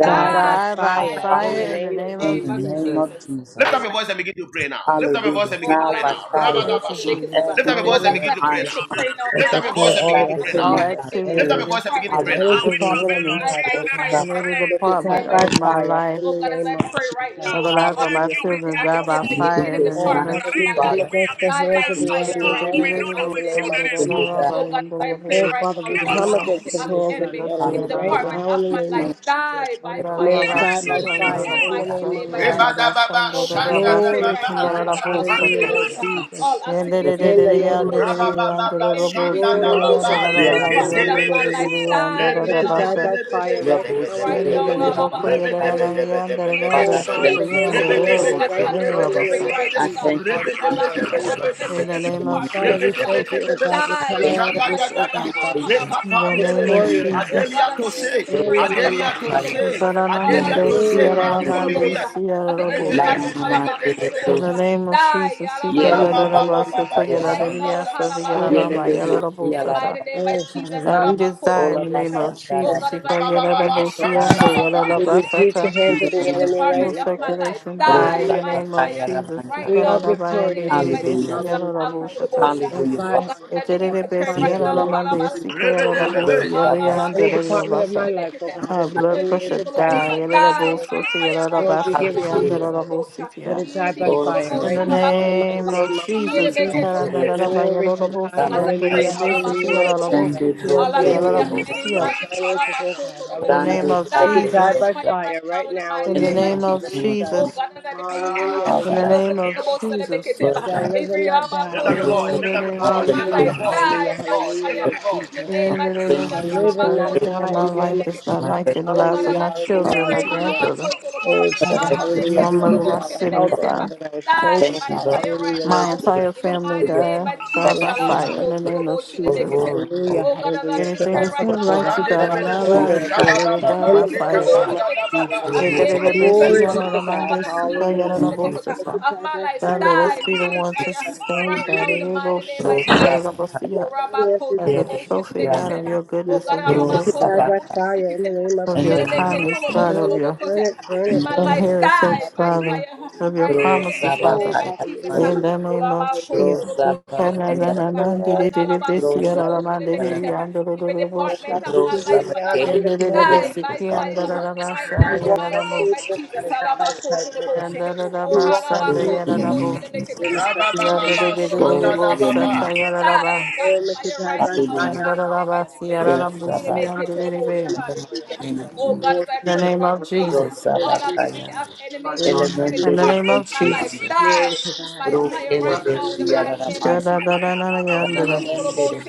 [SPEAKER 9] die,
[SPEAKER 2] Die by
[SPEAKER 8] Die by
[SPEAKER 5] by
[SPEAKER 3] die
[SPEAKER 2] fire
[SPEAKER 3] by
[SPEAKER 2] in
[SPEAKER 3] fire
[SPEAKER 2] the
[SPEAKER 8] fire
[SPEAKER 5] fire
[SPEAKER 8] in
[SPEAKER 3] in
[SPEAKER 8] the
[SPEAKER 3] the
[SPEAKER 2] name of
[SPEAKER 8] name
[SPEAKER 3] name of
[SPEAKER 5] in
[SPEAKER 8] of
[SPEAKER 5] the
[SPEAKER 2] Jesus.
[SPEAKER 5] name
[SPEAKER 3] Jesus.
[SPEAKER 8] Jesus.
[SPEAKER 5] of
[SPEAKER 7] Lift up
[SPEAKER 5] Jesus.
[SPEAKER 7] your voice and begin to pray now. Lift up your voice
[SPEAKER 5] Hallelujah.
[SPEAKER 7] and begin to
[SPEAKER 5] Die
[SPEAKER 2] Lord
[SPEAKER 7] pray now.
[SPEAKER 5] by
[SPEAKER 2] God, we
[SPEAKER 5] fire.
[SPEAKER 8] Thank
[SPEAKER 2] thank
[SPEAKER 8] you,
[SPEAKER 7] Rabadabasha.
[SPEAKER 2] you.
[SPEAKER 8] Jesus.
[SPEAKER 7] Lift up your
[SPEAKER 8] God,
[SPEAKER 7] voice
[SPEAKER 5] Everything
[SPEAKER 7] and
[SPEAKER 8] every
[SPEAKER 7] begin
[SPEAKER 5] that's
[SPEAKER 7] to pray
[SPEAKER 5] trying
[SPEAKER 2] Hallelujah.
[SPEAKER 7] now.
[SPEAKER 5] to
[SPEAKER 7] Lift
[SPEAKER 2] As
[SPEAKER 7] up
[SPEAKER 2] I
[SPEAKER 7] your
[SPEAKER 2] pray
[SPEAKER 7] voice
[SPEAKER 5] cause
[SPEAKER 7] and
[SPEAKER 2] all
[SPEAKER 7] begin
[SPEAKER 2] the
[SPEAKER 7] to
[SPEAKER 5] havoc
[SPEAKER 7] pray
[SPEAKER 5] in
[SPEAKER 7] now.
[SPEAKER 8] all
[SPEAKER 2] activities
[SPEAKER 5] my
[SPEAKER 2] of
[SPEAKER 5] life.
[SPEAKER 2] the
[SPEAKER 7] Lift
[SPEAKER 8] activities
[SPEAKER 7] up
[SPEAKER 8] in
[SPEAKER 2] enemy
[SPEAKER 7] your
[SPEAKER 8] the,
[SPEAKER 7] voice and begin to
[SPEAKER 2] in
[SPEAKER 7] pray now.
[SPEAKER 2] any
[SPEAKER 7] And
[SPEAKER 5] Hallelujah.
[SPEAKER 7] we
[SPEAKER 8] of the
[SPEAKER 2] department
[SPEAKER 7] travel
[SPEAKER 2] of
[SPEAKER 8] enemy
[SPEAKER 2] my
[SPEAKER 3] Father
[SPEAKER 2] life,
[SPEAKER 3] God,
[SPEAKER 7] until
[SPEAKER 3] I
[SPEAKER 2] oh
[SPEAKER 5] Praise
[SPEAKER 7] there
[SPEAKER 3] pray,
[SPEAKER 7] is
[SPEAKER 2] God.
[SPEAKER 3] oh
[SPEAKER 5] God.
[SPEAKER 8] in
[SPEAKER 3] God,
[SPEAKER 8] every
[SPEAKER 7] rain.
[SPEAKER 3] that
[SPEAKER 2] Let it
[SPEAKER 3] every
[SPEAKER 2] die
[SPEAKER 8] department
[SPEAKER 2] by
[SPEAKER 8] of
[SPEAKER 3] activity
[SPEAKER 8] my
[SPEAKER 3] of the
[SPEAKER 2] fire
[SPEAKER 8] life,
[SPEAKER 2] in
[SPEAKER 3] enemy,
[SPEAKER 2] the
[SPEAKER 3] oh
[SPEAKER 2] name
[SPEAKER 3] God,
[SPEAKER 2] of Jesus.
[SPEAKER 3] every
[SPEAKER 8] of the
[SPEAKER 7] Lord, we
[SPEAKER 3] in
[SPEAKER 8] lives of
[SPEAKER 3] every
[SPEAKER 7] thank
[SPEAKER 8] my
[SPEAKER 2] Hallelujah.
[SPEAKER 7] you.
[SPEAKER 3] area of
[SPEAKER 7] We
[SPEAKER 3] my
[SPEAKER 8] children,
[SPEAKER 7] thank
[SPEAKER 3] life,
[SPEAKER 8] die
[SPEAKER 7] you
[SPEAKER 3] oh
[SPEAKER 8] by
[SPEAKER 3] God,
[SPEAKER 7] for
[SPEAKER 3] is
[SPEAKER 5] Anything
[SPEAKER 8] fire in
[SPEAKER 3] cancelled,
[SPEAKER 8] the
[SPEAKER 3] oh
[SPEAKER 5] that's
[SPEAKER 2] Oh,
[SPEAKER 3] God.
[SPEAKER 8] name
[SPEAKER 5] not of
[SPEAKER 3] I
[SPEAKER 7] the
[SPEAKER 8] of
[SPEAKER 2] Father,
[SPEAKER 5] you,
[SPEAKER 2] we
[SPEAKER 3] cancel
[SPEAKER 7] rain
[SPEAKER 3] their
[SPEAKER 8] Jesus.
[SPEAKER 7] that
[SPEAKER 2] come
[SPEAKER 5] Father,
[SPEAKER 3] plan
[SPEAKER 7] we
[SPEAKER 3] over
[SPEAKER 7] have
[SPEAKER 2] against the
[SPEAKER 3] my
[SPEAKER 5] I
[SPEAKER 2] hands of
[SPEAKER 7] experienced
[SPEAKER 5] thank
[SPEAKER 2] the
[SPEAKER 3] finances,
[SPEAKER 7] thus
[SPEAKER 5] you.
[SPEAKER 3] oh
[SPEAKER 2] enemy
[SPEAKER 5] I
[SPEAKER 3] God.
[SPEAKER 7] far,
[SPEAKER 3] I
[SPEAKER 7] but
[SPEAKER 2] right
[SPEAKER 5] thank
[SPEAKER 7] we
[SPEAKER 3] cancel
[SPEAKER 5] you.
[SPEAKER 7] know
[SPEAKER 2] now
[SPEAKER 7] that
[SPEAKER 2] in
[SPEAKER 3] any
[SPEAKER 2] the
[SPEAKER 7] with
[SPEAKER 3] plan,
[SPEAKER 7] you
[SPEAKER 2] name
[SPEAKER 3] oh
[SPEAKER 2] of
[SPEAKER 7] there is
[SPEAKER 3] God,
[SPEAKER 5] Send
[SPEAKER 3] over
[SPEAKER 7] more.
[SPEAKER 3] my
[SPEAKER 2] Jesus.
[SPEAKER 3] marriage, oh God.
[SPEAKER 5] it
[SPEAKER 2] Oh,
[SPEAKER 3] I
[SPEAKER 2] Father,
[SPEAKER 7] It
[SPEAKER 2] we
[SPEAKER 7] never
[SPEAKER 3] cancel the
[SPEAKER 2] come
[SPEAKER 5] back.
[SPEAKER 3] plan of
[SPEAKER 2] against
[SPEAKER 3] the
[SPEAKER 2] the
[SPEAKER 7] stops.
[SPEAKER 3] enemy, oh
[SPEAKER 2] hands of
[SPEAKER 3] God,
[SPEAKER 2] the
[SPEAKER 3] over my
[SPEAKER 2] enemy right
[SPEAKER 5] Hallelujah.
[SPEAKER 3] children's
[SPEAKER 8] [laughs]
[SPEAKER 2] now in
[SPEAKER 3] life,
[SPEAKER 2] the
[SPEAKER 3] oh
[SPEAKER 2] name
[SPEAKER 5] And
[SPEAKER 2] of
[SPEAKER 3] God.
[SPEAKER 2] Jesus.
[SPEAKER 3] I
[SPEAKER 8] In
[SPEAKER 5] I
[SPEAKER 8] the
[SPEAKER 3] pray,
[SPEAKER 5] thank
[SPEAKER 3] oh
[SPEAKER 8] name
[SPEAKER 2] May
[SPEAKER 3] God,
[SPEAKER 2] it
[SPEAKER 5] you,
[SPEAKER 3] that
[SPEAKER 2] die by
[SPEAKER 3] they,
[SPEAKER 5] for my
[SPEAKER 2] fire
[SPEAKER 5] Lord
[SPEAKER 3] oh
[SPEAKER 2] in the
[SPEAKER 5] God.
[SPEAKER 2] name of
[SPEAKER 5] I
[SPEAKER 3] God,
[SPEAKER 7] Reba
[SPEAKER 2] Jesus.
[SPEAKER 7] da
[SPEAKER 3] have no
[SPEAKER 7] baba,
[SPEAKER 5] thank
[SPEAKER 3] illegal
[SPEAKER 5] you
[SPEAKER 7] shanda da
[SPEAKER 3] access
[SPEAKER 2] Glory
[SPEAKER 3] to
[SPEAKER 7] baba,
[SPEAKER 2] to
[SPEAKER 5] for
[SPEAKER 3] my
[SPEAKER 2] God.
[SPEAKER 7] reka
[SPEAKER 3] life, oh
[SPEAKER 7] pande
[SPEAKER 3] God.
[SPEAKER 2] Hallelujah, Lord
[SPEAKER 7] de
[SPEAKER 3] I
[SPEAKER 7] beata.
[SPEAKER 2] Jesus.
[SPEAKER 3] pray, oh God, that
[SPEAKER 2] In
[SPEAKER 5] everything.
[SPEAKER 3] any
[SPEAKER 2] the
[SPEAKER 3] door that
[SPEAKER 2] name
[SPEAKER 3] they
[SPEAKER 2] of
[SPEAKER 3] have
[SPEAKER 2] Jesus.
[SPEAKER 3] access, they will
[SPEAKER 7] Rabababa
[SPEAKER 3] close it to
[SPEAKER 7] Shanda da
[SPEAKER 2] Glory be
[SPEAKER 3] Jesus.
[SPEAKER 7] Baba
[SPEAKER 2] to
[SPEAKER 5] Yeah,
[SPEAKER 2] God.
[SPEAKER 5] la, ba,
[SPEAKER 3] Father God,
[SPEAKER 2] Hallelujah,
[SPEAKER 3] we
[SPEAKER 2] Lord
[SPEAKER 7] Leketelebe
[SPEAKER 3] shall not
[SPEAKER 2] Jesus.
[SPEAKER 3] lie, but live and
[SPEAKER 2] Let it
[SPEAKER 3] declare your
[SPEAKER 2] die by
[SPEAKER 3] word, oh God.
[SPEAKER 2] fire
[SPEAKER 5] ra,
[SPEAKER 3] We
[SPEAKER 2] right
[SPEAKER 5] bo,
[SPEAKER 3] bless
[SPEAKER 2] now
[SPEAKER 5] she,
[SPEAKER 2] in
[SPEAKER 3] your
[SPEAKER 2] the
[SPEAKER 5] be,
[SPEAKER 3] name, we
[SPEAKER 2] name
[SPEAKER 7] Leblendebelebedebedebedebedebe
[SPEAKER 2] of
[SPEAKER 5] yeah,
[SPEAKER 3] praise
[SPEAKER 5] la,
[SPEAKER 3] your name,
[SPEAKER 2] Jesus.
[SPEAKER 3] we worship
[SPEAKER 2] Hallelujah.
[SPEAKER 3] your name, oh God.
[SPEAKER 5] Father,
[SPEAKER 2] Oh,
[SPEAKER 5] I
[SPEAKER 7] Rebedebedebedebedebedebe
[SPEAKER 2] bind the
[SPEAKER 5] thank you
[SPEAKER 3] We
[SPEAKER 2] hands
[SPEAKER 5] for
[SPEAKER 2] of
[SPEAKER 3] thank
[SPEAKER 2] the
[SPEAKER 5] all
[SPEAKER 3] you, oh
[SPEAKER 5] that
[SPEAKER 2] enemy
[SPEAKER 5] you
[SPEAKER 3] God, for
[SPEAKER 2] right
[SPEAKER 5] do.
[SPEAKER 3] every
[SPEAKER 2] now in
[SPEAKER 3] moment,
[SPEAKER 2] the name
[SPEAKER 3] every
[SPEAKER 2] of
[SPEAKER 7] Rebedebedebedebedebedebe
[SPEAKER 5] I
[SPEAKER 3] situation,
[SPEAKER 2] Jesus.
[SPEAKER 5] thank
[SPEAKER 3] everything,
[SPEAKER 5] you for
[SPEAKER 3] oh God.
[SPEAKER 2] Hallelujah,
[SPEAKER 5] each
[SPEAKER 3] God,
[SPEAKER 2] Lord
[SPEAKER 5] and
[SPEAKER 3] I
[SPEAKER 5] all
[SPEAKER 3] love
[SPEAKER 2] Jesus.
[SPEAKER 5] that you
[SPEAKER 3] you. oh
[SPEAKER 5] do.
[SPEAKER 3] God, I
[SPEAKER 7] Rebedebedebedebedebedebe
[SPEAKER 2] Oh,
[SPEAKER 5] even
[SPEAKER 8] of
[SPEAKER 5] you
[SPEAKER 3] praise you.
[SPEAKER 2] Father,
[SPEAKER 5] thank
[SPEAKER 3] God,
[SPEAKER 2] we
[SPEAKER 3] I
[SPEAKER 8] Jesus.
[SPEAKER 5] you for.
[SPEAKER 2] thank you,
[SPEAKER 3] worship
[SPEAKER 2] oh
[SPEAKER 3] you.
[SPEAKER 7] Rebedebedebedebe
[SPEAKER 3] God,
[SPEAKER 2] God.
[SPEAKER 3] I
[SPEAKER 2] We're
[SPEAKER 5] I
[SPEAKER 2] coming
[SPEAKER 3] thank
[SPEAKER 5] thank
[SPEAKER 2] out of
[SPEAKER 3] you.
[SPEAKER 5] you for
[SPEAKER 2] this, oh
[SPEAKER 7] Radadadada
[SPEAKER 2] God,
[SPEAKER 5] each
[SPEAKER 2] Father.
[SPEAKER 5] person.
[SPEAKER 8] In the name
[SPEAKER 7] Lekapandelebe
[SPEAKER 8] of
[SPEAKER 5] You
[SPEAKER 2] Victorious,
[SPEAKER 5] know, God.
[SPEAKER 8] Jesus.
[SPEAKER 7] Adelia
[SPEAKER 3] Hallelujah,
[SPEAKER 7] Tose
[SPEAKER 5] Through
[SPEAKER 2] In the
[SPEAKER 3] Jesus.
[SPEAKER 2] name of
[SPEAKER 7] Adelia
[SPEAKER 3] We bless
[SPEAKER 2] Jesus.
[SPEAKER 5] Sabakaya,
[SPEAKER 7] Tose
[SPEAKER 8] si
[SPEAKER 3] your
[SPEAKER 8] si la
[SPEAKER 3] name,
[SPEAKER 8] la
[SPEAKER 3] oh
[SPEAKER 5] Yellow
[SPEAKER 7] Adelia
[SPEAKER 3] God.
[SPEAKER 8] mande,
[SPEAKER 7] Tose
[SPEAKER 2] Oh,
[SPEAKER 3] We praise
[SPEAKER 2] hallelujah,
[SPEAKER 3] your
[SPEAKER 7] Makulibia
[SPEAKER 3] name,
[SPEAKER 8] si a la
[SPEAKER 3] Jesus. We
[SPEAKER 2] Lord
[SPEAKER 8] bosa.
[SPEAKER 5] Lama
[SPEAKER 3] thank
[SPEAKER 2] Jesus.
[SPEAKER 3] you.
[SPEAKER 5] Mama,
[SPEAKER 3] Thank
[SPEAKER 5] Yellow
[SPEAKER 3] you,
[SPEAKER 7] Rebedebedebedebede
[SPEAKER 8] In the
[SPEAKER 5] Rose,
[SPEAKER 3] Jesus.
[SPEAKER 8] name of Jesus, Sika
[SPEAKER 2] In the name of Jesus. Hallelujah. In
[SPEAKER 5] Yellow
[SPEAKER 8] da
[SPEAKER 2] the
[SPEAKER 3] Hallelujah.
[SPEAKER 8] da
[SPEAKER 2] mighty
[SPEAKER 8] da
[SPEAKER 5] Baba,
[SPEAKER 8] ba
[SPEAKER 2] name
[SPEAKER 8] sa ta
[SPEAKER 2] of
[SPEAKER 8] ya
[SPEAKER 5] Kaya
[SPEAKER 7] Rabababa
[SPEAKER 2] Jesus.
[SPEAKER 8] da da da
[SPEAKER 7] Shanda
[SPEAKER 8] ya
[SPEAKER 7] da
[SPEAKER 8] sa da ya
[SPEAKER 7] Baba
[SPEAKER 8] da da
[SPEAKER 2] Glory.
[SPEAKER 8] ma ya da da bo sa ta.
[SPEAKER 2] Oh, Father, we
[SPEAKER 8] And
[SPEAKER 9] God,
[SPEAKER 8] we
[SPEAKER 2] thank you.
[SPEAKER 8] just die in
[SPEAKER 5] Ola
[SPEAKER 8] the
[SPEAKER 3] Hallelujah,
[SPEAKER 8] name of
[SPEAKER 3] Jesus.
[SPEAKER 2] Oh
[SPEAKER 5] basandara
[SPEAKER 3] In
[SPEAKER 8] Jesus,
[SPEAKER 2] God,
[SPEAKER 3] your
[SPEAKER 8] Sika
[SPEAKER 2] we
[SPEAKER 3] mighty
[SPEAKER 8] ya da
[SPEAKER 3] name
[SPEAKER 8] da
[SPEAKER 3] we
[SPEAKER 2] rebuke
[SPEAKER 7] Ba-ba-ba-ba-ba,
[SPEAKER 5] brisiando.
[SPEAKER 8] bo
[SPEAKER 2] it, oh
[SPEAKER 8] si
[SPEAKER 3] pray, oh
[SPEAKER 9] die,
[SPEAKER 8] ya
[SPEAKER 3] God,
[SPEAKER 2] God.
[SPEAKER 8] da
[SPEAKER 3] and
[SPEAKER 9] die,
[SPEAKER 3] we
[SPEAKER 8] ya
[SPEAKER 3] ask
[SPEAKER 8] da
[SPEAKER 7] shanda-da-ba-ba.
[SPEAKER 8] da
[SPEAKER 3] you,
[SPEAKER 2] We
[SPEAKER 3] oh
[SPEAKER 8] ba
[SPEAKER 3] God,
[SPEAKER 8] sa
[SPEAKER 3] to do
[SPEAKER 2] rebuke
[SPEAKER 3] the
[SPEAKER 2] the
[SPEAKER 8] ta.
[SPEAKER 5] In
[SPEAKER 2] hands of
[SPEAKER 5] the
[SPEAKER 3] impossible
[SPEAKER 2] the
[SPEAKER 3] in
[SPEAKER 5] name
[SPEAKER 3] our
[SPEAKER 5] of
[SPEAKER 2] enemy
[SPEAKER 3] life, oh
[SPEAKER 2] right
[SPEAKER 5] Jesus.
[SPEAKER 8] Full
[SPEAKER 3] God.
[SPEAKER 2] now,
[SPEAKER 3] We
[SPEAKER 2] oh
[SPEAKER 3] pray and
[SPEAKER 2] God.
[SPEAKER 3] we
[SPEAKER 8] circulation
[SPEAKER 3] beg you, oh God.
[SPEAKER 8] die in the
[SPEAKER 2] Hallelujah, Lord
[SPEAKER 5] Rosara
[SPEAKER 8] name
[SPEAKER 3] Father
[SPEAKER 8] of
[SPEAKER 3] God, I
[SPEAKER 2] Jesus.
[SPEAKER 8] Jesus,
[SPEAKER 3] pray, oh
[SPEAKER 5] kayarabanda.
[SPEAKER 2] We
[SPEAKER 8] Sika
[SPEAKER 3] God,
[SPEAKER 8] da
[SPEAKER 2] are
[SPEAKER 3] that the
[SPEAKER 8] da ba ya da
[SPEAKER 2] victorious,
[SPEAKER 8] da
[SPEAKER 2] oh
[SPEAKER 8] da
[SPEAKER 2] God.
[SPEAKER 8] ba
[SPEAKER 3] enemy
[SPEAKER 8] si
[SPEAKER 5] Hallelujah.
[SPEAKER 8] ya da
[SPEAKER 2] Hallelujah,
[SPEAKER 8] da
[SPEAKER 9] die,
[SPEAKER 3] means
[SPEAKER 8] bo
[SPEAKER 9] die,
[SPEAKER 3] for
[SPEAKER 2] Lord.
[SPEAKER 8] sa ta.
[SPEAKER 9] die,
[SPEAKER 3] destruction, oh
[SPEAKER 2] And
[SPEAKER 3] God,
[SPEAKER 5] Hallelujah,
[SPEAKER 3] will
[SPEAKER 5] Father.
[SPEAKER 2] by,
[SPEAKER 3] turn it
[SPEAKER 8] Ya da da
[SPEAKER 2] by
[SPEAKER 3] around
[SPEAKER 8] da
[SPEAKER 2] by
[SPEAKER 3] for my
[SPEAKER 8] ba si
[SPEAKER 3] good,
[SPEAKER 8] ya
[SPEAKER 2] fire
[SPEAKER 5] Thank
[SPEAKER 3] oh
[SPEAKER 5] you,
[SPEAKER 2] in
[SPEAKER 8] da
[SPEAKER 2] the
[SPEAKER 3] God.
[SPEAKER 8] da
[SPEAKER 5] Lord.
[SPEAKER 8] ma
[SPEAKER 2] name of
[SPEAKER 3] Turn
[SPEAKER 8] da
[SPEAKER 3] it
[SPEAKER 2] Jesus.
[SPEAKER 3] around
[SPEAKER 8] Sika ya
[SPEAKER 3] for us,
[SPEAKER 8] da da bo
[SPEAKER 3] Jesus.
[SPEAKER 2] Hallelujah.
[SPEAKER 8] si
[SPEAKER 7] Rebe-de-be-be.
[SPEAKER 8] ya da
[SPEAKER 3] I
[SPEAKER 2] In
[SPEAKER 5] Rosara
[SPEAKER 8] ya
[SPEAKER 3] pray
[SPEAKER 8] da da
[SPEAKER 3] and I
[SPEAKER 2] any
[SPEAKER 8] da
[SPEAKER 3] beg you,
[SPEAKER 8] ya
[SPEAKER 3] oh
[SPEAKER 2] department
[SPEAKER 8] ba
[SPEAKER 3] God,
[SPEAKER 2] of
[SPEAKER 3] just
[SPEAKER 8] sa.
[SPEAKER 2] my
[SPEAKER 3] as
[SPEAKER 2] life,
[SPEAKER 3] your
[SPEAKER 2] oh
[SPEAKER 3] word
[SPEAKER 2] God,
[SPEAKER 3] said,
[SPEAKER 8] High
[SPEAKER 3] no
[SPEAKER 2] that the
[SPEAKER 8] blood
[SPEAKER 3] weapon
[SPEAKER 2] enemy
[SPEAKER 3] that
[SPEAKER 2] is
[SPEAKER 8] pressure
[SPEAKER 3] fashion
[SPEAKER 2] attacking,
[SPEAKER 3] against
[SPEAKER 5] kayarabanda.
[SPEAKER 8] die.
[SPEAKER 2] oh
[SPEAKER 3] us
[SPEAKER 8] Ya da
[SPEAKER 3] shall
[SPEAKER 2] God.
[SPEAKER 8] da bo
[SPEAKER 3] prosper,
[SPEAKER 2] Hallelujah.
[SPEAKER 3] oh
[SPEAKER 8] sa
[SPEAKER 3] God.
[SPEAKER 8] ta
[SPEAKER 3] Every
[SPEAKER 8] ya da
[SPEAKER 3] tongue
[SPEAKER 8] da
[SPEAKER 3] that
[SPEAKER 8] ba
[SPEAKER 2] Lord, we
[SPEAKER 3] rise
[SPEAKER 8] si
[SPEAKER 2] give
[SPEAKER 8] ki
[SPEAKER 2] it
[SPEAKER 8] ya
[SPEAKER 2] to
[SPEAKER 3] against us,
[SPEAKER 8] da
[SPEAKER 3] oh
[SPEAKER 2] you,
[SPEAKER 8] da
[SPEAKER 5] Hallelujah.
[SPEAKER 2] oh
[SPEAKER 8] da
[SPEAKER 3] God,
[SPEAKER 2] God.
[SPEAKER 8] bo
[SPEAKER 3] in
[SPEAKER 8] si ti
[SPEAKER 3] judgment
[SPEAKER 2] Let
[SPEAKER 3] shall
[SPEAKER 8] ya.
[SPEAKER 2] it
[SPEAKER 3] be
[SPEAKER 2] die by
[SPEAKER 3] condemned,
[SPEAKER 5] Glory
[SPEAKER 3] oh
[SPEAKER 5] to
[SPEAKER 3] God.
[SPEAKER 2] fire
[SPEAKER 5] your
[SPEAKER 8] In
[SPEAKER 2] right
[SPEAKER 8] the
[SPEAKER 5] name.
[SPEAKER 2] now in the
[SPEAKER 3] Father
[SPEAKER 2] mighty
[SPEAKER 3] God, we
[SPEAKER 8] name of
[SPEAKER 2] name
[SPEAKER 3] love
[SPEAKER 2] of
[SPEAKER 3] you. God, we
[SPEAKER 8] Jesus,
[SPEAKER 2] Jesus.
[SPEAKER 3] praise
[SPEAKER 5] Thank
[SPEAKER 3] you.
[SPEAKER 5] you,
[SPEAKER 3] God, we
[SPEAKER 5] Lord.
[SPEAKER 3] worship
[SPEAKER 2] Glory
[SPEAKER 3] you.
[SPEAKER 2] to
[SPEAKER 3] God, we
[SPEAKER 2] God.
[SPEAKER 3] thank you for
[SPEAKER 5] Rosara
[SPEAKER 8] Ikarandarabayarolobosia,
[SPEAKER 3] everything.
[SPEAKER 2] Hallelujah.
[SPEAKER 5] kayarabanda.
[SPEAKER 3] Oh God, I
[SPEAKER 2] Hallelujah,
[SPEAKER 3] pray,
[SPEAKER 2] Lord
[SPEAKER 3] mighty God,
[SPEAKER 2] Jesus.
[SPEAKER 3] for a
[SPEAKER 5] Grande
[SPEAKER 8] Andaribesikiarolobosia,
[SPEAKER 3] healing
[SPEAKER 2] The
[SPEAKER 3] touch from
[SPEAKER 2] enemy
[SPEAKER 3] my
[SPEAKER 2] is
[SPEAKER 3] body, oh
[SPEAKER 5] brosiando.
[SPEAKER 3] God.
[SPEAKER 2] attacking my
[SPEAKER 8] Andarayarolobosia.
[SPEAKER 5] Rosa.
[SPEAKER 3] Touch me,
[SPEAKER 2] finances,
[SPEAKER 3] mighty
[SPEAKER 2] oh
[SPEAKER 3] God, from
[SPEAKER 2] God.
[SPEAKER 3] the crown
[SPEAKER 8] in
[SPEAKER 3] of
[SPEAKER 8] the
[SPEAKER 3] my head
[SPEAKER 8] name
[SPEAKER 2] Hallelujah.
[SPEAKER 3] to
[SPEAKER 5] Grande,
[SPEAKER 3] the
[SPEAKER 8] of
[SPEAKER 3] sole of
[SPEAKER 2] Make
[SPEAKER 3] my
[SPEAKER 2] it
[SPEAKER 5] grande,
[SPEAKER 2] die
[SPEAKER 3] feet,
[SPEAKER 8] Jesus,
[SPEAKER 2] by
[SPEAKER 3] oh
[SPEAKER 5] Rosa.
[SPEAKER 3] God, and
[SPEAKER 2] fire right
[SPEAKER 3] heal me,
[SPEAKER 2] now in
[SPEAKER 3] oh
[SPEAKER 8] in
[SPEAKER 2] the
[SPEAKER 5] In
[SPEAKER 8] the
[SPEAKER 3] God.
[SPEAKER 5] the
[SPEAKER 2] name of
[SPEAKER 8] name
[SPEAKER 5] mighty
[SPEAKER 8] of
[SPEAKER 3] I
[SPEAKER 5] name of
[SPEAKER 3] proclaim
[SPEAKER 2] Jesus.
[SPEAKER 5] Jesus,
[SPEAKER 8] Jesus,
[SPEAKER 3] healing in your name,
[SPEAKER 2] Hallelujah, Lord
[SPEAKER 8] in
[SPEAKER 3] Jesus.
[SPEAKER 5] Father,
[SPEAKER 8] the
[SPEAKER 5] I
[SPEAKER 2] Jesus.
[SPEAKER 3] Healing,
[SPEAKER 8] name
[SPEAKER 5] pray,
[SPEAKER 3] oh
[SPEAKER 8] of
[SPEAKER 3] God, in the name of
[SPEAKER 8] Jesus,
[SPEAKER 2] I
[SPEAKER 5] Lord
[SPEAKER 2] shall
[SPEAKER 5] God,
[SPEAKER 3] Jesus.
[SPEAKER 2] live
[SPEAKER 3] In
[SPEAKER 2] and
[SPEAKER 3] your
[SPEAKER 2] not
[SPEAKER 3] mighty
[SPEAKER 2] die,
[SPEAKER 3] name,
[SPEAKER 7] Lift
[SPEAKER 3] oh
[SPEAKER 7] up
[SPEAKER 2] oh
[SPEAKER 5] keep
[SPEAKER 7] your
[SPEAKER 3] God.
[SPEAKER 2] God.
[SPEAKER 5] us
[SPEAKER 7] voice,
[SPEAKER 5] lifted
[SPEAKER 8] in
[SPEAKER 7] lift
[SPEAKER 8] the
[SPEAKER 7] up your
[SPEAKER 8] name
[SPEAKER 5] up
[SPEAKER 7] voice,
[SPEAKER 8] of
[SPEAKER 5] and
[SPEAKER 3] Touch
[SPEAKER 7] lift up
[SPEAKER 3] my
[SPEAKER 5] clean
[SPEAKER 2] Hallelujah,
[SPEAKER 7] your
[SPEAKER 3] body,
[SPEAKER 7] voice,
[SPEAKER 8] Jesus,
[SPEAKER 7] lift up
[SPEAKER 2] hallelujah,
[SPEAKER 7] your
[SPEAKER 3] Jesus.
[SPEAKER 5] us.
[SPEAKER 7] voice,
[SPEAKER 2] hallelujah,
[SPEAKER 7] lift
[SPEAKER 3] Heal
[SPEAKER 7] up
[SPEAKER 2] Lord
[SPEAKER 7] your
[SPEAKER 3] my
[SPEAKER 7] voice.
[SPEAKER 3] body,
[SPEAKER 2] Jesus.
[SPEAKER 3] mighty
[SPEAKER 5] my
[SPEAKER 8] in the
[SPEAKER 3] God. I
[SPEAKER 2] We
[SPEAKER 8] name
[SPEAKER 3] pray
[SPEAKER 5] family,
[SPEAKER 3] and
[SPEAKER 8] of
[SPEAKER 3] I
[SPEAKER 2] shall
[SPEAKER 5] my
[SPEAKER 3] beg you,
[SPEAKER 8] Jesus,
[SPEAKER 2] live
[SPEAKER 3] oh
[SPEAKER 2] and
[SPEAKER 8] God,
[SPEAKER 3] God.
[SPEAKER 2] not
[SPEAKER 3] Let the
[SPEAKER 5] children,
[SPEAKER 8] everything in
[SPEAKER 2] die
[SPEAKER 3] bones,
[SPEAKER 2] in
[SPEAKER 8] my
[SPEAKER 2] the
[SPEAKER 3] oh
[SPEAKER 2] name
[SPEAKER 3] God,
[SPEAKER 8] life
[SPEAKER 3] that
[SPEAKER 2] of
[SPEAKER 8] is
[SPEAKER 3] are
[SPEAKER 5] and
[SPEAKER 8] not
[SPEAKER 5] my
[SPEAKER 2] Jesus.
[SPEAKER 3] broken
[SPEAKER 8] like
[SPEAKER 5] faith
[SPEAKER 8] you in the
[SPEAKER 3] within
[SPEAKER 5] and
[SPEAKER 3] you
[SPEAKER 8] lives of
[SPEAKER 2] Hallelujah,
[SPEAKER 8] my
[SPEAKER 3] rejoice, oh
[SPEAKER 2] hallelujah,
[SPEAKER 3] God.
[SPEAKER 8] children, my
[SPEAKER 2] hallelujah.
[SPEAKER 5] posture.
[SPEAKER 8] grandchildren,
[SPEAKER 3] I
[SPEAKER 2] Oh,
[SPEAKER 3] pray and
[SPEAKER 5] Mother
[SPEAKER 2] Father,
[SPEAKER 5] has
[SPEAKER 3] beg you, oh
[SPEAKER 2] hallelujah.
[SPEAKER 8] my
[SPEAKER 2] We
[SPEAKER 3] God.
[SPEAKER 5] protected
[SPEAKER 2] give
[SPEAKER 3] Oh
[SPEAKER 8] mother,
[SPEAKER 5] us.
[SPEAKER 2] you
[SPEAKER 8] my
[SPEAKER 3] God,
[SPEAKER 2] our
[SPEAKER 3] I
[SPEAKER 2] health,
[SPEAKER 8] siblings,
[SPEAKER 2] oh
[SPEAKER 3] thank you,
[SPEAKER 2] God,
[SPEAKER 8] God,
[SPEAKER 3] God.
[SPEAKER 2] and our
[SPEAKER 3] I
[SPEAKER 5] I
[SPEAKER 3] love
[SPEAKER 2] strength,
[SPEAKER 3] you,
[SPEAKER 2] oh
[SPEAKER 5] thank
[SPEAKER 3] God.
[SPEAKER 5] you,
[SPEAKER 3] I
[SPEAKER 2] God.
[SPEAKER 5] Lord God,
[SPEAKER 3] praise
[SPEAKER 2] Hallelujah,
[SPEAKER 3] you, God.
[SPEAKER 2] Lord
[SPEAKER 8] my
[SPEAKER 3] I
[SPEAKER 5] for
[SPEAKER 2] Jesus.
[SPEAKER 5] your,
[SPEAKER 8] entire
[SPEAKER 3] worship you.
[SPEAKER 8] family,
[SPEAKER 5] for your
[SPEAKER 2] Oh,
[SPEAKER 8] God,
[SPEAKER 3] And
[SPEAKER 2] Father,
[SPEAKER 3] I
[SPEAKER 8] God
[SPEAKER 3] thank
[SPEAKER 8] by
[SPEAKER 3] you,
[SPEAKER 5] protection,
[SPEAKER 3] God,
[SPEAKER 2] Hallelujah.
[SPEAKER 3] for
[SPEAKER 8] fire, in the
[SPEAKER 3] every
[SPEAKER 8] name of
[SPEAKER 3] moment, oh
[SPEAKER 5] for
[SPEAKER 3] God, every
[SPEAKER 8] Jesus.
[SPEAKER 3] spirit
[SPEAKER 5] ruling
[SPEAKER 3] and
[SPEAKER 2] Hallelujah,
[SPEAKER 5] over
[SPEAKER 3] everything, oh God. I
[SPEAKER 2] hallelujah.
[SPEAKER 3] bless
[SPEAKER 2] Care
[SPEAKER 8] Anything
[SPEAKER 3] you,
[SPEAKER 5] our
[SPEAKER 2] and
[SPEAKER 5] life,
[SPEAKER 8] that's
[SPEAKER 5] Lord
[SPEAKER 8] not
[SPEAKER 2] us, oh
[SPEAKER 8] like
[SPEAKER 2] God.
[SPEAKER 3] Jesus.
[SPEAKER 8] you,
[SPEAKER 7] Rande
[SPEAKER 2] All
[SPEAKER 7] de
[SPEAKER 8] God,
[SPEAKER 7] be
[SPEAKER 2] our
[SPEAKER 8] in
[SPEAKER 7] de
[SPEAKER 8] our
[SPEAKER 5] God.
[SPEAKER 7] be bo,
[SPEAKER 3] Thank
[SPEAKER 5] Thank
[SPEAKER 2] children,
[SPEAKER 5] you
[SPEAKER 2] oh
[SPEAKER 8] lives,
[SPEAKER 3] you,
[SPEAKER 5] for
[SPEAKER 2] God.
[SPEAKER 7] shaba
[SPEAKER 5] being
[SPEAKER 8] Lord,
[SPEAKER 7] ba
[SPEAKER 8] let it
[SPEAKER 7] ba
[SPEAKER 5] that
[SPEAKER 3] mighty
[SPEAKER 8] die
[SPEAKER 7] ba,
[SPEAKER 2] In
[SPEAKER 8] by
[SPEAKER 2] the
[SPEAKER 3] God.
[SPEAKER 2] mighty
[SPEAKER 7] leka
[SPEAKER 8] fire,
[SPEAKER 3] Thank
[SPEAKER 2] name
[SPEAKER 5] God,
[SPEAKER 3] you,
[SPEAKER 8] God.
[SPEAKER 2] of
[SPEAKER 7] panda da ba
[SPEAKER 2] Jesus.
[SPEAKER 3] Jesus.
[SPEAKER 5] to remove all the
[SPEAKER 3] Hallelujah. My
[SPEAKER 8] Ekererebesi,
[SPEAKER 2] Glory
[SPEAKER 5] pressure.
[SPEAKER 2] be to
[SPEAKER 3] hallelujah
[SPEAKER 2] God.
[SPEAKER 3] and
[SPEAKER 8] onoramande,
[SPEAKER 3] prayers
[SPEAKER 8] sika,
[SPEAKER 2] Hallelujah.
[SPEAKER 3] belong
[SPEAKER 5] Thank
[SPEAKER 3] to
[SPEAKER 5] you,
[SPEAKER 3] you, oh
[SPEAKER 2] Look
[SPEAKER 8] yaranabosefa.
[SPEAKER 3] God.
[SPEAKER 2] inside my
[SPEAKER 8] God,
[SPEAKER 2] fire. in
[SPEAKER 8] let
[SPEAKER 2] the
[SPEAKER 8] us be the
[SPEAKER 2] name of
[SPEAKER 8] one to
[SPEAKER 2] Jesus.
[SPEAKER 3] I
[SPEAKER 8] stand
[SPEAKER 3] thank
[SPEAKER 8] by the
[SPEAKER 3] you,
[SPEAKER 2] Hallelujah.
[SPEAKER 8] little
[SPEAKER 3] Jesus.
[SPEAKER 5] Lord
[SPEAKER 8] shut
[SPEAKER 3] May the word of my
[SPEAKER 2] Let
[SPEAKER 5] Sabbatai.
[SPEAKER 2] my
[SPEAKER 3] mouth, oh God,
[SPEAKER 2] finances in the
[SPEAKER 8] as
[SPEAKER 2] name
[SPEAKER 8] a
[SPEAKER 3] be
[SPEAKER 5] Yede
[SPEAKER 2] of
[SPEAKER 8] trophy, God, of
[SPEAKER 5] Siyando.
[SPEAKER 8] your goodness,
[SPEAKER 2] Jesus.
[SPEAKER 8] of your
[SPEAKER 5] Lord
[SPEAKER 2] Look
[SPEAKER 8] mercy,
[SPEAKER 2] inside my
[SPEAKER 8] God,
[SPEAKER 5] Sabbatai.
[SPEAKER 2] fire in
[SPEAKER 3] acceptable
[SPEAKER 2] the
[SPEAKER 3] in thy
[SPEAKER 2] name of
[SPEAKER 8] of
[SPEAKER 3] sight.
[SPEAKER 5] In
[SPEAKER 8] your
[SPEAKER 2] Jesus.
[SPEAKER 5] the
[SPEAKER 3] I pray and I
[SPEAKER 5] name
[SPEAKER 3] beg you,
[SPEAKER 8] kindness,
[SPEAKER 5] of
[SPEAKER 3] oh
[SPEAKER 7] ba.
[SPEAKER 5] Jesus.
[SPEAKER 8] God,
[SPEAKER 3] God,
[SPEAKER 2] Burn
[SPEAKER 8] of
[SPEAKER 3] that
[SPEAKER 2] it,
[SPEAKER 3] I
[SPEAKER 8] your
[SPEAKER 2] burn
[SPEAKER 3] believe
[SPEAKER 2] it,
[SPEAKER 3] in you, oh
[SPEAKER 2] burn
[SPEAKER 5] In
[SPEAKER 3] God.
[SPEAKER 2] it,
[SPEAKER 3] I
[SPEAKER 5] the
[SPEAKER 2] Lord.
[SPEAKER 3] pray
[SPEAKER 5] name
[SPEAKER 2] Jesus.
[SPEAKER 5] of
[SPEAKER 3] for your
[SPEAKER 5] Jesus.
[SPEAKER 3] strength. I
[SPEAKER 8] inheritance,
[SPEAKER 3] pray for your
[SPEAKER 2] Hallelujah.
[SPEAKER 8] Father,
[SPEAKER 3] mercy.
[SPEAKER 8] of your
[SPEAKER 3] Father
[SPEAKER 5] Lord
[SPEAKER 3] God,
[SPEAKER 8] promises,
[SPEAKER 2] Oh,
[SPEAKER 8] Father.
[SPEAKER 3] remember,
[SPEAKER 5] Sabbatai
[SPEAKER 2] Father, in
[SPEAKER 3] oh
[SPEAKER 2] the
[SPEAKER 5] Ramanda.
[SPEAKER 8] In
[SPEAKER 2] name
[SPEAKER 3] God.
[SPEAKER 8] the name of
[SPEAKER 2] of
[SPEAKER 3] I'm
[SPEAKER 5] Lord
[SPEAKER 8] Jesus.
[SPEAKER 2] God.
[SPEAKER 3] bruised, oh God. I
[SPEAKER 5] Sabbatai
[SPEAKER 3] pray, oh God, that you bless him. I
[SPEAKER 5] Lord
[SPEAKER 3] pray, oh God, that
[SPEAKER 2] Hallelujah.
[SPEAKER 3] you cover him. I
[SPEAKER 5] Sabbatai
[SPEAKER 3] pray, mighty God, that you
[SPEAKER 2] Oh,
[SPEAKER 3] anoint him, oh
[SPEAKER 2] Father,
[SPEAKER 3] God,
[SPEAKER 2] we
[SPEAKER 3] from
[SPEAKER 5] Lord,
[SPEAKER 3] the
[SPEAKER 2] give
[SPEAKER 3] crown
[SPEAKER 2] you
[SPEAKER 3] of
[SPEAKER 5] Father,
[SPEAKER 2] the
[SPEAKER 3] his head
[SPEAKER 2] honor
[SPEAKER 5] give
[SPEAKER 3] to
[SPEAKER 5] us
[SPEAKER 8] In
[SPEAKER 2] and
[SPEAKER 3] the
[SPEAKER 8] the
[SPEAKER 2] the
[SPEAKER 3] sole
[SPEAKER 8] name
[SPEAKER 3] of
[SPEAKER 5] the
[SPEAKER 3] his
[SPEAKER 2] glory, oh
[SPEAKER 5] young,
[SPEAKER 3] feet,
[SPEAKER 5] oh,
[SPEAKER 2] God.
[SPEAKER 5] Father.
[SPEAKER 3] Jesus.
[SPEAKER 2] Hallelujah.
[SPEAKER 3] Father God, I pray,
[SPEAKER 2] We
[SPEAKER 3] oh
[SPEAKER 2] walk
[SPEAKER 3] God,
[SPEAKER 2] by
[SPEAKER 3] that you be
[SPEAKER 2] faith, oh God,
[SPEAKER 3] merciful
[SPEAKER 2] and
[SPEAKER 3] upon
[SPEAKER 2] not by
[SPEAKER 3] him, oh God. I
[SPEAKER 2] sight, oh
[SPEAKER 3] pray,
[SPEAKER 2] God.
[SPEAKER 3] may touch his
[SPEAKER 2] We walk
[SPEAKER 3] heart,
[SPEAKER 2] by
[SPEAKER 3] touch
[SPEAKER 5] Glory
[SPEAKER 3] his
[SPEAKER 2] faith
[SPEAKER 5] to
[SPEAKER 2] and
[SPEAKER 3] mind.
[SPEAKER 5] your name, Jesus.
[SPEAKER 3] Touch
[SPEAKER 2] not by sight in the
[SPEAKER 3] him,
[SPEAKER 7] Rabba
[SPEAKER 3] oh God.
[SPEAKER 2] precious
[SPEAKER 3] I
[SPEAKER 2] name.
[SPEAKER 7] Baba
[SPEAKER 3] pray, oh God, for
[SPEAKER 5] Glory
[SPEAKER 7] Shanda da
[SPEAKER 5] to your
[SPEAKER 3] protection to
[SPEAKER 5] name.
[SPEAKER 7] Baba.
[SPEAKER 3] him, oh
[SPEAKER 7] It's
[SPEAKER 3] God, as he go on the
[SPEAKER 7] red.
[SPEAKER 2] Oh, let
[SPEAKER 3] battlefield
[SPEAKER 2] it die
[SPEAKER 3] daily,
[SPEAKER 2] by
[SPEAKER 3] oh God.
[SPEAKER 2] fire,
[SPEAKER 5] Hallelujah.
[SPEAKER 2] fire,
[SPEAKER 3] Father God, I pray, oh
[SPEAKER 2] fire, fire,
[SPEAKER 5] Lord,
[SPEAKER 3] God, you do the
[SPEAKER 5] Father,
[SPEAKER 2] fire
[SPEAKER 3] impossible
[SPEAKER 2] in
[SPEAKER 3] in
[SPEAKER 2] the
[SPEAKER 3] his
[SPEAKER 2] name
[SPEAKER 5] in
[SPEAKER 2] of
[SPEAKER 3] life,
[SPEAKER 5] the
[SPEAKER 3] oh God. I
[SPEAKER 5] mighty
[SPEAKER 2] Jesus.
[SPEAKER 3] pray, oh
[SPEAKER 5] name of
[SPEAKER 3] God, for
[SPEAKER 5] Jesus.
[SPEAKER 3] total,
[SPEAKER 2] Glory be to God.
[SPEAKER 3] total
[SPEAKER 8] of
[SPEAKER 3] healing and
[SPEAKER 2] Praise
[SPEAKER 5] Lord,
[SPEAKER 2] the
[SPEAKER 8] Jesus.
[SPEAKER 3] protection to
[SPEAKER 2] Lord
[SPEAKER 5] Father,
[SPEAKER 3] him, oh
[SPEAKER 5] I
[SPEAKER 3] God.
[SPEAKER 2] Jesus.
[SPEAKER 5] am.
[SPEAKER 3] Remember
[SPEAKER 2] Oh,
[SPEAKER 3] him,
[SPEAKER 2] have
[SPEAKER 3] oh
[SPEAKER 2] your
[SPEAKER 8] In
[SPEAKER 5] Elemende
[SPEAKER 3] God.
[SPEAKER 8] the
[SPEAKER 3] I
[SPEAKER 2] way,
[SPEAKER 5] de
[SPEAKER 3] pray,
[SPEAKER 8] name
[SPEAKER 3] and
[SPEAKER 7] Pray
[SPEAKER 2] Lord
[SPEAKER 3] I
[SPEAKER 8] of
[SPEAKER 3] beg you, oh
[SPEAKER 7] tonight
[SPEAKER 3] God,
[SPEAKER 8] Jesus.
[SPEAKER 2] Jesus.
[SPEAKER 5] Cristiano.
[SPEAKER 3] and
[SPEAKER 7] with
[SPEAKER 3] thank him,
[SPEAKER 2] Glory
[SPEAKER 7] prayers
[SPEAKER 3] I
[SPEAKER 2] to
[SPEAKER 3] think I've
[SPEAKER 2] God.
[SPEAKER 3] in my life,
[SPEAKER 5] Rochele
[SPEAKER 3] oh
[SPEAKER 5] de
[SPEAKER 3] God. I pray, oh
[SPEAKER 2] Hallelujah.
[SPEAKER 3] God,
[SPEAKER 5] Siara
[SPEAKER 3] you bless
[SPEAKER 5] Raman.
[SPEAKER 3] him, oh
[SPEAKER 7] by
[SPEAKER 3] God. I
[SPEAKER 7] the
[SPEAKER 3] pray, oh God,
[SPEAKER 7] help
[SPEAKER 3] make
[SPEAKER 7] of the
[SPEAKER 3] open
[SPEAKER 7] Holy
[SPEAKER 3] our marriage,
[SPEAKER 7] Ghost.
[SPEAKER 3] oh
[SPEAKER 5] Nananende de
[SPEAKER 3] God.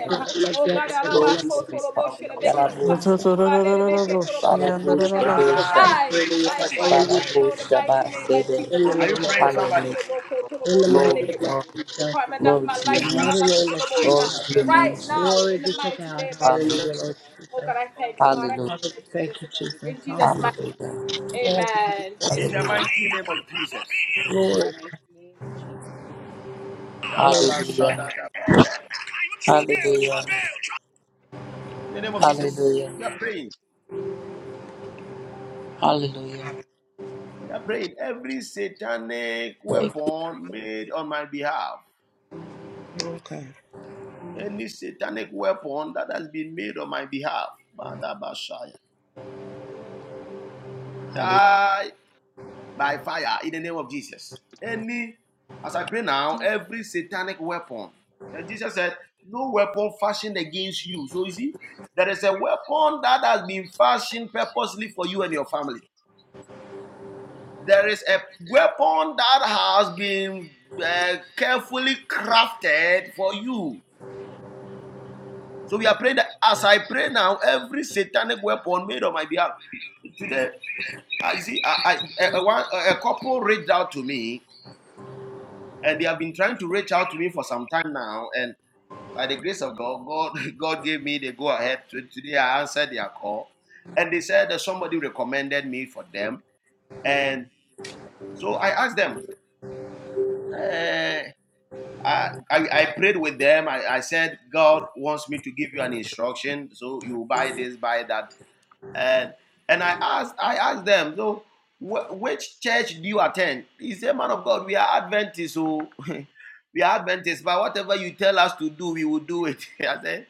[SPEAKER 3] And you will do
[SPEAKER 2] Let's get
[SPEAKER 3] everything,
[SPEAKER 2] in
[SPEAKER 3] oh
[SPEAKER 2] the
[SPEAKER 3] God, and
[SPEAKER 2] name of
[SPEAKER 3] do the
[SPEAKER 5] Josebe.
[SPEAKER 3] impossible, oh God. Bless,
[SPEAKER 5] Yalabusa.
[SPEAKER 3] oh God, and take control, oh God.
[SPEAKER 2] God. Have your way,
[SPEAKER 5] Balabusha
[SPEAKER 3] And
[SPEAKER 5] de
[SPEAKER 2] oh
[SPEAKER 7] Ah,
[SPEAKER 3] In
[SPEAKER 7] Are
[SPEAKER 3] the
[SPEAKER 7] you
[SPEAKER 2] God.
[SPEAKER 5] Saba.
[SPEAKER 3] name of
[SPEAKER 7] praying
[SPEAKER 2] Hallelujah. Like
[SPEAKER 3] Jesus,
[SPEAKER 7] somebody?
[SPEAKER 2] all
[SPEAKER 3] have
[SPEAKER 2] of you
[SPEAKER 3] mercy
[SPEAKER 5] Balabusha
[SPEAKER 3] upon us, oh God.
[SPEAKER 2] in
[SPEAKER 5] Basebe.
[SPEAKER 2] the
[SPEAKER 3] God,
[SPEAKER 7] Are you
[SPEAKER 3] we
[SPEAKER 2] name of
[SPEAKER 3] must
[SPEAKER 7] praying
[SPEAKER 3] look for
[SPEAKER 7] somebody?
[SPEAKER 3] us
[SPEAKER 5] Hallelujah.
[SPEAKER 3] and this is my
[SPEAKER 2] In the
[SPEAKER 3] blood. I
[SPEAKER 2] mighty
[SPEAKER 3] pray
[SPEAKER 5] Glory,
[SPEAKER 3] that
[SPEAKER 2] name of
[SPEAKER 3] it is
[SPEAKER 5] glory,
[SPEAKER 2] Jesus.
[SPEAKER 3] Jesus in
[SPEAKER 5] glory to
[SPEAKER 2] In
[SPEAKER 5] your
[SPEAKER 2] the
[SPEAKER 3] advance.
[SPEAKER 5] name.
[SPEAKER 2] mighty name of
[SPEAKER 5] Glory to
[SPEAKER 2] Jesus.
[SPEAKER 5] your
[SPEAKER 3] Glory to
[SPEAKER 5] name,
[SPEAKER 3] your
[SPEAKER 5] Jesus.
[SPEAKER 3] name,
[SPEAKER 2] Glory be
[SPEAKER 3] Jesus.
[SPEAKER 2] to
[SPEAKER 3] We
[SPEAKER 2] God.
[SPEAKER 3] glorify your
[SPEAKER 5] Hallelujah.
[SPEAKER 2] Hallelujah,
[SPEAKER 3] name, O
[SPEAKER 2] Lord
[SPEAKER 3] God.
[SPEAKER 2] Jesus.
[SPEAKER 3] Our
[SPEAKER 5] Hallelujah.
[SPEAKER 3] hallelujah
[SPEAKER 2] Hallelujah.
[SPEAKER 3] belongs to you,
[SPEAKER 2] Thank
[SPEAKER 3] O
[SPEAKER 2] you,
[SPEAKER 3] God. We
[SPEAKER 2] Jesus.
[SPEAKER 3] bless your
[SPEAKER 2] Hallelujah.
[SPEAKER 3] name, Jesus.
[SPEAKER 2] Oh, Lord.
[SPEAKER 7] In the
[SPEAKER 5] Hallelujah.
[SPEAKER 7] mighty name of Jesus.
[SPEAKER 3] In your
[SPEAKER 2] Glory.
[SPEAKER 3] mighty name, Jesus. Die
[SPEAKER 7] Rababa
[SPEAKER 2] Glory.
[SPEAKER 7] Shanda
[SPEAKER 5] Hallelujah.
[SPEAKER 7] da Baba. Can you travel,
[SPEAKER 5] Hallelujah.
[SPEAKER 7] travel, travel? In the
[SPEAKER 5] Hallelujah.
[SPEAKER 7] name of Jesus.
[SPEAKER 5] Hallelujah.
[SPEAKER 7] You are praying.
[SPEAKER 5] Hallelujah.
[SPEAKER 7] You are praying. Every satanic
[SPEAKER 5] Thank you.
[SPEAKER 7] weapon made on my behalf.
[SPEAKER 2] Okay.
[SPEAKER 7] Any satanic weapon that has been made on my behalf.
[SPEAKER 5] Hallelujah.
[SPEAKER 7] die by fire in the name of Jesus. Any, as I pray now, every satanic weapon, and Jesus said, no weapon fashioned against you. So you see, there is a weapon that has been fashioned purposely for you and your family. There is a weapon that has been uh, carefully crafted for you. So we are praying that as I pray now, every satanic weapon made on my behalf. Today, I see I, I, a, a, a couple reached out to me and they have been trying to reach out to me for some time now. And by the grace of God, God, [laughs] God gave me the go ahead. Today I answered their call, and they said that somebody recommended me for them. And so I asked them. eh, I, I, I prayed with them. I, I said, God wants me to give you an instruction. So you buy this, buy that and and I asked I asked them so wh- which church do you attend? He said, "Man of God, we are Adventists, so [laughs] we are Adventists. But whatever you tell us to do, we will do it." [laughs] I said,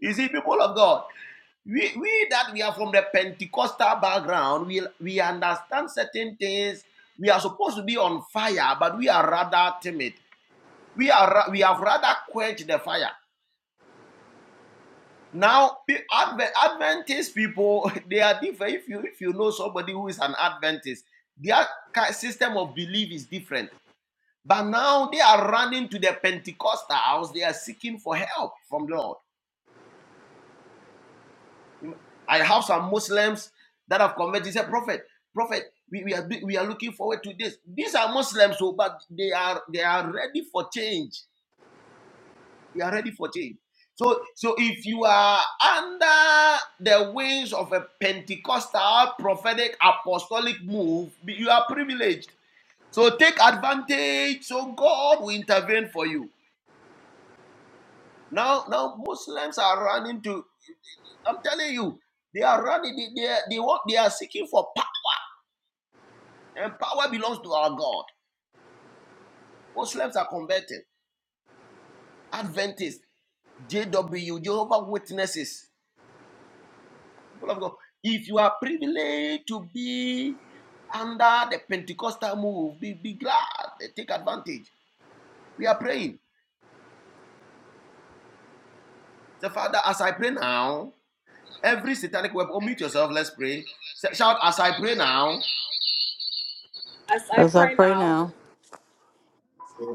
[SPEAKER 7] "You see, people of God, we we that we are from the Pentecostal background, we we understand certain things. We are supposed to be on fire, but we are rather timid. We are we have rather quenched the fire." Now, Adventist people, [laughs] they are different. If you if you know somebody who is an Adventist, their system of belief is different. But now they are running to the Pentecostals. They are seeking for help from the Lord. I have some Muslims that have converted. They Say, prophet, prophet, we, we are we are looking forward to this. These are Muslims, so but they are they are ready for change We are ready for change. So, so if you are under the wings of a Pentecostal prophetic apostolic move, you are privileged. So take advantage. So God will intervene for you. Now, now Muslims are running to. I'm telling you, they are running. They they, they want. They are seeking for power, and power belongs to our God. Muslims are converted. Adventists, JW, Jehovah's Witnesses. People of God, if you are privileged to be under the Pentecostal move, be, be glad, take advantage. We are praying. Say, Father, as I pray now, every satanic weapon, oh, mute yourself, let's pray. Shout, as I pray now,
[SPEAKER 8] As I pray now,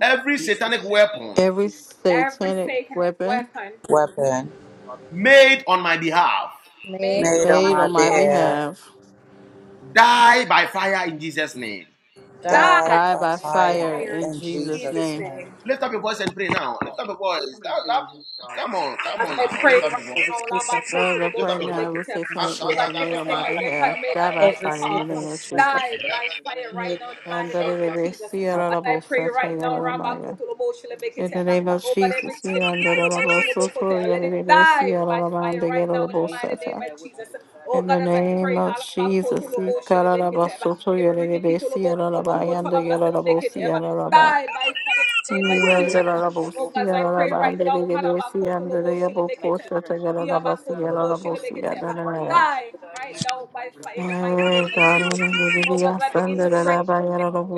[SPEAKER 7] every satanic weapon
[SPEAKER 8] every satanic weapon
[SPEAKER 5] Weapon
[SPEAKER 7] made on my behalf,
[SPEAKER 9] may
[SPEAKER 5] made on
[SPEAKER 8] made
[SPEAKER 5] my
[SPEAKER 8] on my
[SPEAKER 5] behalf,
[SPEAKER 8] behalf
[SPEAKER 7] die by fire in Jesus' name.
[SPEAKER 9] die,
[SPEAKER 5] died
[SPEAKER 8] Die
[SPEAKER 9] die,
[SPEAKER 5] by
[SPEAKER 8] by
[SPEAKER 3] by
[SPEAKER 8] fire
[SPEAKER 3] fire
[SPEAKER 5] fire
[SPEAKER 8] in
[SPEAKER 3] in
[SPEAKER 5] in
[SPEAKER 3] Jesus'
[SPEAKER 8] Jesus'
[SPEAKER 5] Jesus'
[SPEAKER 8] name.
[SPEAKER 3] name.
[SPEAKER 5] name.
[SPEAKER 7] Lift up your voice and pray now. Lift up your voice. That, that, come on, come on now. Lift up your voice.
[SPEAKER 9] die,
[SPEAKER 8] Lord, I
[SPEAKER 7] Lift
[SPEAKER 8] pray
[SPEAKER 7] up your voice.
[SPEAKER 8] now with
[SPEAKER 9] die, die, every satanic weapon, on my
[SPEAKER 8] satanic works
[SPEAKER 9] behalf,
[SPEAKER 8] are made on my behalf. Die by
[SPEAKER 9] every
[SPEAKER 8] fire in the name
[SPEAKER 9] satanic
[SPEAKER 8] of
[SPEAKER 9] weapon
[SPEAKER 8] Jesus.
[SPEAKER 7] Heaven, hear you
[SPEAKER 3] Father God, I pray,
[SPEAKER 9] made
[SPEAKER 3] O God,
[SPEAKER 8] And that it
[SPEAKER 3] that
[SPEAKER 8] may see it all about such a God of mine.
[SPEAKER 3] Every
[SPEAKER 8] In
[SPEAKER 3] snake
[SPEAKER 8] the
[SPEAKER 3] on
[SPEAKER 8] name
[SPEAKER 3] the
[SPEAKER 8] of
[SPEAKER 3] foot for no
[SPEAKER 8] Jesus, you
[SPEAKER 3] God that
[SPEAKER 8] and
[SPEAKER 3] is
[SPEAKER 8] that all
[SPEAKER 3] against me,
[SPEAKER 8] about
[SPEAKER 3] O
[SPEAKER 7] tonight!
[SPEAKER 8] so
[SPEAKER 3] God, will
[SPEAKER 8] to
[SPEAKER 3] die
[SPEAKER 8] you,
[SPEAKER 3] by
[SPEAKER 8] and it may
[SPEAKER 3] weapon,
[SPEAKER 8] see it
[SPEAKER 3] O
[SPEAKER 8] all
[SPEAKER 3] God.
[SPEAKER 8] about the
[SPEAKER 3] Let
[SPEAKER 8] God of our mind, they get
[SPEAKER 3] it
[SPEAKER 8] all about
[SPEAKER 3] die, O
[SPEAKER 8] such
[SPEAKER 3] God,
[SPEAKER 8] a-
[SPEAKER 3] by weapon, O God. I
[SPEAKER 8] in the
[SPEAKER 3] pray, I beg
[SPEAKER 8] name
[SPEAKER 3] you,
[SPEAKER 8] of
[SPEAKER 3] God. No weapon,
[SPEAKER 8] Jesus,
[SPEAKER 3] O God,
[SPEAKER 8] you
[SPEAKER 3] that
[SPEAKER 8] cut
[SPEAKER 3] fashion
[SPEAKER 8] out about
[SPEAKER 3] against
[SPEAKER 8] so
[SPEAKER 3] me
[SPEAKER 8] to
[SPEAKER 3] shall
[SPEAKER 8] you, and
[SPEAKER 3] prosper.
[SPEAKER 8] it may see
[SPEAKER 3] Father
[SPEAKER 8] all
[SPEAKER 3] God, no
[SPEAKER 8] about you, and
[SPEAKER 3] weapon
[SPEAKER 8] the
[SPEAKER 3] that
[SPEAKER 8] God of our mind, they get all
[SPEAKER 3] fashion
[SPEAKER 8] about see
[SPEAKER 3] against
[SPEAKER 8] it
[SPEAKER 3] my
[SPEAKER 8] all
[SPEAKER 3] family
[SPEAKER 8] about.
[SPEAKER 3] shall prosper.
[SPEAKER 7] Hear you
[SPEAKER 8] In
[SPEAKER 3] No
[SPEAKER 8] the
[SPEAKER 7] tonight!
[SPEAKER 3] weapon
[SPEAKER 8] name
[SPEAKER 3] that fashion,
[SPEAKER 8] of
[SPEAKER 3] O
[SPEAKER 8] Jesus, in
[SPEAKER 3] God,
[SPEAKER 8] the name
[SPEAKER 3] against my children shall prosper, O God. No weapon that fashion against, O God, my husband shall prosper, O
[SPEAKER 7] Heaven,
[SPEAKER 3] God.
[SPEAKER 7] hear you
[SPEAKER 3] They shall
[SPEAKER 7] tonight!
[SPEAKER 3] die by fire, O God. They shall die.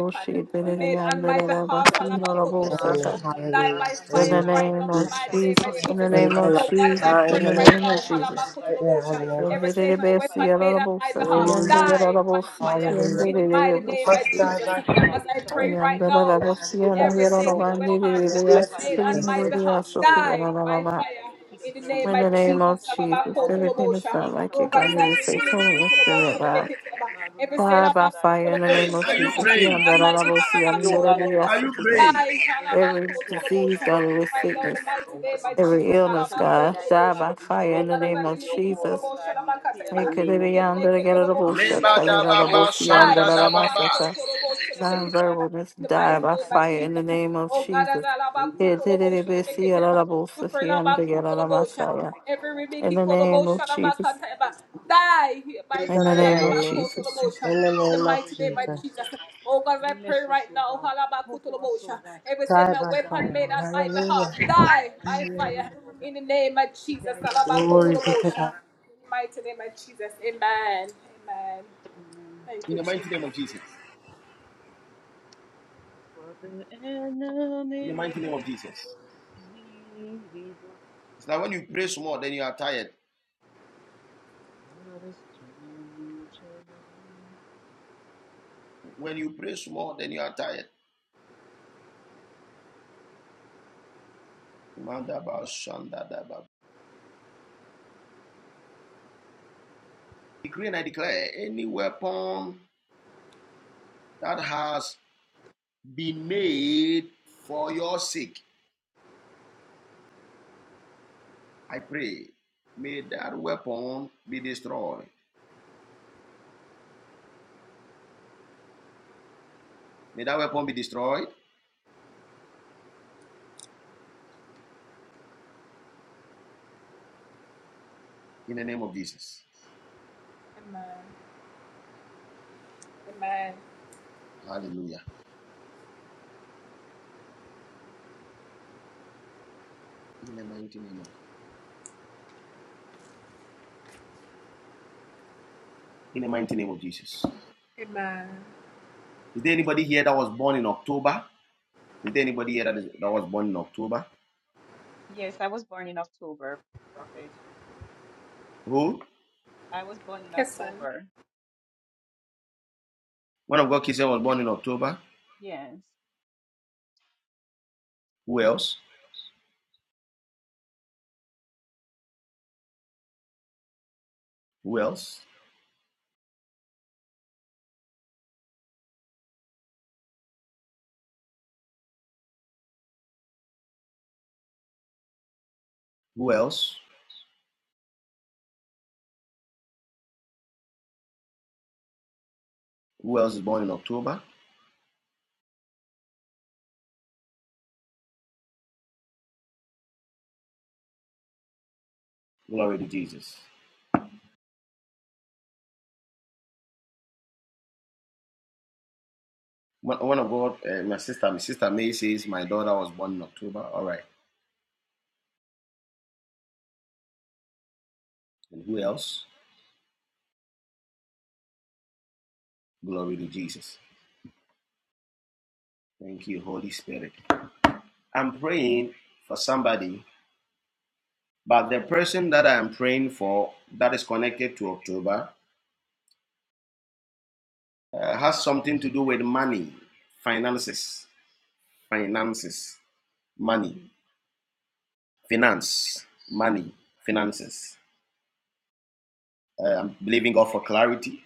[SPEAKER 3] Father God, you are a pr- protector, you're a
[SPEAKER 2] Hallelujah.
[SPEAKER 3] shield, you're an
[SPEAKER 2] Hallelujah. In the
[SPEAKER 3] anchor,
[SPEAKER 2] name
[SPEAKER 3] God,
[SPEAKER 2] of
[SPEAKER 3] just as you said,
[SPEAKER 2] Jesus.
[SPEAKER 3] fight against those who
[SPEAKER 2] In my
[SPEAKER 3] fight
[SPEAKER 8] of
[SPEAKER 2] life.
[SPEAKER 3] against me.
[SPEAKER 8] Jesus,
[SPEAKER 2] Ah, in
[SPEAKER 8] in
[SPEAKER 2] the
[SPEAKER 8] the
[SPEAKER 2] name
[SPEAKER 3] Oh
[SPEAKER 8] name of
[SPEAKER 3] God,
[SPEAKER 2] of
[SPEAKER 3] I pray,
[SPEAKER 8] Jesus.
[SPEAKER 2] Jesus.
[SPEAKER 3] oh God,
[SPEAKER 2] Right
[SPEAKER 3] that you
[SPEAKER 2] now. In the
[SPEAKER 3] fight
[SPEAKER 2] name
[SPEAKER 3] for
[SPEAKER 8] In
[SPEAKER 2] of
[SPEAKER 3] us, oh God, Father God. Whatever, oh
[SPEAKER 2] Glory.
[SPEAKER 8] the
[SPEAKER 3] God, the enemy
[SPEAKER 8] name of
[SPEAKER 3] plan, oh
[SPEAKER 8] Jesus,
[SPEAKER 3] God, in the
[SPEAKER 8] in the
[SPEAKER 2] Hallelujah.
[SPEAKER 3] realms of the
[SPEAKER 8] name of
[SPEAKER 3] spirit, oh God,
[SPEAKER 2] Must
[SPEAKER 3] I pray,
[SPEAKER 8] Jesus.
[SPEAKER 2] die by
[SPEAKER 3] mighty God, that
[SPEAKER 2] faith.
[SPEAKER 3] it shall not
[SPEAKER 8] Yanda
[SPEAKER 3] come
[SPEAKER 8] da da
[SPEAKER 3] to
[SPEAKER 2] Jesus. In
[SPEAKER 8] bosiyan
[SPEAKER 3] physical,
[SPEAKER 8] yara da
[SPEAKER 3] oh God,
[SPEAKER 8] bandi
[SPEAKER 3] I
[SPEAKER 2] the
[SPEAKER 3] pray, oh
[SPEAKER 2] name
[SPEAKER 8] ya
[SPEAKER 3] God,
[SPEAKER 2] of
[SPEAKER 3] Father God,
[SPEAKER 2] Jesus.
[SPEAKER 3] in our dream, oh God, anything, oh
[SPEAKER 8] ya
[SPEAKER 3] God, that they feed us in our
[SPEAKER 8] In
[SPEAKER 3] dream,
[SPEAKER 8] the
[SPEAKER 3] oh God,
[SPEAKER 8] name
[SPEAKER 3] I
[SPEAKER 8] of
[SPEAKER 3] pray, oh God,
[SPEAKER 8] Jesus,
[SPEAKER 3] that
[SPEAKER 9] now.
[SPEAKER 8] everything
[SPEAKER 3] you will
[SPEAKER 8] that's not
[SPEAKER 3] take it
[SPEAKER 8] like you,
[SPEAKER 3] out, oh
[SPEAKER 8] God,
[SPEAKER 7] your
[SPEAKER 8] here
[SPEAKER 3] God,
[SPEAKER 8] we
[SPEAKER 3] I
[SPEAKER 7] voice
[SPEAKER 8] say,
[SPEAKER 3] pray, oh
[SPEAKER 7] wherever
[SPEAKER 8] turn in
[SPEAKER 7] you
[SPEAKER 3] God,
[SPEAKER 8] your
[SPEAKER 3] and I beg
[SPEAKER 8] spirit,
[SPEAKER 3] you, oh God.
[SPEAKER 8] God.
[SPEAKER 3] Lord, remember
[SPEAKER 8] Die
[SPEAKER 3] us,
[SPEAKER 8] by
[SPEAKER 3] oh God, and
[SPEAKER 8] fire
[SPEAKER 3] be
[SPEAKER 8] in
[SPEAKER 7] are!
[SPEAKER 8] the
[SPEAKER 7] Hey,
[SPEAKER 8] name of
[SPEAKER 3] merciful
[SPEAKER 7] are you
[SPEAKER 3] to
[SPEAKER 8] Jesus.
[SPEAKER 3] us, oh
[SPEAKER 7] praying? hear
[SPEAKER 3] God.
[SPEAKER 8] Yanda da
[SPEAKER 7] you
[SPEAKER 8] da
[SPEAKER 3] I
[SPEAKER 7] tonight!
[SPEAKER 3] pray,
[SPEAKER 8] bosiyan
[SPEAKER 3] oh
[SPEAKER 8] yara
[SPEAKER 3] God, that
[SPEAKER 7] Are you
[SPEAKER 3] anything
[SPEAKER 8] da
[SPEAKER 3] the
[SPEAKER 8] ya
[SPEAKER 3] enemy have, oh God,
[SPEAKER 8] Every
[SPEAKER 3] let it die
[SPEAKER 8] disease,
[SPEAKER 3] by
[SPEAKER 8] God,
[SPEAKER 3] fire,
[SPEAKER 8] every
[SPEAKER 3] oh God, let it
[SPEAKER 8] sickness,
[SPEAKER 3] die, oh God.
[SPEAKER 8] every
[SPEAKER 3] We
[SPEAKER 8] illness,
[SPEAKER 3] shall not
[SPEAKER 8] God,
[SPEAKER 3] die, oh
[SPEAKER 8] die
[SPEAKER 3] God,
[SPEAKER 8] by
[SPEAKER 3] but we shall
[SPEAKER 8] fire in
[SPEAKER 3] live
[SPEAKER 8] the
[SPEAKER 3] and
[SPEAKER 8] name
[SPEAKER 3] declare
[SPEAKER 8] of
[SPEAKER 3] your word, oh
[SPEAKER 8] Jesus.
[SPEAKER 3] God. We declare
[SPEAKER 8] Hey,
[SPEAKER 3] your
[SPEAKER 8] could
[SPEAKER 3] name,
[SPEAKER 8] it
[SPEAKER 3] oh
[SPEAKER 8] be
[SPEAKER 3] God. We
[SPEAKER 8] under the get
[SPEAKER 3] praise
[SPEAKER 8] of the
[SPEAKER 3] your name,
[SPEAKER 7] praying?
[SPEAKER 3] oh
[SPEAKER 8] bullshit?
[SPEAKER 3] God.
[SPEAKER 7] Leba
[SPEAKER 8] I
[SPEAKER 3] We
[SPEAKER 7] da
[SPEAKER 8] get out
[SPEAKER 7] ba
[SPEAKER 8] of bullshit
[SPEAKER 3] worship your
[SPEAKER 8] under
[SPEAKER 7] shanda
[SPEAKER 3] name, oh
[SPEAKER 7] da
[SPEAKER 3] God.
[SPEAKER 7] ba
[SPEAKER 3] We thank you, oh God.
[SPEAKER 8] non
[SPEAKER 3] We
[SPEAKER 8] just
[SPEAKER 3] give
[SPEAKER 8] die
[SPEAKER 3] you
[SPEAKER 8] by
[SPEAKER 3] the highest
[SPEAKER 8] fire in the
[SPEAKER 3] praise and
[SPEAKER 8] name of
[SPEAKER 3] everything, oh God.
[SPEAKER 8] Jesus. In
[SPEAKER 3] Bless
[SPEAKER 8] the
[SPEAKER 3] us,
[SPEAKER 8] name
[SPEAKER 3] oh God, and do it us, oh
[SPEAKER 8] of
[SPEAKER 3] God, and favor us, mighty God. I pray, I beg you, oh God.
[SPEAKER 8] Jesus.
[SPEAKER 2] Think
[SPEAKER 3] In
[SPEAKER 8] In
[SPEAKER 3] your
[SPEAKER 2] of
[SPEAKER 8] the
[SPEAKER 2] the
[SPEAKER 3] name,
[SPEAKER 8] name of
[SPEAKER 2] enemy.
[SPEAKER 3] Jesus,
[SPEAKER 8] Jesus.
[SPEAKER 3] I
[SPEAKER 2] In the
[SPEAKER 3] pray, oh
[SPEAKER 2] name
[SPEAKER 3] God,
[SPEAKER 2] of
[SPEAKER 3] redeem
[SPEAKER 2] Jesus.
[SPEAKER 3] us, oh God. Bless us, oh God. Cover us, oh God.
[SPEAKER 2] Die by
[SPEAKER 3] Oh God, be
[SPEAKER 2] fire.
[SPEAKER 3] merciful unto us,
[SPEAKER 2] Hallelujah.
[SPEAKER 3] oh God. I pray, I
[SPEAKER 2] Hallelujah.
[SPEAKER 3] beg you, oh God, to die by fire, oh
[SPEAKER 2] Glory be
[SPEAKER 3] God.
[SPEAKER 2] to God.
[SPEAKER 3] Amen.
[SPEAKER 7] In the mighty name of Jesus.
[SPEAKER 3] For the
[SPEAKER 7] In the
[SPEAKER 3] enemy
[SPEAKER 7] mighty name of
[SPEAKER 3] means to
[SPEAKER 7] Jesus.
[SPEAKER 3] evil.
[SPEAKER 7] It's like when you pray small, then you are tired.
[SPEAKER 3] God is turning it around.
[SPEAKER 7] When you pray small, then you are tired. Manda shanda da ba. Decree and I declare any weapon that has been made for your sake. I pray, may that weapon be destroyed. May that weapon be destroyed in the name of Jesus. Hallelujah. In the mighty name of in the mighty name of Jesus. Is there anybody here that was born in October? Is there anybody here that, is, that was born in October?
[SPEAKER 3] Yes, I was born in October, Prophet.
[SPEAKER 7] Who?
[SPEAKER 3] I was born in October.
[SPEAKER 7] One of God kids was born in October.
[SPEAKER 3] Yes.
[SPEAKER 7] Who else? Who else? Who else? Who else is born in October? Glory to Jesus. One of God, uh, my sister, my sister May says my daughter was born in October. All right. And who else? Glory to Jesus. Thank you, Holy Spirit. I'm praying for somebody, but the person that I'm praying for that is connected to October uh, has something to do with money, finances, finances, money, finance, money, finances. Uh, I'm believing God for clarity.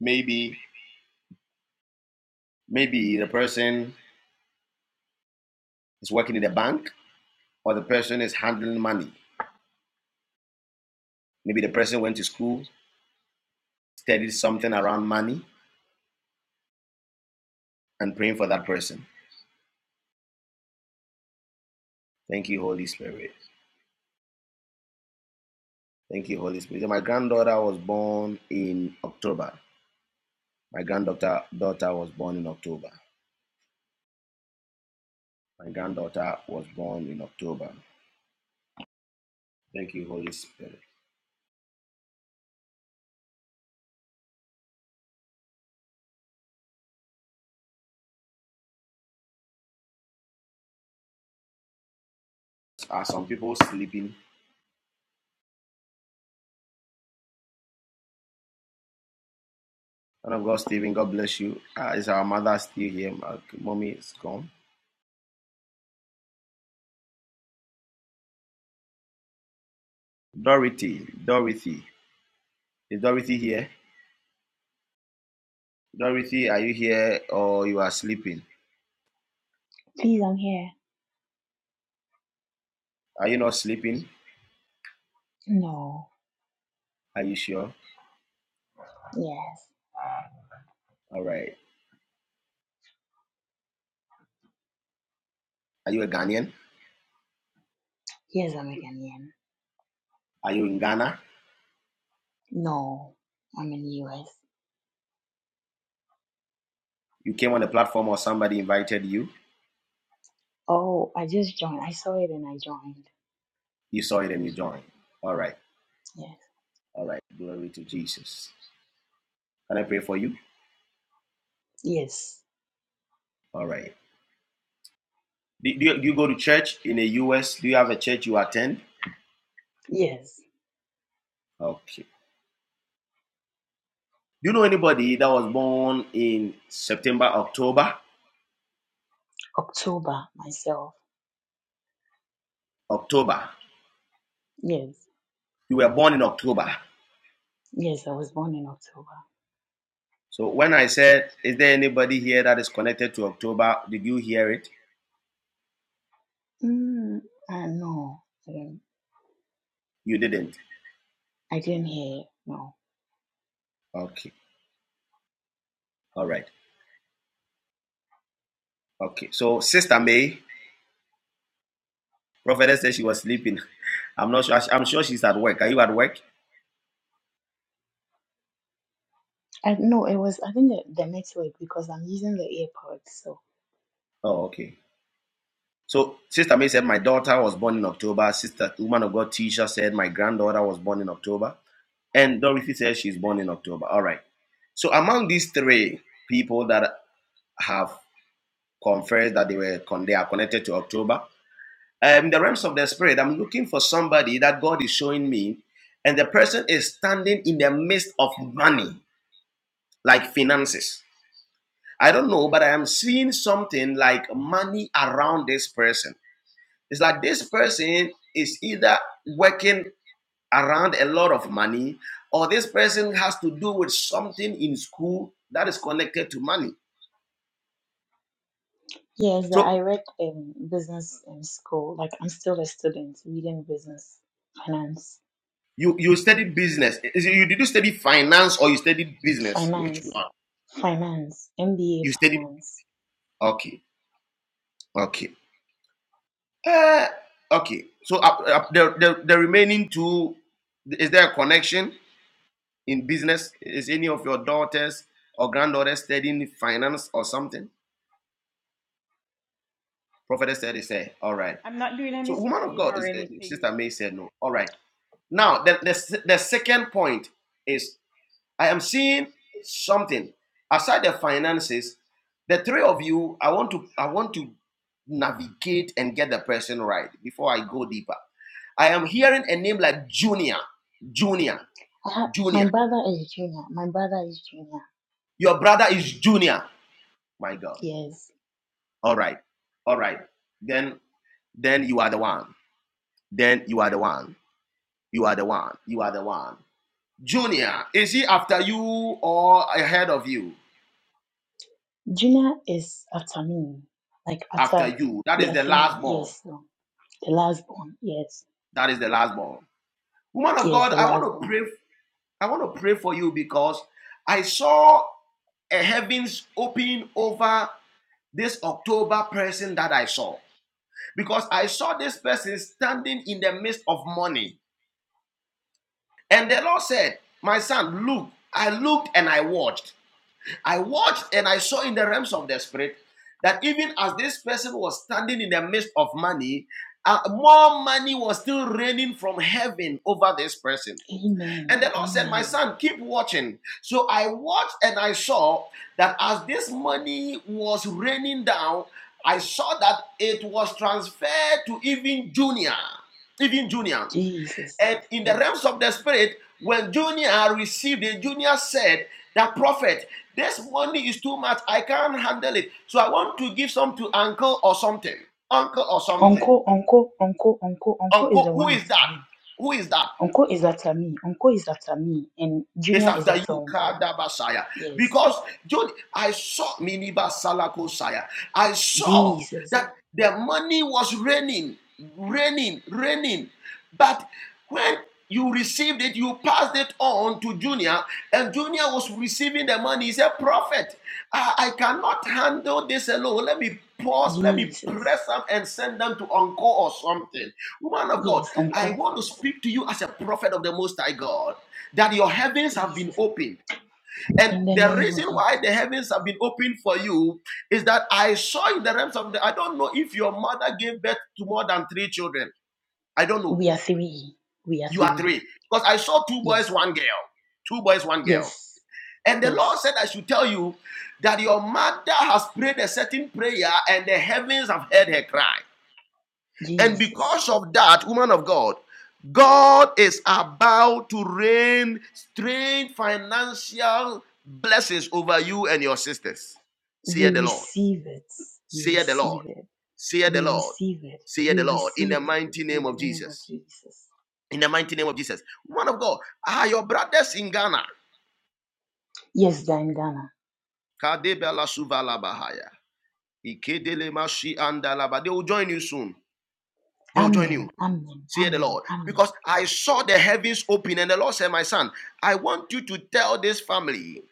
[SPEAKER 7] Maybe, maybe the person is working in a bank, or the person is handling money. Maybe the person went to school, studied something around money, and praying for that person. Thank you, Holy Spirit. Thank you, Holy Spirit. So My granddaughter was born in October. My granddaughter daughter was born in October. My granddaughter was born in October. Thank you, Holy Spirit. Are some people sleeping? Son of God, Stephen, God bless you. Ah, is our mother still here? My mommy is gone. Dorothy, Dorothy. Is Dorothy here? Dorothy, are you here or you are sleeping?
[SPEAKER 11] Please, I'm here.
[SPEAKER 7] Are you not sleeping?
[SPEAKER 11] No.
[SPEAKER 7] Are you sure?
[SPEAKER 11] Yes.
[SPEAKER 7] All right. Are you a Ghanaian?
[SPEAKER 11] Yes, I'm a Ghanaian.
[SPEAKER 7] Are you in Ghana?
[SPEAKER 11] No. I'm in the US.
[SPEAKER 7] You came on the platform or somebody invited you?
[SPEAKER 11] Oh, I just joined. I saw it and I joined.
[SPEAKER 7] You saw it and you joined. All right.
[SPEAKER 11] Yes.
[SPEAKER 7] All right. Glory to Jesus. Can I pray for you?
[SPEAKER 11] Yes.
[SPEAKER 7] All right. Do, you, do you go to church in the US? Do you have a church you attend?
[SPEAKER 11] Yes.
[SPEAKER 7] Okay. Do you know anybody that was born in September, October?
[SPEAKER 11] October myself.
[SPEAKER 7] October.
[SPEAKER 11] Yes.
[SPEAKER 7] You were born in October.
[SPEAKER 11] Yes, I was born in October.
[SPEAKER 7] So when I said, is there anybody here that is connected to October? Did you hear it?
[SPEAKER 11] Mm, uh, no. I didn't,
[SPEAKER 7] You didn't.
[SPEAKER 11] I didn't hear. No.
[SPEAKER 7] Okay. All right. Okay. So Sister May, prophetess said she was sleeping. I'm not sure. I'm sure she's at work. Are you at work?
[SPEAKER 11] I, no, it was, I think the, the next week because I'm using the airport. So,
[SPEAKER 7] Oh, okay. So Sister May said, My daughter was born in October. Sister Woman of God Tisha said, My granddaughter was born in October. And Dorothy says she's born in October. All right. So among these three people that have confessed that they were con- they are connected to October, um, in the realms of the spirit, I'm looking for somebody that God is showing me, and the person is standing in the midst of money, like finances. I don't know, but I am seeing something like money around this person It's like this person is either working around a lot of money or this person has to do with something in school that is connected to money.
[SPEAKER 11] yes, the-
[SPEAKER 7] So
[SPEAKER 11] I read um, business in school. Like, I'm still a student reading business, finance.
[SPEAKER 7] you you studied business. Is it- you did you study finance or you studied business? Which
[SPEAKER 11] finance,
[SPEAKER 7] one?
[SPEAKER 11] finance, MBA
[SPEAKER 7] You studied
[SPEAKER 11] finance.
[SPEAKER 7] okay. Okay. Uh, okay. So uh, uh, the, the the remaining two is there a connection in business? Is any of your daughters or granddaughters studying finance or something? Prophetess said, "Say, all right."
[SPEAKER 3] I'm not doing any
[SPEAKER 7] So, woman of
[SPEAKER 3] studying
[SPEAKER 7] God
[SPEAKER 3] or
[SPEAKER 7] is eh, Sister
[SPEAKER 3] anything
[SPEAKER 7] May said no. All right. Now, the, the, the second point is I am seeing something aside the finances. The three of you, I want to I want to navigate and get the person right before I go deeper. I am hearing a name like Junior, Junior,
[SPEAKER 11] I have, my
[SPEAKER 7] Junior.
[SPEAKER 11] brother is junior. My brother is junior.
[SPEAKER 7] Your brother is Junior. My God.
[SPEAKER 11] Yes,
[SPEAKER 7] All right. All right. Then then you are the one. Then you are the one. You are the one. You are the one. Junior, is he after you or ahead of you?
[SPEAKER 11] junior is after me. Like
[SPEAKER 7] After
[SPEAKER 11] after
[SPEAKER 7] you. That
[SPEAKER 11] we
[SPEAKER 7] is
[SPEAKER 11] are
[SPEAKER 7] the
[SPEAKER 11] three
[SPEAKER 7] last born.
[SPEAKER 11] years, so the last born. Yes,
[SPEAKER 7] That is the last born. Woman of
[SPEAKER 11] yes,
[SPEAKER 7] God,
[SPEAKER 11] the
[SPEAKER 7] I
[SPEAKER 11] last
[SPEAKER 7] want to
[SPEAKER 11] born.
[SPEAKER 7] pray. I want to pray for you because I saw a heavens open over this October person that I saw. Because I saw this person standing in the midst of money. And the Lord said, My son, look. I looked and I watched. I watched and I saw in the realms of the spirit that even as this person was standing in the midst of money, uh, more money was still raining from heaven over this person.
[SPEAKER 11] Amen,
[SPEAKER 7] And the Lord said, My
[SPEAKER 11] amen.
[SPEAKER 7] son, keep watching. So I watched and I saw that as this money was raining down, I saw that it was transferred to even junior. Even junior.
[SPEAKER 11] Jesus,
[SPEAKER 7] And in the
[SPEAKER 11] yes.
[SPEAKER 7] realms of the spirit, when Junior received it, Junior said, That prophet, this money is too much. I can't handle it. So I want to give some to uncle or something. Uncle or something.
[SPEAKER 11] Uncle, uncle, uncle, uncle, uncle is
[SPEAKER 7] Uncle,
[SPEAKER 11] the
[SPEAKER 7] who
[SPEAKER 11] one
[SPEAKER 7] is
[SPEAKER 11] after
[SPEAKER 7] that?
[SPEAKER 11] me.
[SPEAKER 7] Who is that?
[SPEAKER 11] Uncle is after me. Uncle is after me, and
[SPEAKER 7] It's
[SPEAKER 11] junior is
[SPEAKER 7] after
[SPEAKER 11] after
[SPEAKER 7] you,
[SPEAKER 11] uncle.
[SPEAKER 7] Kadabasaya.
[SPEAKER 11] Yes,
[SPEAKER 7] Because John, I saw Miniba Salako saya. I saw
[SPEAKER 11] Jesus,
[SPEAKER 7] that the money was raining, raining, raining. But when you received it, you passed it on to Junior, and Junior was receiving the money. He said, Prophet, I, I cannot handle this alone. Let me pause, let me
[SPEAKER 11] Jesus.
[SPEAKER 7] press them and send them to Uncle or something. Woman of God,
[SPEAKER 11] Yes,
[SPEAKER 7] I
[SPEAKER 11] Uncle.
[SPEAKER 7] want to speak to you as a prophet of the Most High God that your heavens have been
[SPEAKER 11] Jesus.
[SPEAKER 7] opened. And
[SPEAKER 11] In the
[SPEAKER 7] the
[SPEAKER 11] name of
[SPEAKER 7] reason
[SPEAKER 11] Jesus.
[SPEAKER 7] why the heavens have been opened for you is that I saw in the realms of the. I don't know if your mother gave birth to more than three children. I don't know.
[SPEAKER 11] We are three. We are
[SPEAKER 7] You are
[SPEAKER 11] three.
[SPEAKER 7] three. Because I saw two boys,
[SPEAKER 11] Yes.
[SPEAKER 7] one girl. Two boys, one girl.
[SPEAKER 11] Yes.
[SPEAKER 7] And the Lord
[SPEAKER 11] Yes.
[SPEAKER 7] said, I should tell you that your mother has prayed a certain prayer and the heavens have heard her cry. And
[SPEAKER 11] Jesus.
[SPEAKER 7] because of that, woman of God, God is about to rain strange financial blessings over you and your sisters. Say
[SPEAKER 11] We
[SPEAKER 7] the Lord.
[SPEAKER 11] receive it. We
[SPEAKER 7] Say the
[SPEAKER 11] receive
[SPEAKER 7] Lord.
[SPEAKER 11] it.
[SPEAKER 7] Say the
[SPEAKER 11] We
[SPEAKER 7] Lord.
[SPEAKER 11] receive it.
[SPEAKER 7] Say the
[SPEAKER 11] We
[SPEAKER 7] Lord. In
[SPEAKER 11] receive
[SPEAKER 7] the
[SPEAKER 11] it.
[SPEAKER 7] mighty
[SPEAKER 11] In
[SPEAKER 7] name
[SPEAKER 11] the
[SPEAKER 7] of
[SPEAKER 11] name of
[SPEAKER 7] Jesus.
[SPEAKER 11] Jesus.
[SPEAKER 7] In the mighty name of Jesus. Woman of God, are your brothers in Ghana?
[SPEAKER 11] Yes, thine Ghana.
[SPEAKER 7] They will join you soon. They will join you.
[SPEAKER 11] Amen. Amen.
[SPEAKER 7] Say the
[SPEAKER 11] Amen.
[SPEAKER 7] Lord.
[SPEAKER 11] Amen.
[SPEAKER 7] Because I saw the heavens open, and the Lord said, My son, I want you to tell this family,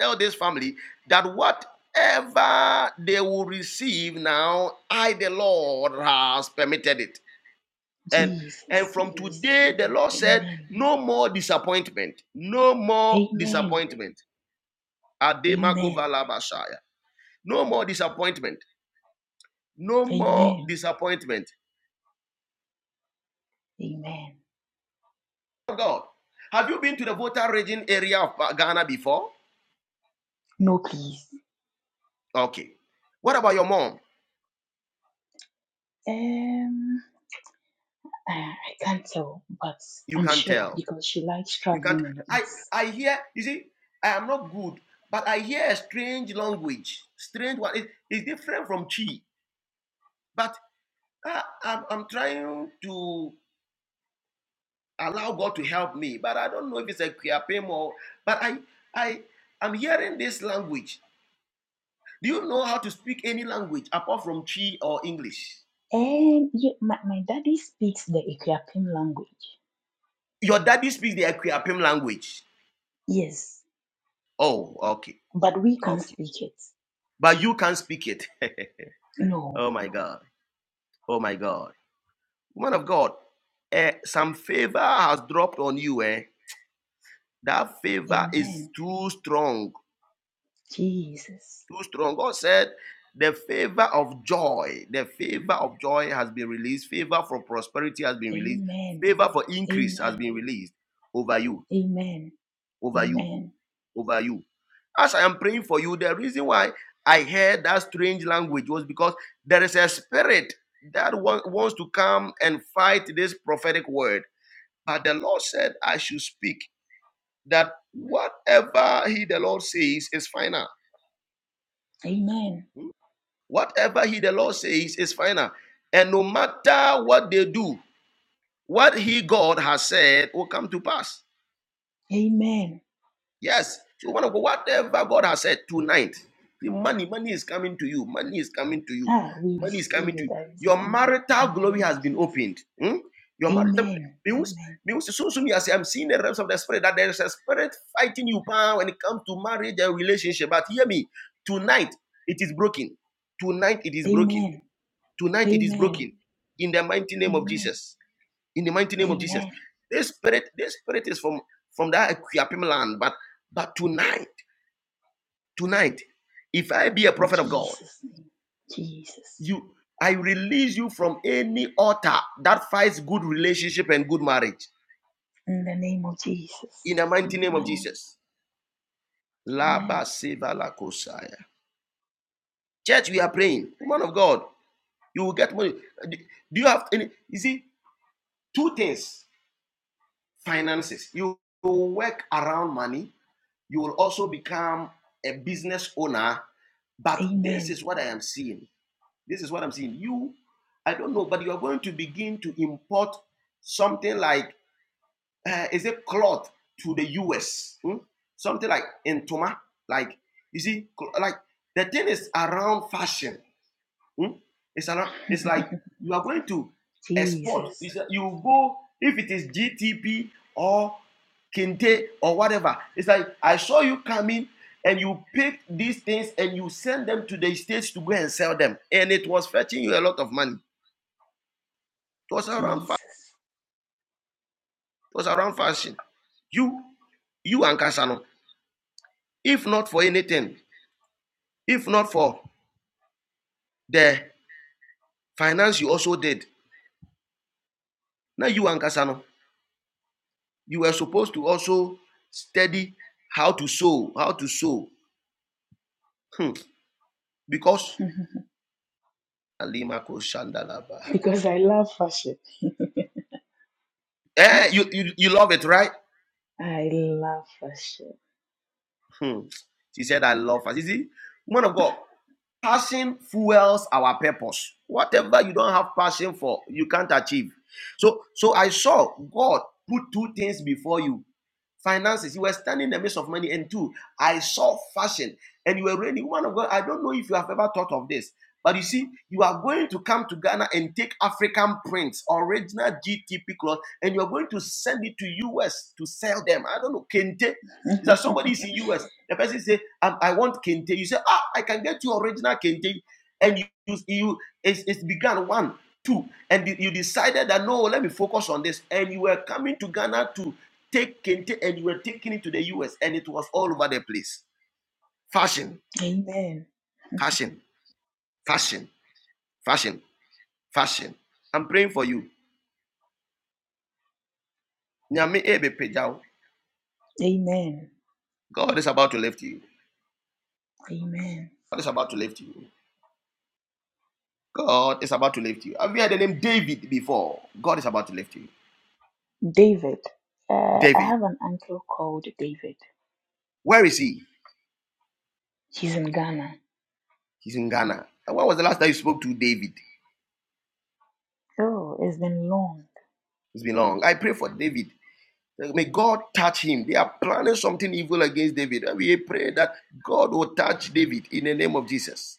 [SPEAKER 7] tell this family that whatever they will receive now, I the Lord has permitted it. And and
[SPEAKER 11] Jesus. We
[SPEAKER 7] from today,
[SPEAKER 11] receive
[SPEAKER 7] the
[SPEAKER 11] it.
[SPEAKER 7] Lord said,
[SPEAKER 11] Amen.
[SPEAKER 7] No more disappointment, no more
[SPEAKER 11] Amen.
[SPEAKER 7] disappointment.
[SPEAKER 11] Amen.
[SPEAKER 7] Ademakovalabashaya. No more disappointment, no more
[SPEAKER 11] Amen.
[SPEAKER 7] disappointment.
[SPEAKER 11] Amen.
[SPEAKER 7] Oh God, have you been to the Volta region area of Ghana before?
[SPEAKER 11] No, please.
[SPEAKER 7] Okay. What about your mom?
[SPEAKER 11] Um, Uh, I can't tell, but
[SPEAKER 7] You
[SPEAKER 11] I'm
[SPEAKER 7] can't
[SPEAKER 11] sure
[SPEAKER 7] tell.
[SPEAKER 11] because she likes
[SPEAKER 7] You can't.
[SPEAKER 11] traveling a lot.
[SPEAKER 7] I
[SPEAKER 11] Yes.
[SPEAKER 7] I hear. You see, I am not good, but I hear a strange language. Strange one. It- it's different from chi. But I, I'm I'm trying to allow God to help me. But I don't know if it's a kiapem or. But I I I'm hearing this language. Do you know how to speak any language apart from chi or English?
[SPEAKER 11] And yeah, my, my daddy speaks the Ethiopian language.
[SPEAKER 7] Your daddy speaks the Equiapem language.
[SPEAKER 11] Yes.
[SPEAKER 7] Oh, okay,
[SPEAKER 11] But we can
[SPEAKER 7] okay.
[SPEAKER 11] speak it.
[SPEAKER 7] But you can't speak it. [laughs] oh
[SPEAKER 11] No.
[SPEAKER 7] my God. Oh my God. Man of God, eh, some favor has dropped on you. Eh? That favor is
[SPEAKER 11] Amen.
[SPEAKER 7] too strong.
[SPEAKER 11] Jesus.
[SPEAKER 7] Too strong. God said, the favor of joy, the favor of joy has been released. Favor for prosperity has been released.
[SPEAKER 11] Amen.
[SPEAKER 7] Favor for increase has
[SPEAKER 11] Amen.
[SPEAKER 7] been released over you,
[SPEAKER 11] Amen.
[SPEAKER 7] over you,
[SPEAKER 11] Amen.
[SPEAKER 7] over you. As I am praying for you, the reason why I heard that strange language was because there is a spirit that wants to come and fight this prophetic word But the Lord said, I should speak that whatever He, the Lord, says is final.
[SPEAKER 11] Amen.
[SPEAKER 7] Whatever He, the Lord, says is final. And no matter what they do, what He, God, has said will come to pass.
[SPEAKER 11] Amen.
[SPEAKER 7] Yes. So one of God, whatever God has said tonight, the money, money is coming to you. Money is coming to you.
[SPEAKER 11] Ah, we
[SPEAKER 7] Money is
[SPEAKER 11] receive
[SPEAKER 7] coming to
[SPEAKER 11] it.
[SPEAKER 7] you.
[SPEAKER 11] I
[SPEAKER 7] Your
[SPEAKER 11] receive it
[SPEAKER 7] marital
[SPEAKER 11] in the
[SPEAKER 7] glory
[SPEAKER 11] name
[SPEAKER 7] has
[SPEAKER 11] of
[SPEAKER 7] been
[SPEAKER 11] Jesus.
[SPEAKER 7] opened. Hmm? Your marital
[SPEAKER 11] Amen.
[SPEAKER 7] means
[SPEAKER 11] Amen.
[SPEAKER 7] means so soon as I'm seeing the realms of the spirit that there is a spirit fighting you power when it comes to marriage and relationship. But hear me, tonight it is broken. Tonight it is broken.
[SPEAKER 11] Amen.
[SPEAKER 7] Tonight it is
[SPEAKER 11] Amen.
[SPEAKER 7] broken. In the mighty name of
[SPEAKER 11] Amen.
[SPEAKER 7] Jesus in the mighty name of
[SPEAKER 11] Amen.
[SPEAKER 7] Jesus. This spirit, this spirit is from from that Equiapim land, but but tonight, tonight, if I be a
[SPEAKER 11] In
[SPEAKER 7] prophet of God,
[SPEAKER 11] Jesus' name. Jesus.
[SPEAKER 7] you, I release you from any altar that fights good relationship and good marriage
[SPEAKER 11] In the name of Jesus.
[SPEAKER 7] in the mighty name of
[SPEAKER 11] Amen.
[SPEAKER 7] Jesus. Laba
[SPEAKER 11] Amen.
[SPEAKER 7] seva la kosaya. Church, we are praying. Woman of God, you will get money. Do you have any? You see, two things: finances. you work around money You will also become a business owner. But this
[SPEAKER 11] Amen.
[SPEAKER 7] is what I am seeing. This is what I'm seeing. You, I don't know, but you are going to begin to import something like, uh, is it cloth to the US? hmm? Something like entoma. Like, you see, like the thing is around fashion. Hmm? It's a lot. It's
[SPEAKER 11] [laughs]
[SPEAKER 7] like you are going to export.
[SPEAKER 11] Jesus.
[SPEAKER 7] It's a- you go if it is GTP or Kente or whatever. It's like I saw you coming and you picked these things and you send them to the states to go and sell them, and it was fetching you a lot of money. It was around. Fa- it
[SPEAKER 11] Jesus.
[SPEAKER 7] was around fashion. You, you and Kasano. If not for anything, if not for the finance you also did, now you and Kasano. You were supposed to also study how to sow, how to sow. Hmm. Because
[SPEAKER 11] [laughs]
[SPEAKER 7] Alima ko shandala
[SPEAKER 11] because I love worship.
[SPEAKER 7] Eh, you, you you love it, right?
[SPEAKER 11] I love worship.
[SPEAKER 7] Hmm. She said, I love us. You see, woman of God, passion fuels our purpose. Whatever you don't have passion for, you can't achieve. So so I saw God put two things before you finances. You were standing in the midst of money. And two, I saw fashion and you were ready. Woman of God, I don't know if you have ever thought of this, but you see, you are going to come to Ghana and take African prints, original GTP cloth, and you're going to send it to US to sell them. I don't know, Kente. Is
[SPEAKER 11] [laughs]
[SPEAKER 7] that somebody is in US? The person say, um, I want Kente. You say, ah, I can get you original Kente. And you, you, you it's, it began one, two, and you decided that no, let me focus on this. And you were coming to Ghana to taken and you were taking it to the US and it was all over the place. Fashion,
[SPEAKER 11] Amen.
[SPEAKER 7] fashion, fashion, fashion, fashion. I'm praying for you. Nyame ebe pejao.
[SPEAKER 11] Amen.
[SPEAKER 7] God is about to lift you.
[SPEAKER 11] Amen.
[SPEAKER 7] God is about to lift you. God is about to lift you. Have you heard the name David before? God is about to lift you.
[SPEAKER 11] David. Uh, I
[SPEAKER 7] David.
[SPEAKER 11] have an uncle called David.
[SPEAKER 7] Where is he?
[SPEAKER 11] He's in Ghana.
[SPEAKER 7] He's in Ghana. And when was the last time you spoke to David?
[SPEAKER 11] Oh, it's been long.
[SPEAKER 7] It's been long. I pray for David. May God touch him. They are planning something evil against David. And we pray that God will touch David in the name of Jesus.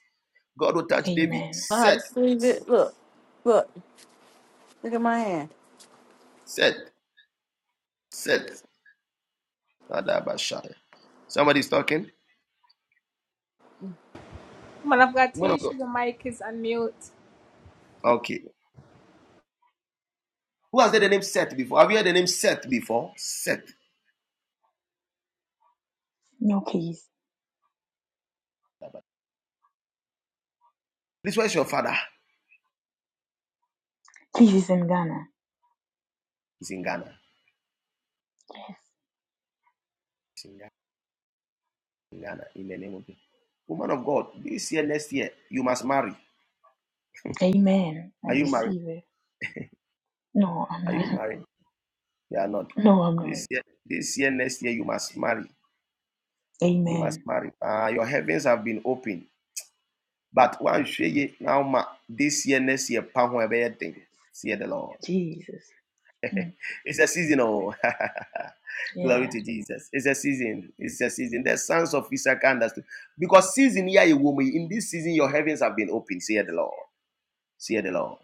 [SPEAKER 7] God will touch David.
[SPEAKER 11] Amen.
[SPEAKER 8] I had
[SPEAKER 7] Set,
[SPEAKER 8] to squeeze it. Look, look, look at my hand.
[SPEAKER 7] set, set. Kadabashaya. Somebody's talking? Man of God. Okay. Who has heard the name Seth before? Have you heard the name Seth before? Seth.
[SPEAKER 11] No, please.
[SPEAKER 7] This was your father?
[SPEAKER 11] Please, he's in Ghana.
[SPEAKER 7] He's in Ghana.
[SPEAKER 11] Yes.
[SPEAKER 7] He's in Ghana. In Ghana. In the name of God. Woman of God, this year, next year, you must marry.
[SPEAKER 11] Amen. I
[SPEAKER 7] Are you married?
[SPEAKER 11] receive it. No, I'm
[SPEAKER 7] Are you
[SPEAKER 11] not. [laughs]
[SPEAKER 7] married? You are not.
[SPEAKER 11] No, I'm not.
[SPEAKER 7] This year, this year, next year, you must marry. You must
[SPEAKER 11] Amen.
[SPEAKER 7] marry. Ah, your heavens have been opened. But one shey now ma this year, next year, pound everything. See the Lord.
[SPEAKER 11] Jesus. Hmm.
[SPEAKER 7] [laughs] it's a season, oh. [laughs] Glory
[SPEAKER 11] Yeah.
[SPEAKER 7] to Jesus. It's a season. It's a season. The sons of Issachar understood. Because season, here you will be. In this season, your heavens have been opened. Say the Lord. Say the Lord.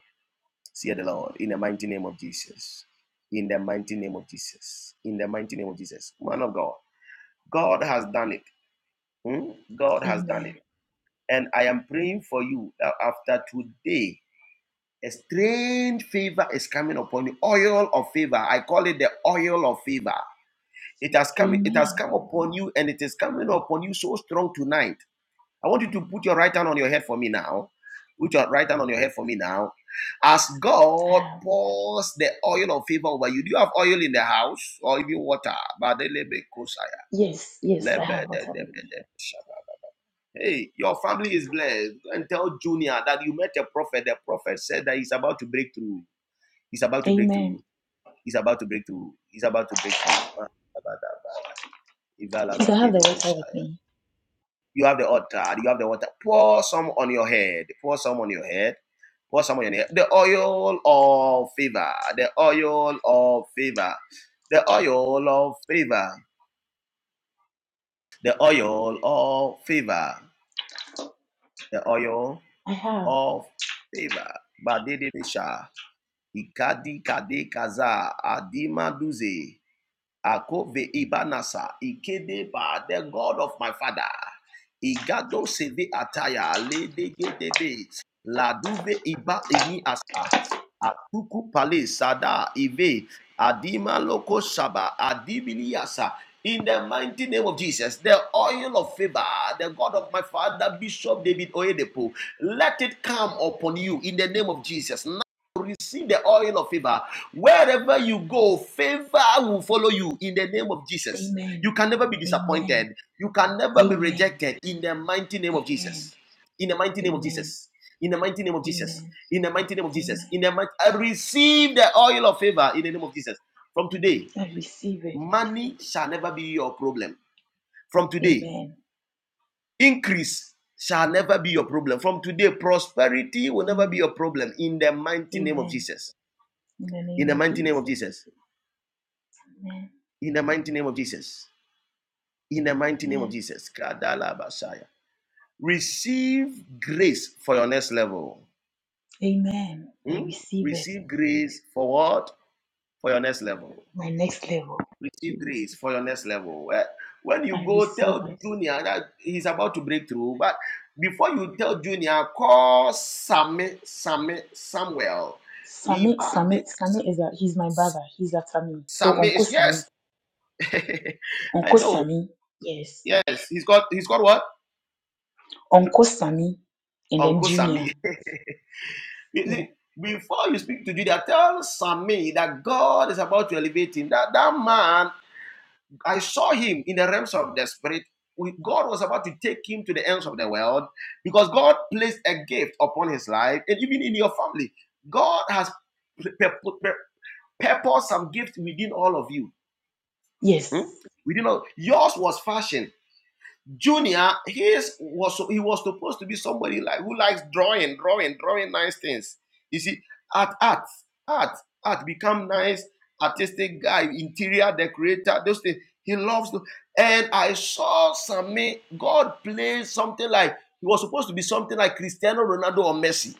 [SPEAKER 7] Say the Lord. In the mighty name of Jesus. In the mighty name of Jesus. In the mighty name of Jesus. Man of God. God has done it. Hmm? God has done it.
[SPEAKER 11] Amen.
[SPEAKER 7] And I am praying for you that after today, a strange favor is coming upon you. Oil of favor. I call it the oil of favor. It has come, it has
[SPEAKER 11] Amen.
[SPEAKER 7] come upon you and it is coming upon you so strong tonight. I want you to put your right hand on your head for me now. Put your right hand on your head for me now. As
[SPEAKER 11] I
[SPEAKER 7] God
[SPEAKER 11] have.
[SPEAKER 7] pours the oil of favor over you, do you have oil in the house or even water?
[SPEAKER 11] Yes, yes, I have water with me.
[SPEAKER 7] Hey, your family is blessed. Go and tell Junior that you met a prophet. The prophet said that he's about to break through. He's about to break
[SPEAKER 11] Amen.
[SPEAKER 7] through. He's about to break through. He's about to break
[SPEAKER 11] Please, I have the water
[SPEAKER 7] through.
[SPEAKER 11] with me.
[SPEAKER 7] You have the altar. You have the water. Pour some on your head. Pour some on your head. Pour some on your head. The oil of favor. The oil of favor. The oil of favor. The oil of favor. The oil
[SPEAKER 11] I have.
[SPEAKER 7] of favor. Badede Fisha. Ikadi Kade Kaza Adima Duze. Akove Ibanasa, Ikedeba, the God of my father. Igado Seve Ataya, Ledegedebe, Laduve Iba Ini Asa, Atuku Pale Sada Ive, Adima Loko Shaba, Adibini Asa. In the mighty name of Jesus, the oil of favor, the God of my father, Bishop David Oyedepo, let it come upon you in the name of Jesus. See the oil of favor. Wherever you go, favor will follow you in the name of Jesus. You
[SPEAKER 11] Amen.
[SPEAKER 7] can never be
[SPEAKER 11] Amen.
[SPEAKER 7] disappointed. You can never be
[SPEAKER 11] Amen.
[SPEAKER 7] rejected in the mighty name of
[SPEAKER 11] Amen.
[SPEAKER 7] Jesus. In the mighty name of
[SPEAKER 11] Amen.
[SPEAKER 7] Jesus. In the mighty name of Jesus.
[SPEAKER 11] Amen.
[SPEAKER 7] In the mighty name of Jesus. In
[SPEAKER 11] Amen.
[SPEAKER 7] the mighty, I receive the oil of favor in the name of Jesus. From today,
[SPEAKER 11] I receive it.
[SPEAKER 7] money shall never be your problem. From today,
[SPEAKER 11] Amen.
[SPEAKER 7] increase shall never be your problem. From today, prosperity will never be
[SPEAKER 11] Amen.
[SPEAKER 7] your problem. In the mighty name of
[SPEAKER 11] Amen.
[SPEAKER 7] Jesus.
[SPEAKER 11] In the
[SPEAKER 7] In
[SPEAKER 11] name
[SPEAKER 7] the
[SPEAKER 11] of
[SPEAKER 7] mighty name of
[SPEAKER 11] Jesus.
[SPEAKER 7] Jesus.
[SPEAKER 11] Amen.
[SPEAKER 7] in the mighty name of Jesus. In the mighty name of
[SPEAKER 11] Amen.
[SPEAKER 7] Jesus. Kadala Basaya. Receive grace for your next level.
[SPEAKER 11] Amen. I
[SPEAKER 7] Hmm?
[SPEAKER 11] receive it.
[SPEAKER 7] Receive grace for what? For your next level.
[SPEAKER 11] My next level.
[SPEAKER 7] Receive grace
[SPEAKER 11] Jesus.
[SPEAKER 7] for your next level. Eh, When you
[SPEAKER 11] I
[SPEAKER 7] go,
[SPEAKER 11] receive
[SPEAKER 7] tell
[SPEAKER 11] it.
[SPEAKER 7] Junior that he's about to break through. But before you tell Junior, call Sammy, Sammy, Samuel.
[SPEAKER 11] Sami,
[SPEAKER 7] Iba de
[SPEAKER 11] Sami, Sami is a he's my brother. He's a Sami. So
[SPEAKER 7] Sammy
[SPEAKER 11] Uncle
[SPEAKER 7] is
[SPEAKER 11] Sami,
[SPEAKER 7] yes. [laughs] I
[SPEAKER 11] Uncle
[SPEAKER 7] know.
[SPEAKER 11] Sami, yes,
[SPEAKER 7] Yes. He's got he's got what?
[SPEAKER 11] Uncle Sami, and then
[SPEAKER 7] Uncle Sammy.
[SPEAKER 11] Junior,
[SPEAKER 7] [laughs] You
[SPEAKER 11] yeah,
[SPEAKER 7] see, before you speak to Judah, tell Sammy that God is about to elevate him. That that man, I saw him in the realms of the spirit. God was about to take him to the ends of the world because God placed a gift upon his life, and even in your family, God has pur- purposed some gift within all of you.
[SPEAKER 11] yes.
[SPEAKER 7] Hmm? Within all, yours was fashioned. Junior, his was he was supposed to be somebody like who likes drawing, drawing, drawing nice things. You see, art, art, art, art become nice artistic guy, interior decorator, those things. He loves to. And I saw Sammy God playing something like he was supposed to be something like Cristiano Ronaldo or Messi.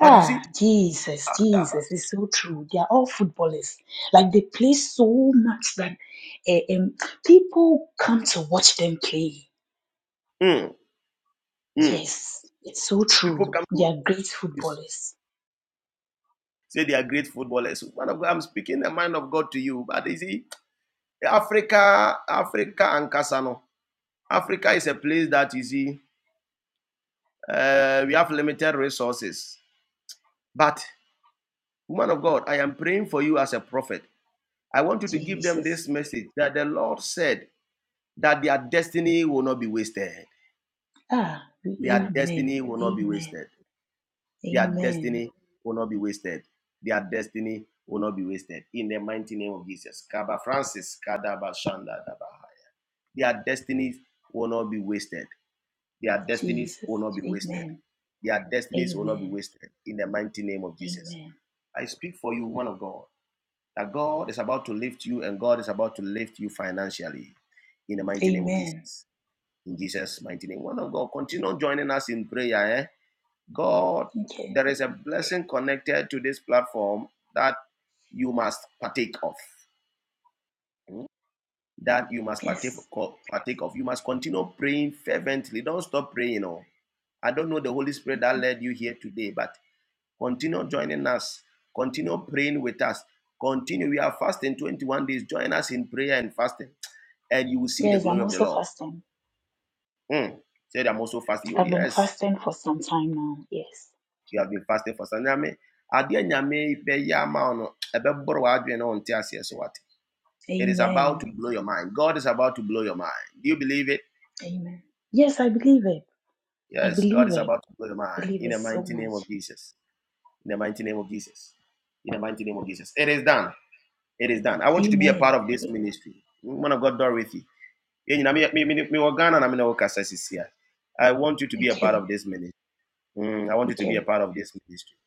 [SPEAKER 7] But you see,
[SPEAKER 11] Jesus, Jesus, it's so true. They are all footballers. Like they play so much that eh, um, people come to watch them play.
[SPEAKER 7] mm, mm,
[SPEAKER 11] Yes, it's so
[SPEAKER 7] people
[SPEAKER 11] true.
[SPEAKER 7] come
[SPEAKER 11] They
[SPEAKER 7] to
[SPEAKER 11] are great footballers.
[SPEAKER 7] say they are great footballers. I'm speaking the mind of God to you. But you see, Africa, Africa and Kasano. Africa is a place that you see, uh, we have limited resources. But, woman of God, I am praying for you as a prophet. I want you to give them
[SPEAKER 11] Jesus.
[SPEAKER 7] this message that the Lord said that their destiny will not be wasted.
[SPEAKER 11] Ah,
[SPEAKER 7] Their
[SPEAKER 11] amen,
[SPEAKER 7] destiny will not be
[SPEAKER 11] amen,
[SPEAKER 7] wasted. Their
[SPEAKER 11] amen.
[SPEAKER 7] destiny will not be wasted. Their destiny will not be wasted. In the mighty name of Jesus. Kaba Francis, Kadaba Shanda Daba. Their destinies will not be wasted. Their destinies
[SPEAKER 11] Jesus.
[SPEAKER 7] will not be wasted
[SPEAKER 11] Amen.
[SPEAKER 7] Their destinies will not be
[SPEAKER 11] Amen.
[SPEAKER 7] wasted in the mighty name of Jesus.
[SPEAKER 11] Amen.
[SPEAKER 7] I speak for you, one of God, that God is about to lift you and God is about to lift you financially in the mighty name of
[SPEAKER 11] Amen.
[SPEAKER 7] Jesus. In Jesus' mighty name. One of God, continue joining us in prayer. Eh? God,
[SPEAKER 11] Okay.
[SPEAKER 7] there is a blessing connected to this platform that you must partake of. Hmm? That you must partake,
[SPEAKER 11] Yes.
[SPEAKER 7] partake of. You must continue praying fervently. Don't stop praying. Oh. I don't know the Holy Spirit that
[SPEAKER 11] Okay.
[SPEAKER 7] led you here today, but Continue joining us. Continue praying with us. Continue. We are fasting 21 days. Join us in prayer and fasting, and you will see the
[SPEAKER 11] Yes,
[SPEAKER 7] glory
[SPEAKER 11] I'm
[SPEAKER 7] of the
[SPEAKER 11] also
[SPEAKER 7] Lord.
[SPEAKER 11] fasting.
[SPEAKER 7] Mm. Said, I'm also fasting. Oh,
[SPEAKER 11] I've been
[SPEAKER 7] Yes,
[SPEAKER 11] fasting for some time now. Yes.
[SPEAKER 7] you have been fasting for some time. Adeɛ nyame bɛyɛ ama wo no, so It is about to
[SPEAKER 11] Amen.
[SPEAKER 7] blow your mind. God is about to blow your mind. Do you believe it?
[SPEAKER 11] Amen. Yes, I believe it. I
[SPEAKER 7] Yes, God
[SPEAKER 11] believe
[SPEAKER 7] is
[SPEAKER 11] it.
[SPEAKER 7] about to blow your mind.
[SPEAKER 11] Believe
[SPEAKER 7] In
[SPEAKER 11] it
[SPEAKER 7] the
[SPEAKER 11] so
[SPEAKER 7] mighty name
[SPEAKER 11] much.
[SPEAKER 7] of Jesus. In the mighty name of Jesus. In the mighty name of Jesus. It is done. It is done. I want you to be a part
[SPEAKER 11] Amen.
[SPEAKER 7] of this
[SPEAKER 11] Amen.
[SPEAKER 7] ministry. Man of God, Dorothy. Yɛn nyinaa, me- want you to be a part
[SPEAKER 11] Okay.
[SPEAKER 7] of this ministry. Mm, I want you to be a
[SPEAKER 11] Okay.
[SPEAKER 7] part of this ministry.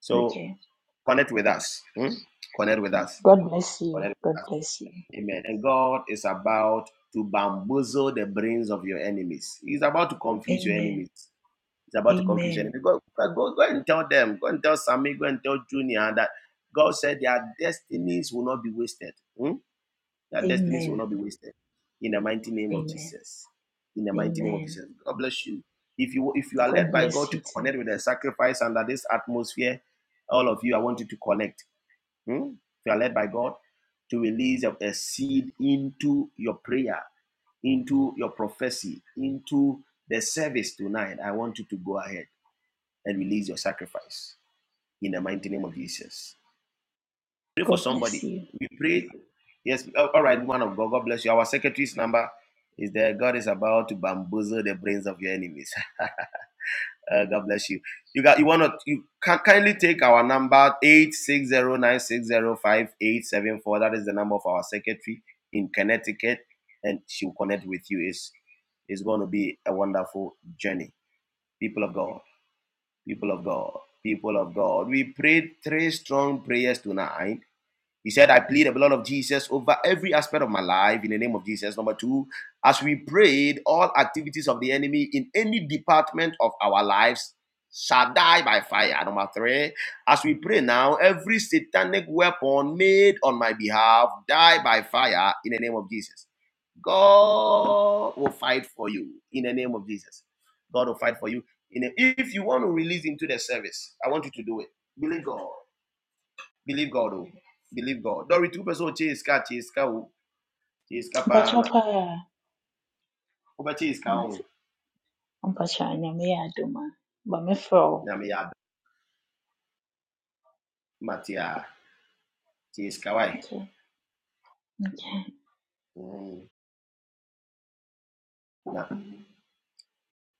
[SPEAKER 7] So
[SPEAKER 11] Okay.
[SPEAKER 7] connect with us. Mm? Connect with us.
[SPEAKER 11] God bless you.
[SPEAKER 7] Connect
[SPEAKER 11] God
[SPEAKER 7] with us.
[SPEAKER 11] bless you.
[SPEAKER 7] Amen. And God is about to bamboozle the brains of your enemies. He's about to confuse your
[SPEAKER 11] Amen.
[SPEAKER 7] enemies. He's about to confuse your
[SPEAKER 11] Amen.
[SPEAKER 7] enemies. Go, go, go go and tell them. Go and tell Sammy. Go and tell Junior that God said their destinies will not be wasted. Mm? Their destinies will
[SPEAKER 11] Amen.
[SPEAKER 7] not be wasted. In the mighty name of
[SPEAKER 11] Amen.
[SPEAKER 7] Jesus. In the mighty name of
[SPEAKER 11] Amen.
[SPEAKER 7] Jesus. God bless you. If you if you are
[SPEAKER 11] God
[SPEAKER 7] led by God
[SPEAKER 11] bless
[SPEAKER 7] to
[SPEAKER 11] you too.
[SPEAKER 7] connect with the sacrifice under this atmosphere, all of you, I want you to connect. Hmm? If you are led by God to release a, a seed into your prayer, into your prophecy, into the service tonight, I want you to go ahead and release your sacrifice in the mighty name of Jesus. Pray for
[SPEAKER 11] God bless
[SPEAKER 7] somebody.
[SPEAKER 11] you.
[SPEAKER 7] We pray. Yes. All right, one of God. God bless you. Our secretary's number is there. God is about to bamboozle the brains of your enemies. [laughs] Uh, God bless you. You got. You wanna. You can kindly take our number eight six zero nine six zero five eight seven four. That is the number of our secretary in Connecticut, and she will connect with you. It's it's going to be a wonderful journey. People of God. People of God. People of God. We prayed three strong prayers tonight he said, I plead the blood of Jesus over every aspect of my life in the name of Jesus. Number two, as we prayed, all activities of the enemy in any department of our lives shall die by fire. Number three, as we pray now, every satanic weapon made on my behalf die by fire in the name of Jesus. God will fight for you in the name of Jesus. God will fight for you. if you want to release into the service, I want you to do it. Believe God believe God oh, believe God dɔre two pɛ chase, ɔkye chase, kye sika o kye sika paa na
[SPEAKER 11] Bachopa.
[SPEAKER 7] wobɛkye sika o
[SPEAKER 11] Mat- Mpacha, Nyame yɛ adom a, but mefrɛ wo.
[SPEAKER 7] nyame yɛ abɛ mate a kye sika wae
[SPEAKER 11] Okay. Okay.
[SPEAKER 7] Mm, na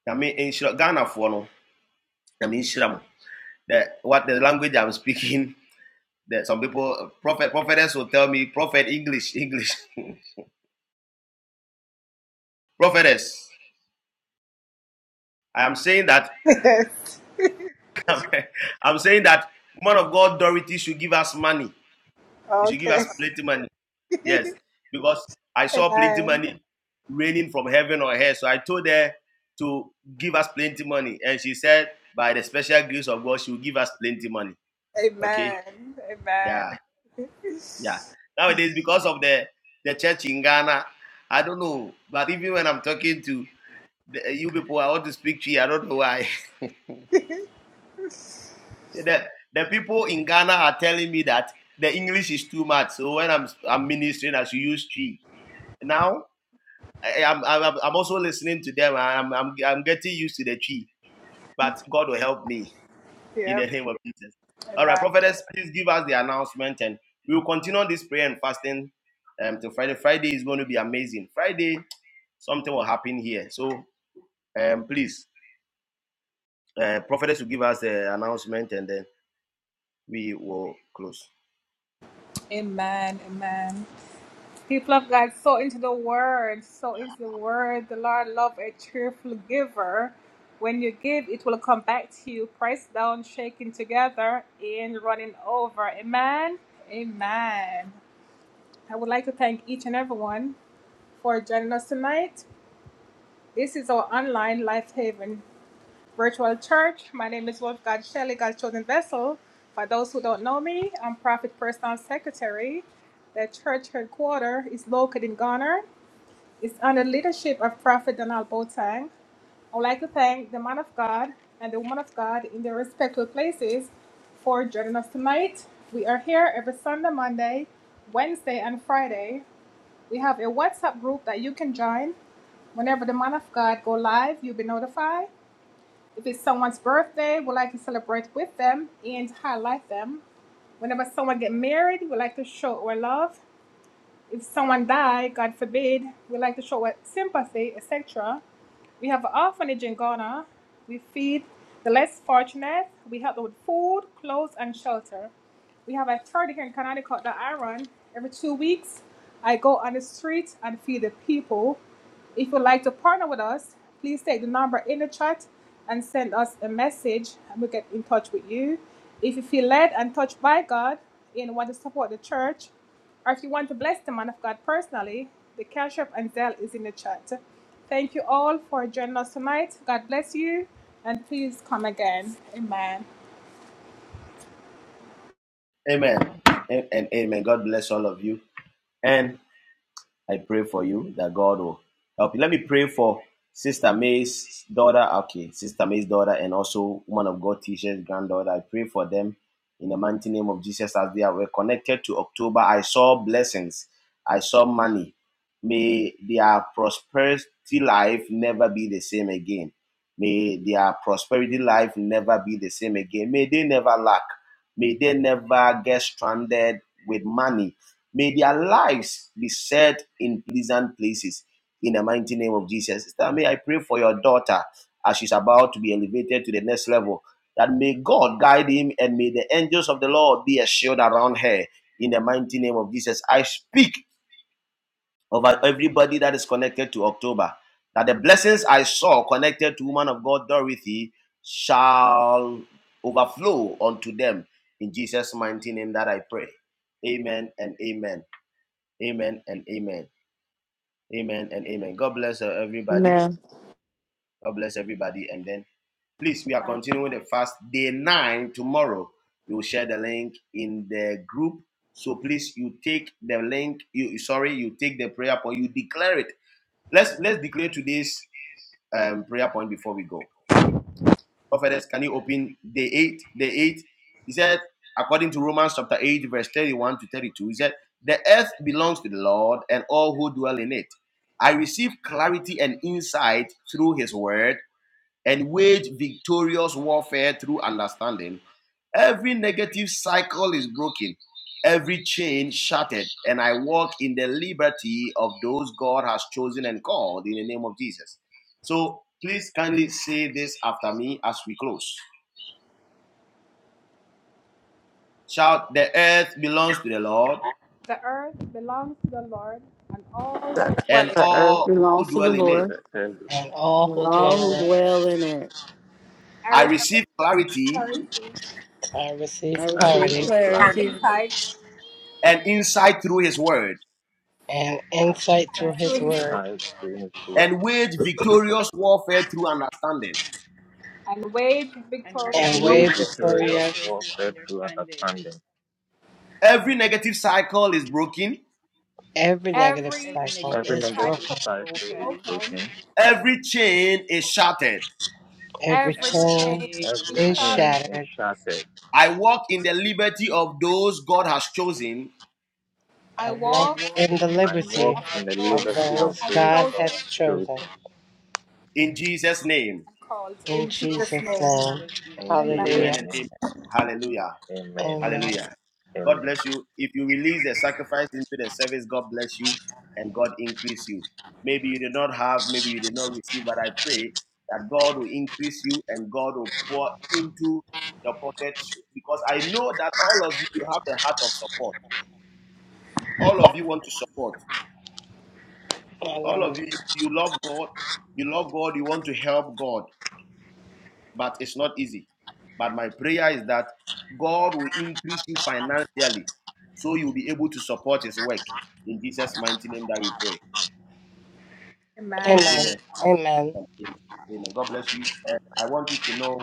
[SPEAKER 7] nyame nhyira ghanafoɔ no nyame nhyira that what the language i'm speaking that some people uh, prophet prophetess will tell me prophet english english [laughs] prophetess i am saying that
[SPEAKER 1] Yes,
[SPEAKER 7] [laughs] i'm saying that man of god dorothy should give us money he should give
[SPEAKER 1] okay.
[SPEAKER 7] us plenty money Yes, because I saw plenty
[SPEAKER 1] Amen.
[SPEAKER 7] money raining from heaven on her. So I told her to give us plenty money. And she said, by the special grace of God, she will give us plenty money. Okay? Yeah, yeah. Nowadays, because of the, the church in Ghana, I don't know. But even when I'm talking to the, you people, I want to speak to you. I don't know why. [laughs] the, the people in Ghana are telling me that the English is too much. So when I'm, I'm ministering, I should use tree. Now, I, I'm, I'm I'm also listening to them. I'm, I'm I'm getting used to the tree, but God will help me in
[SPEAKER 1] Yep.
[SPEAKER 7] the name of Jesus. All right, prophetess, please give us the announcement, and we will continue this prayer and fasting um, till Friday. Friday is going to be amazing. Friday, something will happen here. So, um, please, uh, prophetess, will give us the announcement, and then we will close. Amen and, and amen. God bless all of you. And I pray for you that God will help you. Let me pray for Sister May's daughter. Okay, Sister May's daughter and also woman of God teacher's granddaughter. I pray for them in the mighty name of Jesus as they are were connected to October. I saw blessings. I saw money. May their prosperity life never be the same again. May their prosperity life never be the same again. May they never lack. May they never get stranded with money May their lives be set in pleasant places in the mighty name of Jesus. Sister May, I pray for your daughter as she's about to be elevated to the next level. That may God guide him and may the angels of the Lord be a shield around her in the mighty name of Jesus. I speak over everybody that is connected to October. That the blessings I saw connected to woman of God Dorothy shall overflow unto them in Jesus' mighty name that I pray. Amen and amen. Amen and amen. Amen and amen. God bless uh, everybody.
[SPEAKER 8] Man,
[SPEAKER 7] God bless everybody. And then please, we are continuing the fast day nine tomorrow. We will share the link in the group. So please, you take the link. You sorry, you take the prayer point. You declare it. Let's let's declare today's um, prayer point before we go. prophetess, can you open day 8? Day 8. He said, according to Romans chapter 8, verse 31 to 32, he said, The earth belongs to the Lord and all who dwell in it. I receive clarity and insight through his word and wage victorious warfare through understanding. Every negative cycle is broken, every chain shattered, and I walk in the liberty of those God has chosen and called in the name of Jesus. So please kindly say this after me as we close. Shout, the earth belongs to the Lord
[SPEAKER 8] that
[SPEAKER 7] and
[SPEAKER 8] the earth
[SPEAKER 7] all who
[SPEAKER 8] belongs to the
[SPEAKER 7] dwell in it.
[SPEAKER 8] Lord
[SPEAKER 12] The Elder
[SPEAKER 2] and all
[SPEAKER 8] and
[SPEAKER 2] who dwell
[SPEAKER 8] all who
[SPEAKER 2] in it.
[SPEAKER 8] dwell in it.
[SPEAKER 7] I receive clarity
[SPEAKER 2] I receive
[SPEAKER 8] I
[SPEAKER 12] and
[SPEAKER 8] receive
[SPEAKER 2] clarity
[SPEAKER 12] clarity
[SPEAKER 8] clarity
[SPEAKER 7] and insight through his word
[SPEAKER 2] and insight through
[SPEAKER 12] and
[SPEAKER 3] insight
[SPEAKER 2] his
[SPEAKER 3] through
[SPEAKER 2] word
[SPEAKER 3] his
[SPEAKER 12] insight to
[SPEAKER 3] word
[SPEAKER 12] his word,
[SPEAKER 7] and wage victorious warfare through understanding.
[SPEAKER 3] and
[SPEAKER 12] and
[SPEAKER 3] wage
[SPEAKER 2] and
[SPEAKER 12] wage
[SPEAKER 2] wave
[SPEAKER 3] victorious
[SPEAKER 12] victorious
[SPEAKER 2] Victoria.
[SPEAKER 3] warfare through
[SPEAKER 12] warfare through
[SPEAKER 3] understanding.
[SPEAKER 12] understanding.
[SPEAKER 7] Every negative cycle is broken,
[SPEAKER 2] Every negative
[SPEAKER 3] Every
[SPEAKER 2] cycle
[SPEAKER 3] negative
[SPEAKER 12] Every
[SPEAKER 2] is
[SPEAKER 12] negative
[SPEAKER 3] cycle
[SPEAKER 2] broken.
[SPEAKER 3] is
[SPEAKER 12] cycle is
[SPEAKER 3] broken,
[SPEAKER 12] broken,
[SPEAKER 7] every chain is shattered.
[SPEAKER 2] Every
[SPEAKER 3] every
[SPEAKER 2] chain
[SPEAKER 3] chain is
[SPEAKER 12] every
[SPEAKER 2] is
[SPEAKER 3] shattered.
[SPEAKER 12] chain is
[SPEAKER 2] shattered.
[SPEAKER 12] shattered.
[SPEAKER 7] I walk in the liberty of those God has chosen
[SPEAKER 2] I
[SPEAKER 3] I
[SPEAKER 2] walk
[SPEAKER 3] walk
[SPEAKER 2] in the
[SPEAKER 3] in the
[SPEAKER 12] I
[SPEAKER 3] liberty
[SPEAKER 12] walk
[SPEAKER 2] liberty
[SPEAKER 3] God
[SPEAKER 12] in the
[SPEAKER 3] of
[SPEAKER 2] of
[SPEAKER 3] the
[SPEAKER 12] liberty of
[SPEAKER 3] God
[SPEAKER 2] those
[SPEAKER 3] of
[SPEAKER 12] those
[SPEAKER 2] God
[SPEAKER 12] God
[SPEAKER 2] has
[SPEAKER 12] has
[SPEAKER 3] children.
[SPEAKER 2] chosen.
[SPEAKER 12] chosen.
[SPEAKER 7] in Jesus' name.
[SPEAKER 2] In Jesus'
[SPEAKER 3] In
[SPEAKER 2] name.
[SPEAKER 3] Jesus'
[SPEAKER 12] In
[SPEAKER 3] name,
[SPEAKER 12] Jesus'
[SPEAKER 7] Amen
[SPEAKER 2] Hallelujah.
[SPEAKER 7] and
[SPEAKER 3] amen.
[SPEAKER 12] name,
[SPEAKER 7] amen. Hallelujah.
[SPEAKER 12] amen.
[SPEAKER 2] Amen.
[SPEAKER 7] Hallelujah. God
[SPEAKER 12] Amen.
[SPEAKER 7] bless you. If you release the sacrifice into the service, God bless you and God increase you. Maybe you did not have, maybe you did not receive, but I pray that God will increase you and God will pour into your pockets because I know that all of you you have the heart of support. All of you want to support. All
[SPEAKER 2] Hallelujah.
[SPEAKER 7] of you, you you love God. You love God. You want to help God. but it's not easy. But my prayer is that God will increase you financially so you'll be able to support his work. In Jesus' mighty name that we pray.
[SPEAKER 2] Amen.
[SPEAKER 7] Amen.
[SPEAKER 2] Amen.
[SPEAKER 7] Amen. Amen. God bless you. And I want you to know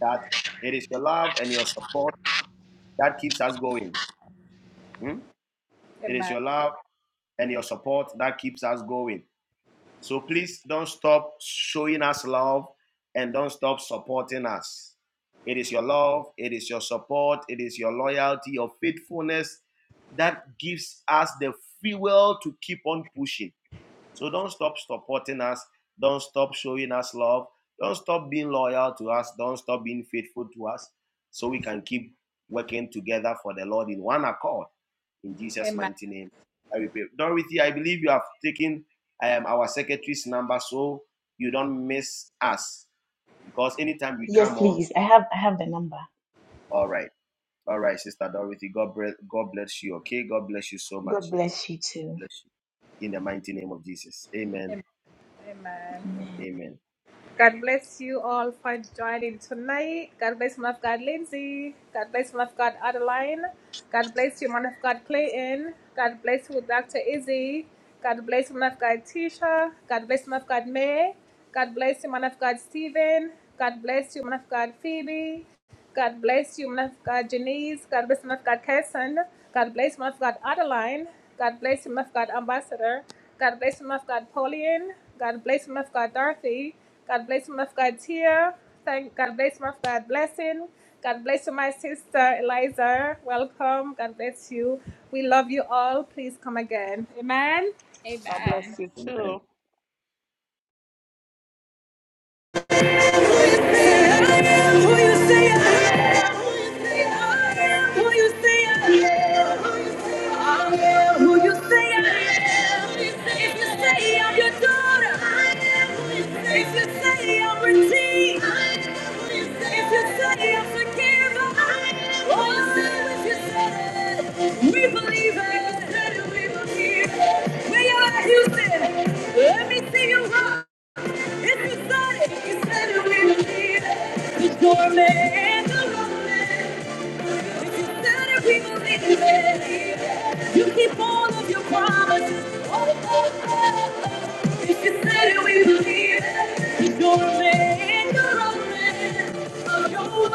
[SPEAKER 7] that it is your love and your support that keeps us going. Hmm? It is your love and your support that keeps us going. So please don't stop showing us love and don't stop supporting us. It is your love, it is your support, it is your loyalty, your faithfulness that gives us the fuel to keep on pushing. So don't stop supporting us. Don't stop showing us love. Don't stop being loyal to us. Don't stop being faithful to us so we can keep working together for the Lord in one accord. In Jesus' mighty name, I will pray. Dorothy, I believe you have taken um, our secretary's number so you don't miss us because anytime we
[SPEAKER 11] Yes,
[SPEAKER 7] come on,
[SPEAKER 11] please. I have I have the number.
[SPEAKER 7] all right. All right, Sister Dorothy, God bless, God bless you, okay? God bless you so
[SPEAKER 11] God
[SPEAKER 7] much.
[SPEAKER 11] bless you too.
[SPEAKER 7] Bless you in the mighty name of Jesus. Amen and
[SPEAKER 11] Amen.
[SPEAKER 7] amen.
[SPEAKER 13] God bless you
[SPEAKER 7] Amen.
[SPEAKER 13] too.
[SPEAKER 1] I am who you say I am. If you say I'm your daughter, I am who you say. If you say I'm redeemed, I am who you say. If you say I'm forgiven, I am who you say. If you said it, we believe it. If you said it, we believe it. Where you at, Houston? Let me see you rock. If you said it, you said it, we believe it. The storm and the romance. If you said it, we believe it. You keep all of your promises. Oh, oh, oh. If you said it, we believe it. The storm and the romance of your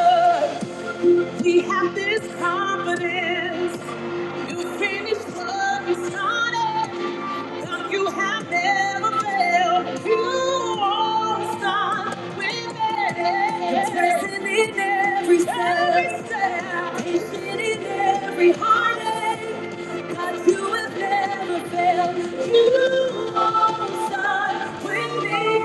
[SPEAKER 1] love. We have this confidence. You finished what you started. And You have never failed. You won't stop winning. You're present in every step. Every step. Patient in every heartache. God, you have never failed. You won't stop with me.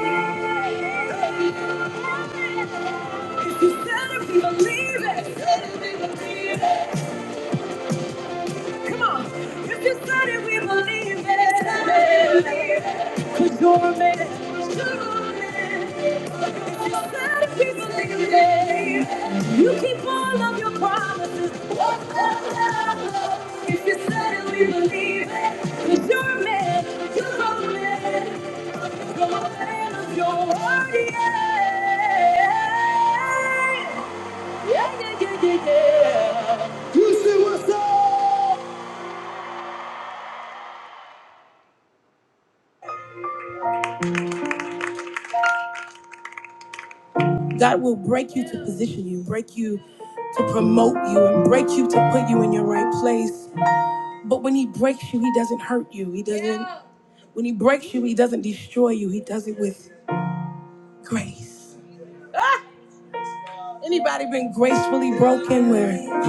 [SPEAKER 1] If you said it, we believe it. Said it, we believe it. Come on. If you said it, we believe it. Cause you're a man. You're a man. If you said it, we believe it. You keep all of your promises. What's the If you said it, we believe it. Cause you're a man. You're a man. You're a man of your word. Yeah. Yeah, yeah, yeah, yeah, yeah. You see what's up? God will break you to position you, break you to promote you, and break you to put you in your right place. But when He breaks you, He doesn't hurt you. He doesn't. When He breaks you, He doesn't destroy you. He does it with grace. Ah! Anybody been gracefully broken? Where?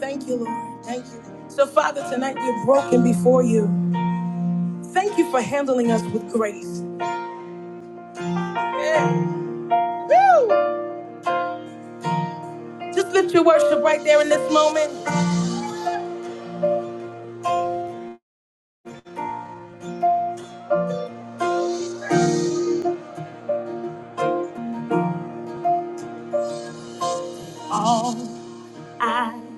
[SPEAKER 1] Thank you, Lord. Thank you. So, Father, tonight we're broken before you. Thank you for handling us with grace. Yeah. Woo! Just lift your worship right there in this moment. All I.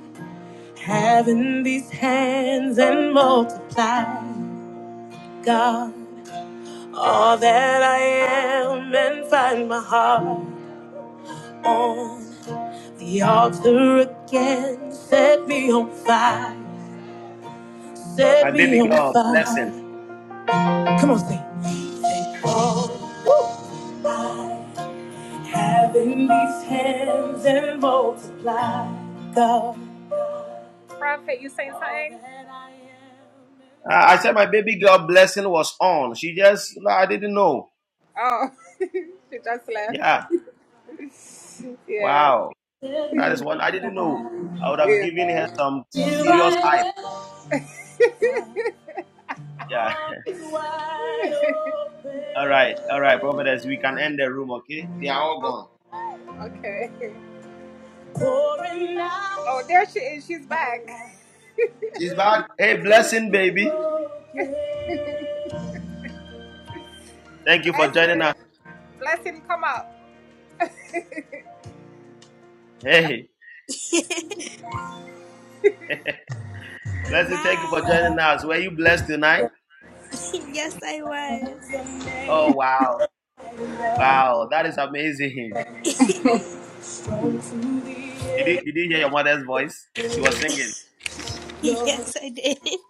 [SPEAKER 1] Having these hands and multiply, God, all that I am and find my heart on the altar again. Set me on fire,
[SPEAKER 7] My
[SPEAKER 1] set me
[SPEAKER 7] baby
[SPEAKER 1] on
[SPEAKER 7] girl, blessing.
[SPEAKER 1] fire. Come on, sing. Take all I have in these hands and multiply, God.
[SPEAKER 7] Uh, I said my baby girl blessing was on. She just, no, I didn't know. Yeah. Wow.
[SPEAKER 1] Let
[SPEAKER 7] That is
[SPEAKER 1] me
[SPEAKER 7] one I didn't know. I would have given her some
[SPEAKER 1] here
[SPEAKER 7] serious hype.
[SPEAKER 1] I am,
[SPEAKER 7] Yeah.
[SPEAKER 1] arms wide
[SPEAKER 7] [laughs] All right. All right,
[SPEAKER 1] open.
[SPEAKER 7] prophetess. We can end the room, okay? They are all gone.
[SPEAKER 1] Pouring out
[SPEAKER 7] She's
[SPEAKER 1] my
[SPEAKER 7] back. Hey, blessing, baby.
[SPEAKER 1] broken
[SPEAKER 7] Thank you for joining us. Hey,
[SPEAKER 14] [laughs]
[SPEAKER 7] blessing. Thank you for
[SPEAKER 14] Hi. [laughs]
[SPEAKER 7] joining us. Were you blessed tonight?
[SPEAKER 14] Yes, I was.
[SPEAKER 7] Oh, wow. Wow, that is amazing. [laughs] Did you, did you hear your mother's voice? She was singing.
[SPEAKER 14] [laughs] Yes, I did. [laughs]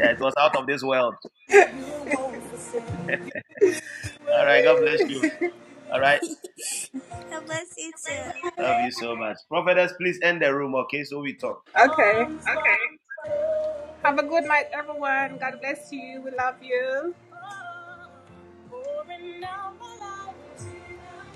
[SPEAKER 7] Yeah, it was out of this world. All right, God bless you. All right,
[SPEAKER 14] How about you too?
[SPEAKER 7] love you so much. Prophetess, please end the room, okay? So we talk.
[SPEAKER 1] heart. Pouring out my life. to you.